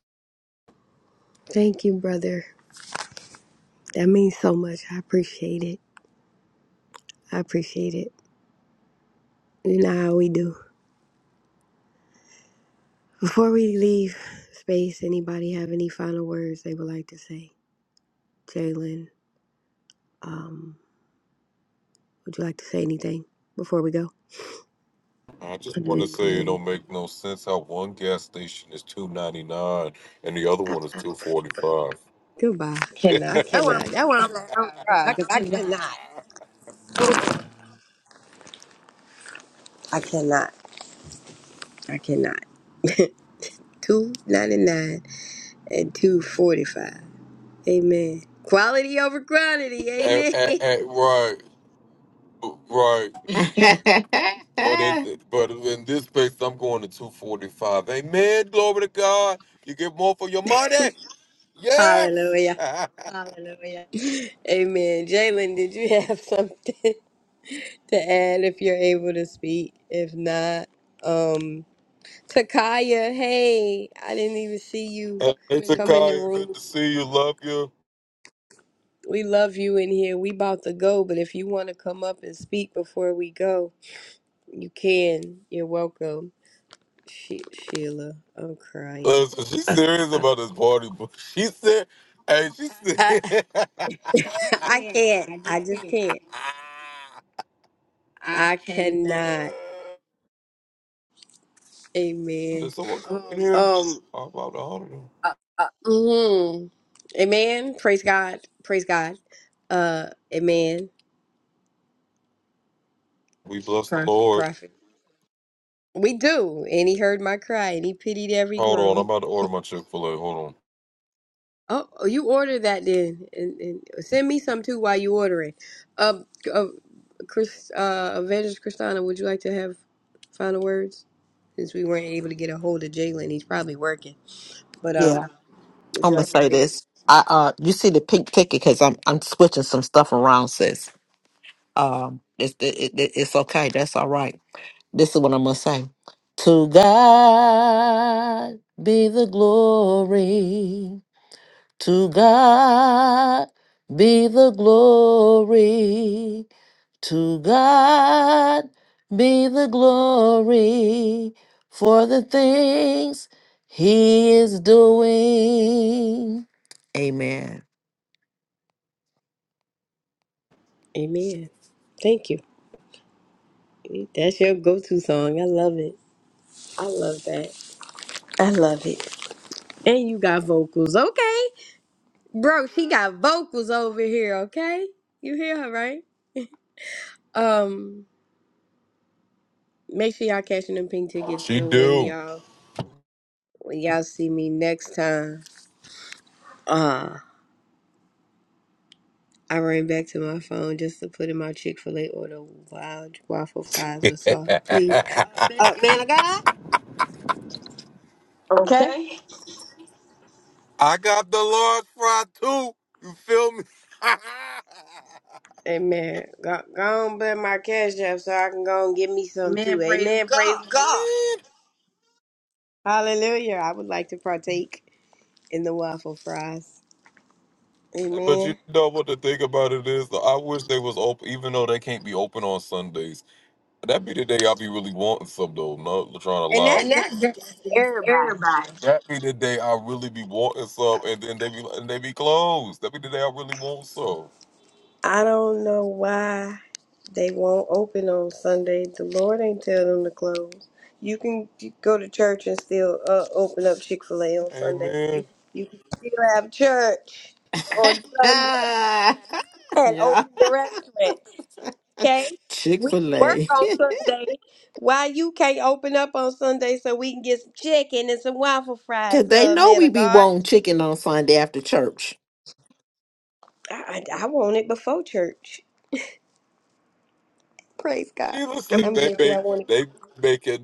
S1: Thank you, brother. That means so much. I appreciate it. I appreciate it. You know how we do. Before we leave space, anybody have any final words they would like to say? Jalen, um, would you like to say anything before we go?
S4: I just want to
S1: I know
S4: say it
S1: you.
S4: don't make no sense how one gas station is two ninety nine and the other
S1: I,
S4: one is two forty five.
S1: goodbye. I
S4: Cannot. That one I'm
S1: cannot.
S4: gonna
S1: That one I'm
S4: drive
S1: glad I don't
S4: I
S1: drive because I cannot. I cannot. I cannot. Two ninety nine and two forty five. Amen. Quality over quantity.
S4: cannot.
S1: Amen.
S4: right, right. But in, but in this case, I'm going to 245. Amen. Glory to God. You get more for your money. Yes.
S1: Hallelujah.
S4: Hallelujah. hey,
S1: Amen. Jalen, did you have something to add if you're able to speak? If not, um, Takaya, hey, I didn't even see you
S4: Hallelujah.
S1: come in the
S4: Takaya, good
S1: room.
S4: to see you. Love you.
S1: We love you in here. We about to go, but if you want to come up and speak before we go, you can. You're welcome. She- Sheila, I'm crying.
S4: Listen, she's serious about this party, but she said, hey, she
S1: I,
S4: said, I
S1: I
S4: can't.
S1: can't.
S4: I just
S1: I just
S4: can't.
S1: can't.
S4: I
S1: I
S4: cannot.
S1: cannot.
S4: Did
S1: Amen.
S4: someone come in Um, here?
S1: Um.
S4: I'm about to order? them. uh,
S1: Uh, mm, amen. Praise God. Praise God. Uh, amen.
S4: We bless the sorry. Lord.
S1: Prophet. We do. And he heard my cry and he pitied every
S4: Hold on, I'm
S1: groan.
S4: about to order my Chick fil A. Hold
S1: Oh, oh, you order that then. And, and send me some too while you order it. Uh, uh, Chris, uh, Evangelist Christina, would you like to have final words? Since we weren't able to get a hold of Jalen, he's probably working. But um,
S7: Yeah,
S1: would
S7: I'm
S1: you
S7: gonna
S1: like to
S7: say
S1: say
S7: this. I uh, you see the pink ticket because I'm I'm switching some stuff around, sis. Um, it's it, it, it's okay. That's all right. This is what I'm going to say. To God be the glory. To God be the glory. To God be the glory for the things he is doing. Amen.
S1: amen? Thank you. That's your go to song. I love it. I love that. I love it. And you got vocals, okay? Bro, she got vocals over here, okay? You hear her, right? Um, make sure y'all catching them pink
S4: on.
S1: tickets
S4: She
S1: so when
S4: do.
S1: y'all when y'all see me next time. Uh I ran back to my phone just to put in my Chick-fil-A order wild waffle fries with sauce, please.
S4: I
S1: Uh man of God. Okay.
S4: got the Lord's fry too. You feel me?
S1: Amen. Go, go on put my cash app so I can go and get me some too.
S4: Man, praise
S1: Amen. Praise
S4: God.
S1: God. Hallelujah. I would like to partake in the waffle fries.
S4: but you
S1: Amen.
S4: know what the thing about it is? I wish they was open, even though they can't be open on Sundays. That be the day I be really wanting some though. No, trying to
S1: And
S4: lie. And
S1: that,
S4: that,
S1: that's
S4: that's, that's
S1: everybody.
S4: everybody. That be the day I really be wanting some, and then they be and they be closed. That be the day I really want some.
S1: I don't know why they won't open on Sunday. The Lord ain't tell them to close. You can go to church and still uh, open up Chick Fil A on Sunday.
S4: Amen.
S1: You can still have church on Sunday
S7: yeah.
S1: and open the restaurant. Okay,
S7: Chick
S1: we
S7: fil
S1: work
S7: A.
S1: on Sunday. Why you can't open up on Sunday so we can get some chicken and some waffle fries?
S7: Because they
S1: Uh,
S7: know
S1: man
S7: we
S1: of
S7: be
S1: God,
S7: wanting chicken on Sunday after church.
S1: I, I, I want it before church. Praise God.
S4: Steelers, do like
S1: I'm
S4: they
S1: guilty.
S4: make
S1: I want
S4: they make it.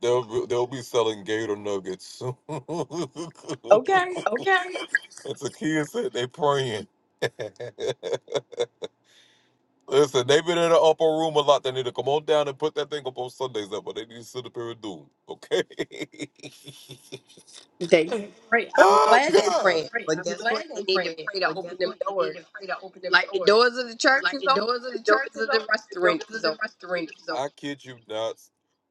S4: They'll they'll be selling Gator nuggets. Okay. That's a kid said they praying. Listen, they've been in the upper room a lot. They need to come on down and put that thing up on Sundays up, but they need to sit up here and do. it, Okay.
S1: They they pray. I'm
S4: oh
S1: glad they
S4: God.
S1: praying,
S4: pray.
S1: but
S4: I'm
S1: guess what?
S4: glad
S1: They
S4: they're
S1: need to
S4: praying,
S1: pray to
S4: but guess
S1: open them
S4: what? They need
S1: doors.
S4: to pray to open them
S1: Like the
S4: doors.
S1: doors of the church
S4: Like
S1: is
S4: the
S1: open,
S4: doors of
S1: the
S4: the
S1: doors
S4: church is
S1: of the
S4: open, the doors
S1: restaurant
S4: of
S1: is
S4: the
S1: open.
S4: restaurant is open. I kid you not.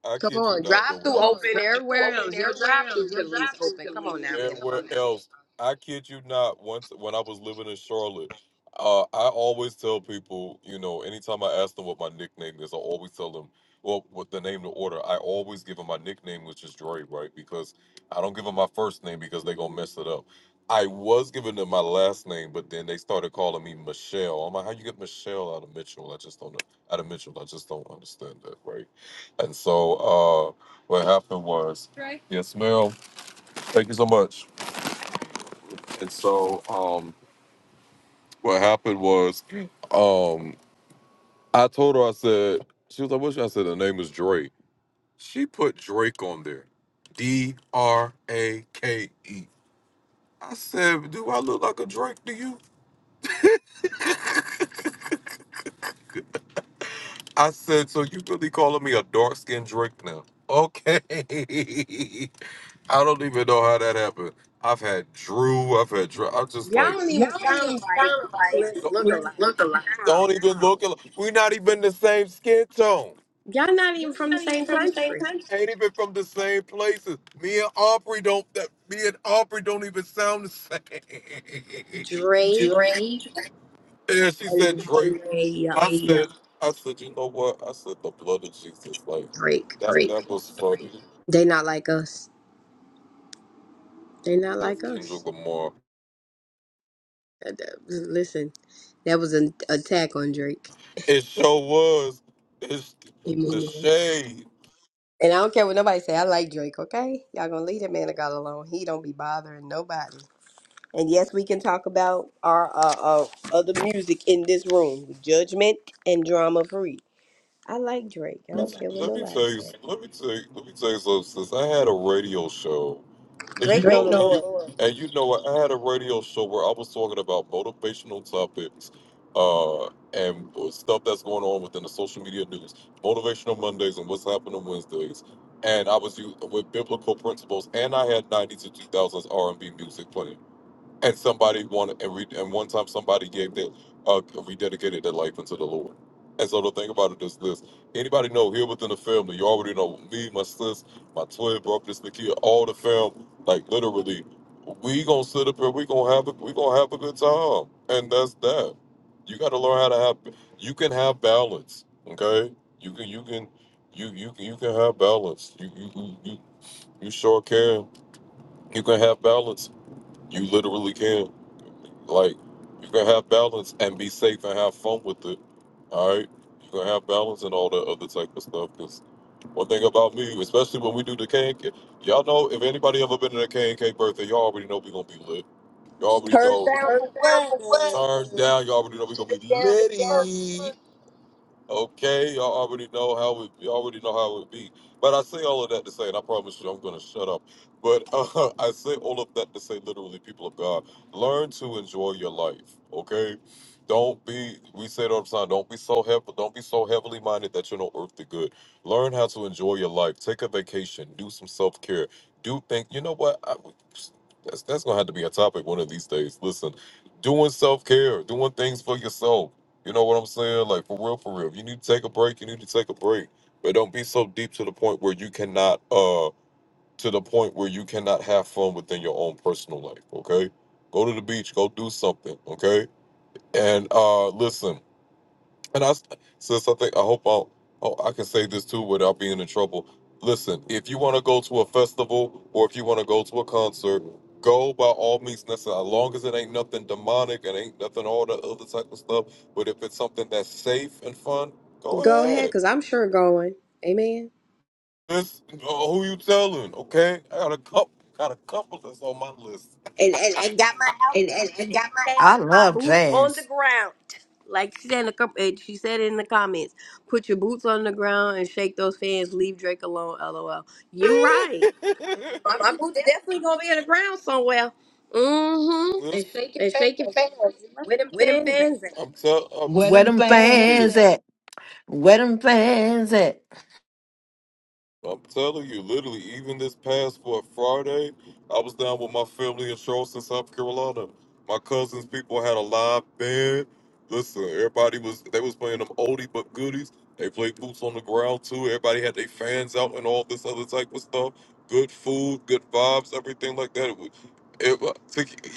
S4: I
S1: Come
S4: kid you
S1: on,
S4: not though.
S1: drive
S4: When I
S1: through
S4: Come on, was
S1: open
S4: drive through
S1: everywhere
S4: open
S1: else. Your
S4: everywhere
S1: drive through
S4: else. Your
S1: should at
S4: drive
S1: least
S4: through
S1: open.
S4: can at
S1: Come
S4: least
S1: on
S4: open.
S1: now,
S4: Come
S1: man. of
S4: everywhere on
S1: God.
S4: now. else, I kid you not. Once when I was living in Charlotte, uh, I always tell people, you know, anytime I ask them what my nickname is, I always tell them, well, what the name to order. I always give them my nickname, which is Dre, right? Because I don't give them my first name because they gonna mess it up. I was giving them my last name, but then they started calling me Michelle. I'm like, how you get Michelle out of Mitchell? I just don't know. Out of Mitchell, I just don't understand that, right? And so uh, what happened was, right. yes, ma'am. Thank you so much. And so um, what happened was, um, I told her, I said, she was like, what's your-" I said, the name is Drake. She put Drake on there, D R A K E. I said, do I look like a Drake to you? I said, so you really calling me a dark skinned Drake now? Okay. I don't even know how that happened. I've had Drew, I've had Drew. I'm just
S1: Y'all
S4: like,
S1: don't
S4: Y'all
S1: even
S4: don't
S1: sound
S4: even
S1: alike.
S4: sound like
S1: Let's
S4: don't,
S1: look
S4: let's
S1: alike.
S4: look alike. don't
S1: How?
S4: even look. alike. We're not even the same skin tone.
S1: Y'all not
S4: Y'all
S1: even from the
S4: not even
S1: same
S4: from the same
S1: country.
S4: country. Ain't even from the same places. Me and Aubrey don't. That, me and Aubrey don't even sound the same. Drake. Yeah, she said Drake.
S1: Andrea
S4: I Yeah, said, I said, you know what? I said the blood of Jesus. Like
S1: Drake.
S4: that. Drake. That was funny.
S1: They not like us. They not
S4: That's
S1: like
S4: Kendrick
S1: us.
S4: Lamar.
S1: Uh, uh, Listen, that was an attack on Drake.
S4: It sure was. It's the
S1: Amen.
S4: shade.
S1: And I don't care what nobody say. I like Drake. Okay, y'all gonna leave that man of God alone. He don't be bothering nobody. And yes, we can talk about our uh, uh other music in this room, judgment and drama free. I like Drake. I don't care what
S4: Let me
S1: nobody
S4: tell you.
S1: say.
S4: Let me tell you. Let me tell you something. Since I had a radio show. And you
S1: Drake know
S4: Drake know,
S1: the
S4: know and the you
S1: Lord.
S4: Lord. and you know, what, I had a radio show where I was talking about motivational topics, uh, and stuff that's going on within the social media news, motivational Mondays, and what's happening Wednesdays. And I was u- with biblical principles, and I had '90s to 2000s R&B music playing and somebody wanted and, re, and one time somebody gave their uh, rededicated their life unto the Lord. And so the thing about it is this: anybody know here within the family, you already know me, my sis, my twin brother, this Nikia, all the fam. Like literally, we gonna sit up here, we gonna have a, we gonna have a good time, and that's that. You got to learn how to have. You can have balance, okay? You can you can you you can you can have balance. You you you you, you sure can. You can have balance. You literally can. Like you can have balance and be safe and have fun with it. All right, you can have balance and all that other type of stuff. Cause one thing about me, especially when we do the K and K, y'all know if anybody ever been to the K and K birthday, y'all already know we gonna be lit. Y'all already
S1: Turned
S4: know.
S1: down
S4: Turn
S1: for
S4: down
S1: what?
S4: for what?
S1: Turned
S4: Turn down. Y'all already know we gonna be
S1: down for what?
S4: litty. Okay, y'all already know how it. You already know how it be. But I say all of that to say, and I promise you, I'm gonna shut up. But uh, I say all of that to say, literally, people of God, learn to enjoy your life. Okay, don't be. We say it all the time. Don't be so heavy. Don't be so heavily minded that you're no earthly good. Learn how to enjoy your life. Take a vacation. Do some self care. Do think. You know what? I, that's that's gonna have to be a topic one of these days. Listen, doing self care, doing things for yourself. You know what I'm saying? Like for real, for real. If you need to take a break, you need to take a break. But don't be so deep to the point where you cannot uh to the point where you cannot have fun within your own personal life, okay? Go to the beach, go do something, okay? And uh listen, and I, since I think I hope I'll, oh, I can say this too without being in trouble. Listen, if you want to go to a festival or if you want to go to a concert, go by all means necessary. As long as it ain't nothing demonic and ain't nothing all the other type of stuff. But if it's something that's safe and fun, go
S1: Go ahead,
S4: ahead.
S1: cause I'm sure going. Amen.
S4: This uh, who you telling? Okay, I got a couple, got a couple that's on my list.
S1: and, and, and got my
S4: And,
S1: outfit
S4: and, and
S1: ready.
S4: got
S1: Okay,
S7: I
S1: got my
S7: love
S1: boots on the
S7: jazz.
S1: ground. Like she said in the com- eh, she said in the comments, put your boots on the ground and shake those fans. Leave Drake alone. LOL. You right. My boots
S4: my
S1: definitely gonna be on the ground somewhere. Mm-hmm.
S4: They Listen, shaking
S1: And shaking
S4: fans.
S1: fans. You right.
S4: Where them
S1: With them
S4: fans at?
S1: fans at?
S4: I'm tell I'm Where
S7: Where
S4: them I
S7: them
S4: tell fans telling
S7: fans
S4: you, at?
S7: at? Where them fans at?
S4: I'm telling you, literally, even this past for Friday, I was down with my family in Charleston, South Carolina. My cousins, people had a live band. Listen, everybody was they was playing them oldie but goodies. They played boots on the ground too. Everybody had their fans out and all this other type of stuff. Good food, good vibes, everything like that. It, was- it was-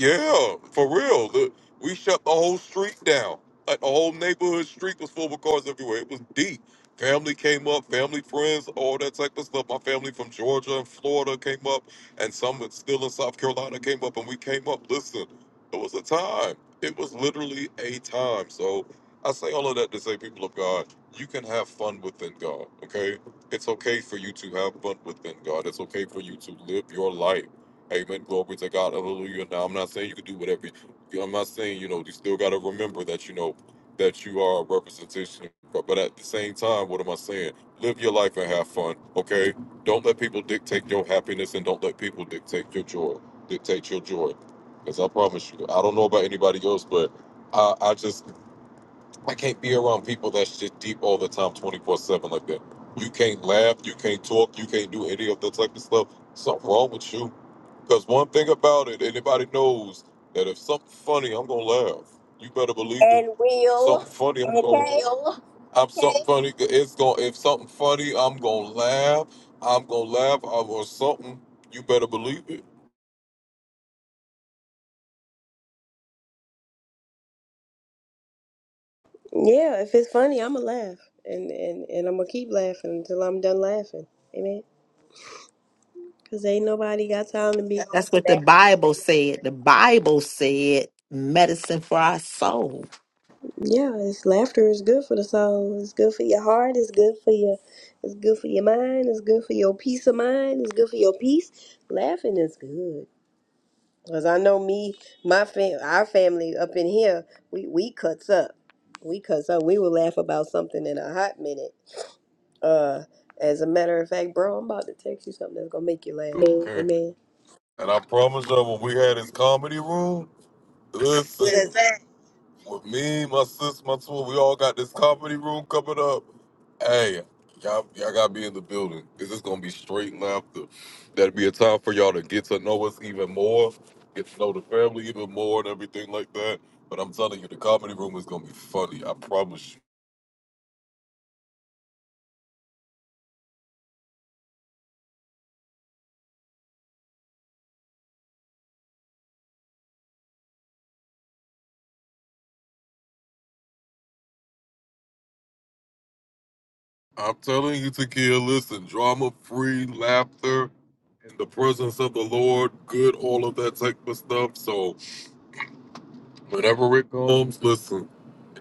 S4: yeah, for real. Look, we shut the whole street down. Like the whole neighborhood street was full of cars everywhere. It was deep. Family came up, family friends, all that type of stuff. My family from Georgia and Florida came up, and some that's still in South Carolina came up, and we came up. Listen, it was a time. It was literally a time. So I say all of that to say, people of God, you can have fun within God, okay? It's okay for you to have fun within God. It's okay for you to live your life. Amen. Glory to God. Hallelujah. Now, I'm not saying you can do whatever. you- I'm not saying, you know, you still got to remember that, you know, that you are a representation. But, but at the same time, what am I saying? Live your life and have fun, okay? Don't let people dictate your happiness and don't let people dictate your joy. Dictate your joy. Because I promise you, I don't know about anybody else, but I, I just, I can't be around people that's just deep all the time, 24 7 like that. You can't laugh, you can't talk, you can't do any of that type of stuff. Something wrong with you. Because one thing about it, anybody knows that if something funny, I'm gonna laugh. You better believe it.
S1: And will.
S4: Something funny, I'm gonna.
S1: Okay.
S4: Real? I'm something funny. It's gonna. If something funny, I'm gonna laugh. I'm gonna laugh. I or something. You better believe it.
S1: Yeah, if it's funny, I'ma laugh, and and and I'ma keep laughing until I'm done laughing. Amen. Cause ain't nobody got time to be.
S7: That's what the Bible said. The Bible said medicine for our soul.
S1: Yeah, it's laughter is good for the soul. It's good for your heart. It's good for your it's good for your mind. It's good for your peace of mind. It's good for your peace. Laughing is good. Cause I know me, my fam our family up in here, we, we cuts up. We cuts up. We will laugh about something in a hot minute. Uh as a matter of fact, bro, I'm about to text you something that's gonna make you laugh.
S4: Okay.
S1: Amen.
S4: And I promise you, when we had this comedy room, listen.
S1: Let's laugh.
S4: With me, my sis, my tour, we all got this comedy room coming up. Hey, y'all, y'all gotta be in the building. This is gonna be straight laughter. That'll be a time for y'all to get to know us even more, get to know the family even more, and everything like that. But I'm telling you, the comedy room is gonna be funny. I promise you. I'm telling you, Takia, listen, drama-free laughter in the presence of the Lord, good, all of that type of stuff. So whenever it comes, listen.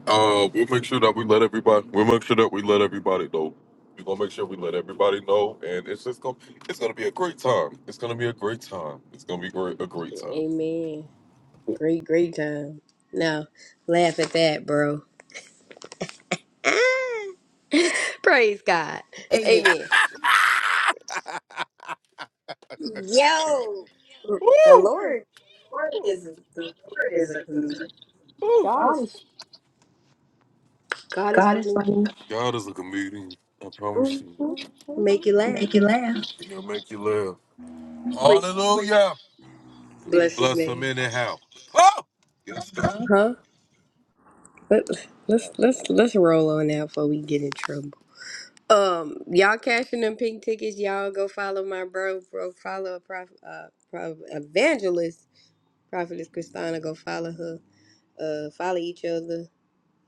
S4: Uh, we'll make sure that we let everybody. We'll make sure that we let everybody know. We're gonna make sure we let everybody know, and it's just gonna. It's gonna be a great time. It's gonna be a great time. It's gonna be great, a great time.
S1: Amen. Great, great time. Now, laugh at that, bro. Praise God.
S4: Amen.
S1: Amen.
S4: Yeah,
S1: Yo, the
S4: Lord,
S1: Lord, the
S4: Lord
S1: Lord
S4: is
S1: is the Lord
S4: Lord
S1: is
S4: is
S1: a
S4: a
S1: comedian.
S4: comedian.
S1: God
S4: God
S1: is
S4: is
S1: God is
S4: God is
S1: funny.
S4: funny. God is a comedian. I promise
S1: hmm
S4: you.
S1: Make you laugh.
S4: Make you laugh. He'll make you laugh.
S1: But
S4: Hallelujah. we
S1: bless His
S4: bless him
S1: name,
S4: anyhow. Oh, yes, God. Uh-huh.
S1: huh? Let, let's let's let's roll on now before we get in trouble. Um, y'all cashing them pink tickets. Y'all go follow my bro, bro. Follow a prof, uh, prof, evangelist, prophetess Christina. Go follow her. Uh, follow each other.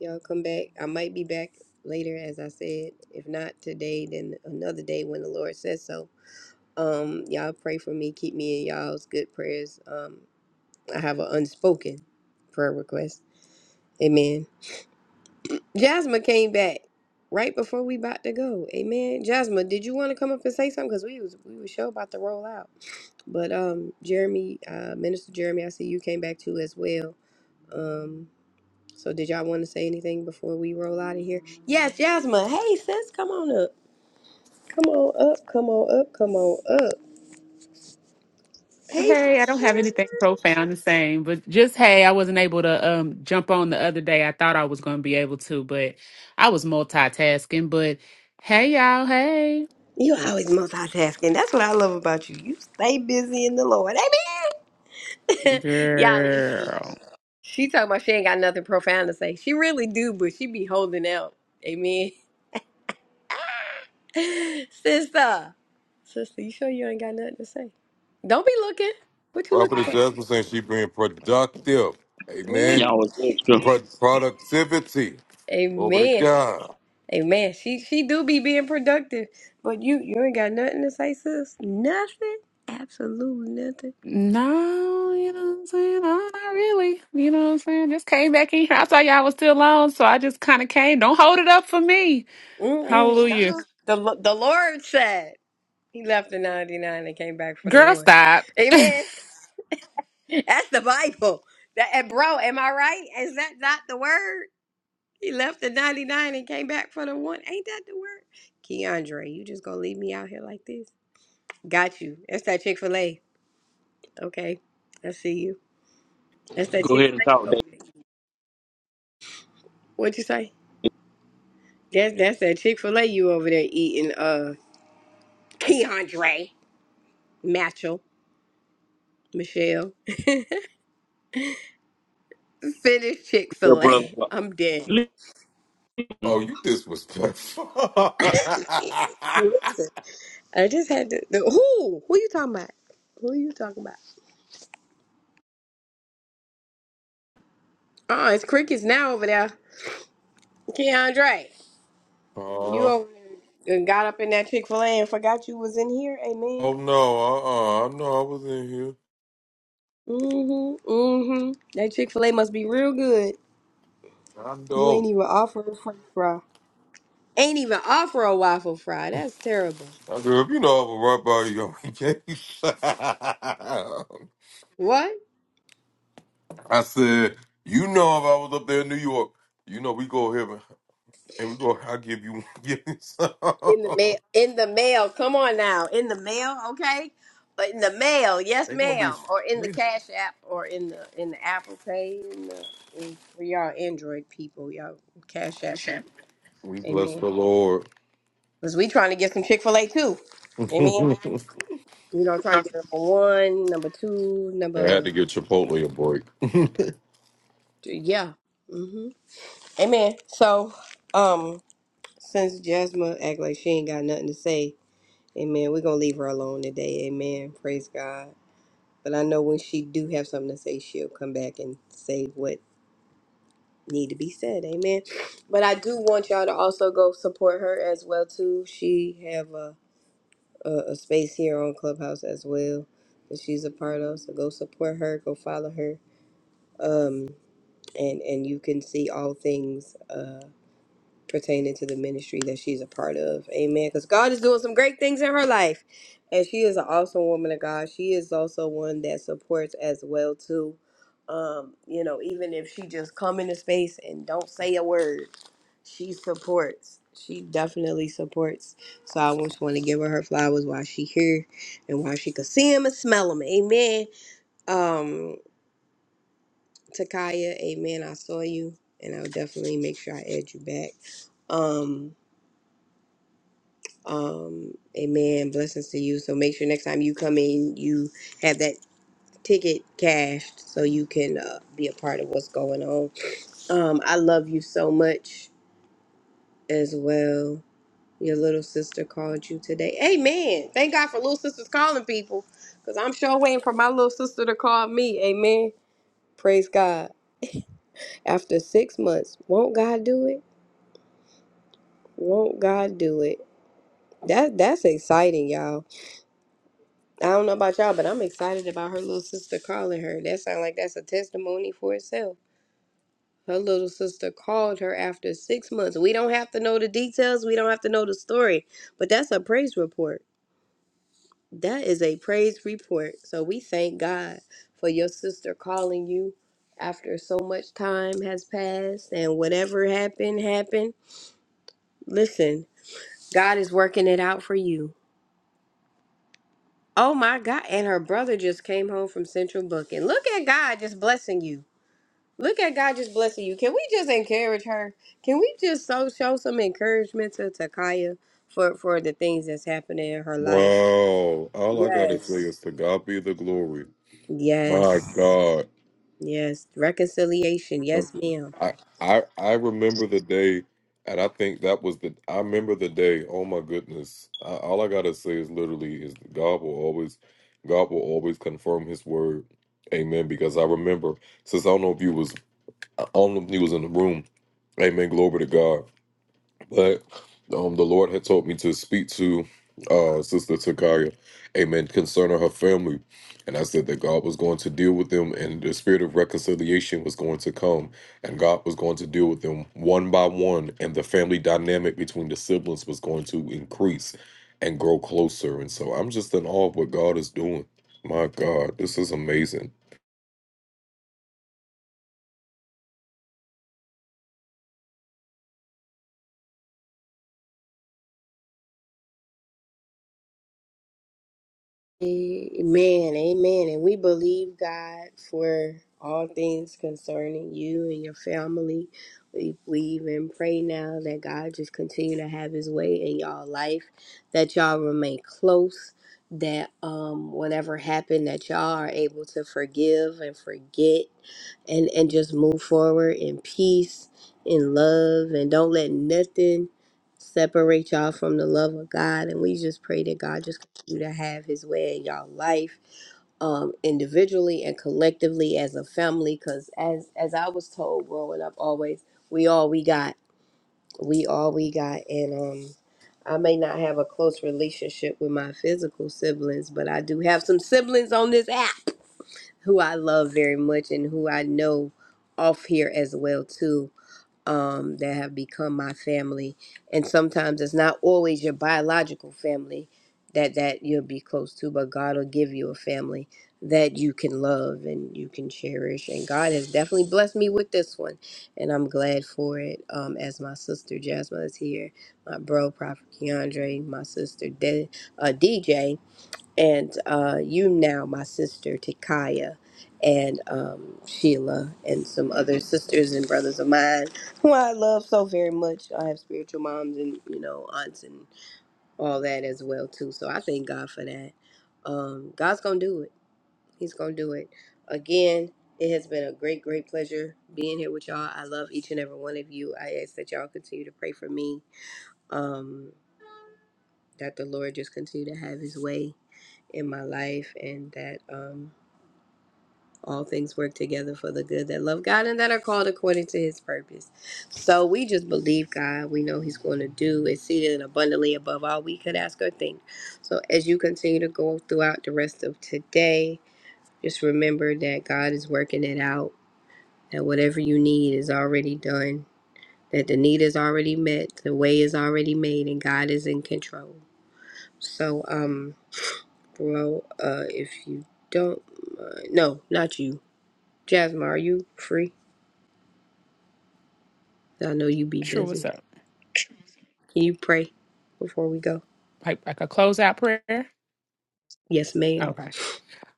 S1: Y'all come back. I might be back later, as I said. If not today, then another day when the Lord says so. Um, y'all pray for me. Keep me in y'all's good prayers. Um, I have an unspoken prayer request. Amen. Jasmine came back right before we about to go. Amen. Jasmine, did you want to come up and say something? Cause we was we were sure about to roll out. But um, Jeremy, uh, Minister Jeremy, I see you came back too as well. Um. So did y'all want to say anything before we roll out of here? Yes, Jasmine. Hey sis, come on up. Come on up. Come on up. Come on up. Hey
S8: Hey, I don't
S1: sister.
S8: have anything profound to say, but just hey, I wasn't able to um jump on the other day. I thought I was going to be able to, but I was multitasking. But hey, y'all, hey,
S1: You always multitasking. That's what I love about you. You stay busy in the Lord. Amen. y'all listen.
S8: girl.
S1: She talking about she ain't got nothing profound to say. She really do, but she be holding out. Amen. Sister. Sister, you sure you ain't got nothing to say? Don't be looking. What you looking
S4: Prophetess
S1: for?
S4: Jasmine saying she being productive. Amen.
S1: Ooh.
S2: Y'all was extra.
S4: Pro- productivity. Glory to
S1: Amen.
S4: God.
S1: Hey man, she she do be being productive, but you you ain't got nothing to say, sis. Nothing, absolutely nothing.
S8: No, you know what I'm saying? No, not really. You know what I'm saying? Just came back in here. I thought y'all was still on, so I just kind of came. Don't hold it up for me.
S1: Mm-mm, stop.
S8: Hallelujah.
S1: The Lo- the Lord said He left the ninety nine and came back for the
S8: Girl,
S1: one.
S8: stop.
S1: Amen. That's the Bible. That and bro, am I right? Is that not the word? He left the ninety nine and came back for the one. Ain't that the word? Keandre, you just gonna leave me out here like this? Got you. That's that Chick fil A. Okay, I see you. That's that.
S2: Go ahead and talk, Dave.
S1: What'd you say? That's that's that Chick Fil A you over there eating. Uh, Keandre, Mitchell, Michelle, finish Chick
S2: Your
S1: Fil
S2: brother.
S1: A. I'm dead.
S4: Oh, you disrespectful.
S1: Listen, I just had to. The, who? Who you talking about? Who you talking about? Oh, it's crickets now over there. Keandre, you
S4: Oh,
S1: over there and got up in that Chick Fil A and forgot you was in here. Amen.
S4: oh no, uh uh I know I was in here.
S1: Mm-hmm. Mm-hmm. That Chick Fil A must be real good.
S4: I
S1: You
S4: know.
S1: ain't even offer a French fry. Ain't even offer a waffle fry. That's terrible.
S4: I said, if you know I was right by you, you can't-
S1: What?
S4: I said, you know if I was up there in New York, you know we go here and and we go I'll give you give you some.
S1: In the mail. In the mail. Come on now. In the mail. Okay. but In the mail. Yes,
S4: They gonna be
S1: ma'am. Or in the
S4: they,
S1: Cash App. Or in the in the Apple Pay. In the in, for y'all Android people, y'all Cash App work.
S4: We bless
S1: Amen.
S4: the Lord.
S1: Cause we trying to get some Chick Fil A too. Amen. You know, trying to get number one, number two,
S4: I had to
S1: number
S4: give Chipotle a break.
S1: three. yeah. hmm Amen. So, um, since Jasmine act like she ain't got nothing to say, Amen. We're gonna leave her alone today. Amen. Praise God. But I know when she do have something to say, she'll come back and say what need to be said. Amen. But I do want y'all to also go support her as well too. She have a, a, a space here on Clubhouse as well that she's a part of. So go support her. Go follow her. Um, and and you can see all things. Uh. pertaining to the ministry that she's a part of. Amen. Because God is doing some great things in her life. And she is an awesome woman of God. She is also one that supports as well too. Um, you know, even if she just come into space and don't say a word, she supports. She definitely supports. So I just want to give her her flowers while she here and while she could see them and smell them. Amen. Um, Takaya, amen. I saw you and I'll definitely make sure I add you back. Um, Um, amen. Blessings to you. So make sure next time you come in, you have that ticket cashed so you can uh, be a part of what's going on. Um, I love you so much as well. Your little sister called you today. Amen. Thank God for little sisters calling people because I'm sure waiting for my little sister to call me. Amen. Praise God. After six months, won't God do it? Won't God do it? That that's exciting, y'all I don't know about y'all, but I'm excited about her little sister calling her. That sounds like that's a testimony for itself. Her little sister called her after six months. We don't have to know the details. We don't have to know the story, but that's a praise report. That is a praise report. So we thank God for your sister calling you after so much time has passed and whatever happened, happened. Listen, God is working it out for you. Oh my God. And her brother just came home from Central Booking. Look at God just blessing you. Look at God just blessing you. Can we just encourage her? Can we just so show some encouragement to Takaya for for the things that's happening in her life?
S4: Wow. All I gotta say
S1: Yes.
S4: is to God be the glory. My
S1: Yes.
S4: God.
S1: Yes. Reconciliation.
S4: Um,
S1: Yes, ma'am.
S4: I I I remember the day and I think that was the I remember the day, oh my goodness. I, all I gotta say is literally is God will always God will always confirm his word. Amen. Because I remember since I don't know if you was I don't know if you was in the room. Amen. Glory to God. But um, the Lord had told me to speak to uh, Sister Takaya, amen, concerning her family. And I said that God was going to deal with them and the spirit of reconciliation was going to come. And God was going to deal with them one by one. And the family dynamic between the siblings was going to increase and grow closer. And so I'm just in awe of what God is doing. My God, this is amazing.
S1: Amen, amen. And we believe God for all things concerning you and your family. We believe and pray now that God just continue to have his way in y'all life, that y'all remain close, that um whatever happened, that y'all are able to forgive and forget and, and just move forward in peace, in love, and don't let nothing separate y'all from the love of God. And we just pray that God just continue to have his way in y'all life, um, individually and collectively as a family. Cause as as I was told growing up always, we all we got. We all we got. And um I may not have a close relationship with my physical siblings, but I do have some siblings on this app who I love very much and who I know off here as well too um, that have become my family. And sometimes it's not always your biological family that that you'll be close to, but God will give you a family that you can love and you can cherish. And God has definitely blessed me with this one, and I'm glad for it. Um, as my sister Jasmine is here, my bro Prophet Keandre, my sister De- uh, DJ and uh, you now, my sister Tikaya, and um, Sheila, and some other sisters and brothers of mine who I love so very much. I have spiritual moms and you know aunts and all that as well too. So I thank God for that. Um, God's gonna do it. He's gonna do it. Again, it has been a great, great pleasure being here with y'all. I love each and every one of you. I ask that y'all continue to pray for me. Um, that the Lord just continue to have His way in my life, and that. Um, all things work together for the good that love God and that are called according to his purpose. So we just believe God. We know he's going to do exceeding and abundantly above all we could ask or think. So as you continue to go throughout the rest of today, just remember that God is working it out, that whatever you need is already done, that the need is already met, the way is already made, and God is in control. So, um, bro, uh, if you don't, uh, no, not you. Jasmine, are you free? I know you be
S8: Sure, what's
S1: busy.
S8: up?
S1: Can you pray before we go?
S8: Like, like a closeout prayer?
S1: Yes, ma'am.
S8: Okay.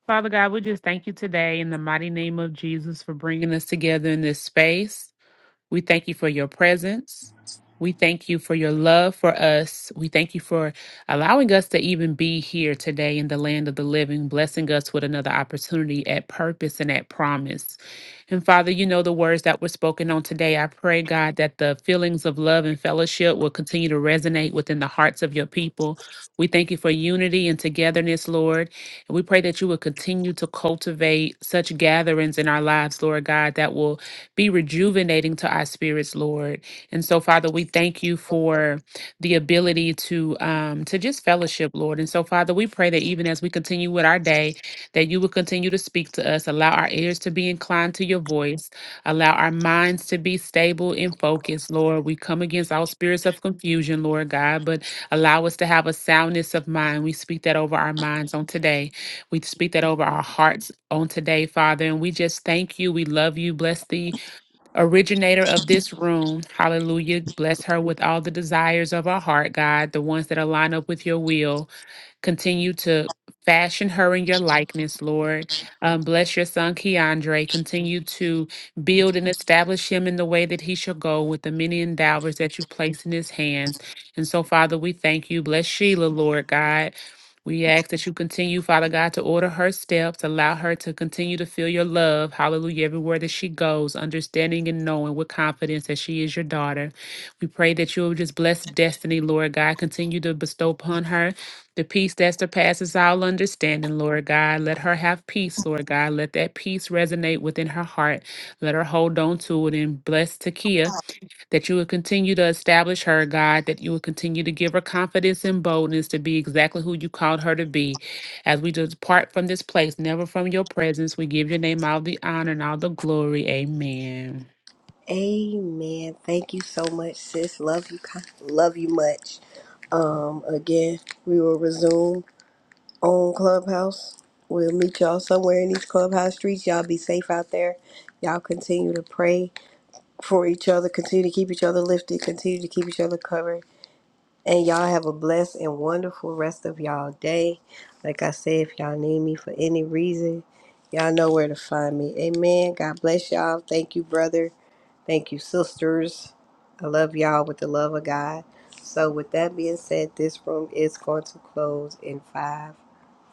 S8: Father God, we just thank you today in the mighty name of Jesus for bringing us together in this space. We thank you for your presence. We thank you for your love for us. We thank you for allowing us to even be here today in the land of the living, blessing us with another opportunity at purpose and at promise. And Father, you know the words that were spoken on today. I pray, God, that the feelings of love and fellowship will continue to resonate within the hearts of your people. We thank you for unity and togetherness, Lord. And we pray that you will continue to cultivate such gatherings in our lives, Lord God, that will be rejuvenating to our spirits, Lord. And so, Father, we thank you for the ability to um, to just fellowship, Lord. And so, Father, we pray that even as we continue with our day, that you will continue to speak to us, allow our ears to be inclined to your voice, allow our minds to be stable and focused, Lord. We come against all spirits of confusion, Lord God, but allow us to have a soundness of mind. We speak that over our minds on today. We speak that over our hearts on today, Father. And we just thank you. We love you. Bless thee originator of this room. Hallelujah. Bless her with all the desires of her heart, God, the ones that align up with your will. Continue to fashion her in your likeness, Lord. Um, bless your son, Keandre. Continue to build and establish him in the way that he shall go with the many endowers that you've placed in his hands. And so, Father, we thank you. Bless Sheila, Lord God. We ask that you continue, Father God, to order her steps, allow her to continue to feel your love, hallelujah, everywhere that she goes, understanding and knowing with confidence that she is your daughter. We pray that you will just bless destiny, Lord God, continue to bestow upon her the peace that surpasses all understanding, Lord God. Let her have peace, Lord God. Let that peace resonate within her heart. Let her hold on to it and bless Takia that you would continue to establish her, God, that you would continue to give her confidence and boldness to be exactly who you called her to be. As we depart from this place, never from your presence, we give your name all the honor and all the glory. Amen.
S1: Amen. Thank you so much, sis. Love you. con- Love you much. Um, again, we will resume on Clubhouse. We'll meet y'all somewhere in these clubhouse streets. Y'all be safe out there. Y'all continue to pray for each other. Continue to keep each other lifted. Continue to keep each other covered. And y'all have a blessed and wonderful rest of y'all day. Like I said, if y'all need me for any reason, Y'all know where to find me. Amen. God bless y'all. Thank you, brother. Thank you, sisters. I love y'all with the love of God. So, with that being said, this room is going to close in five,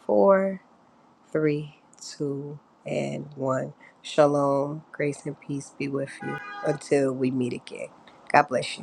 S1: four, three, two, and one. Shalom, grace, and peace be with you until we meet again. God bless you.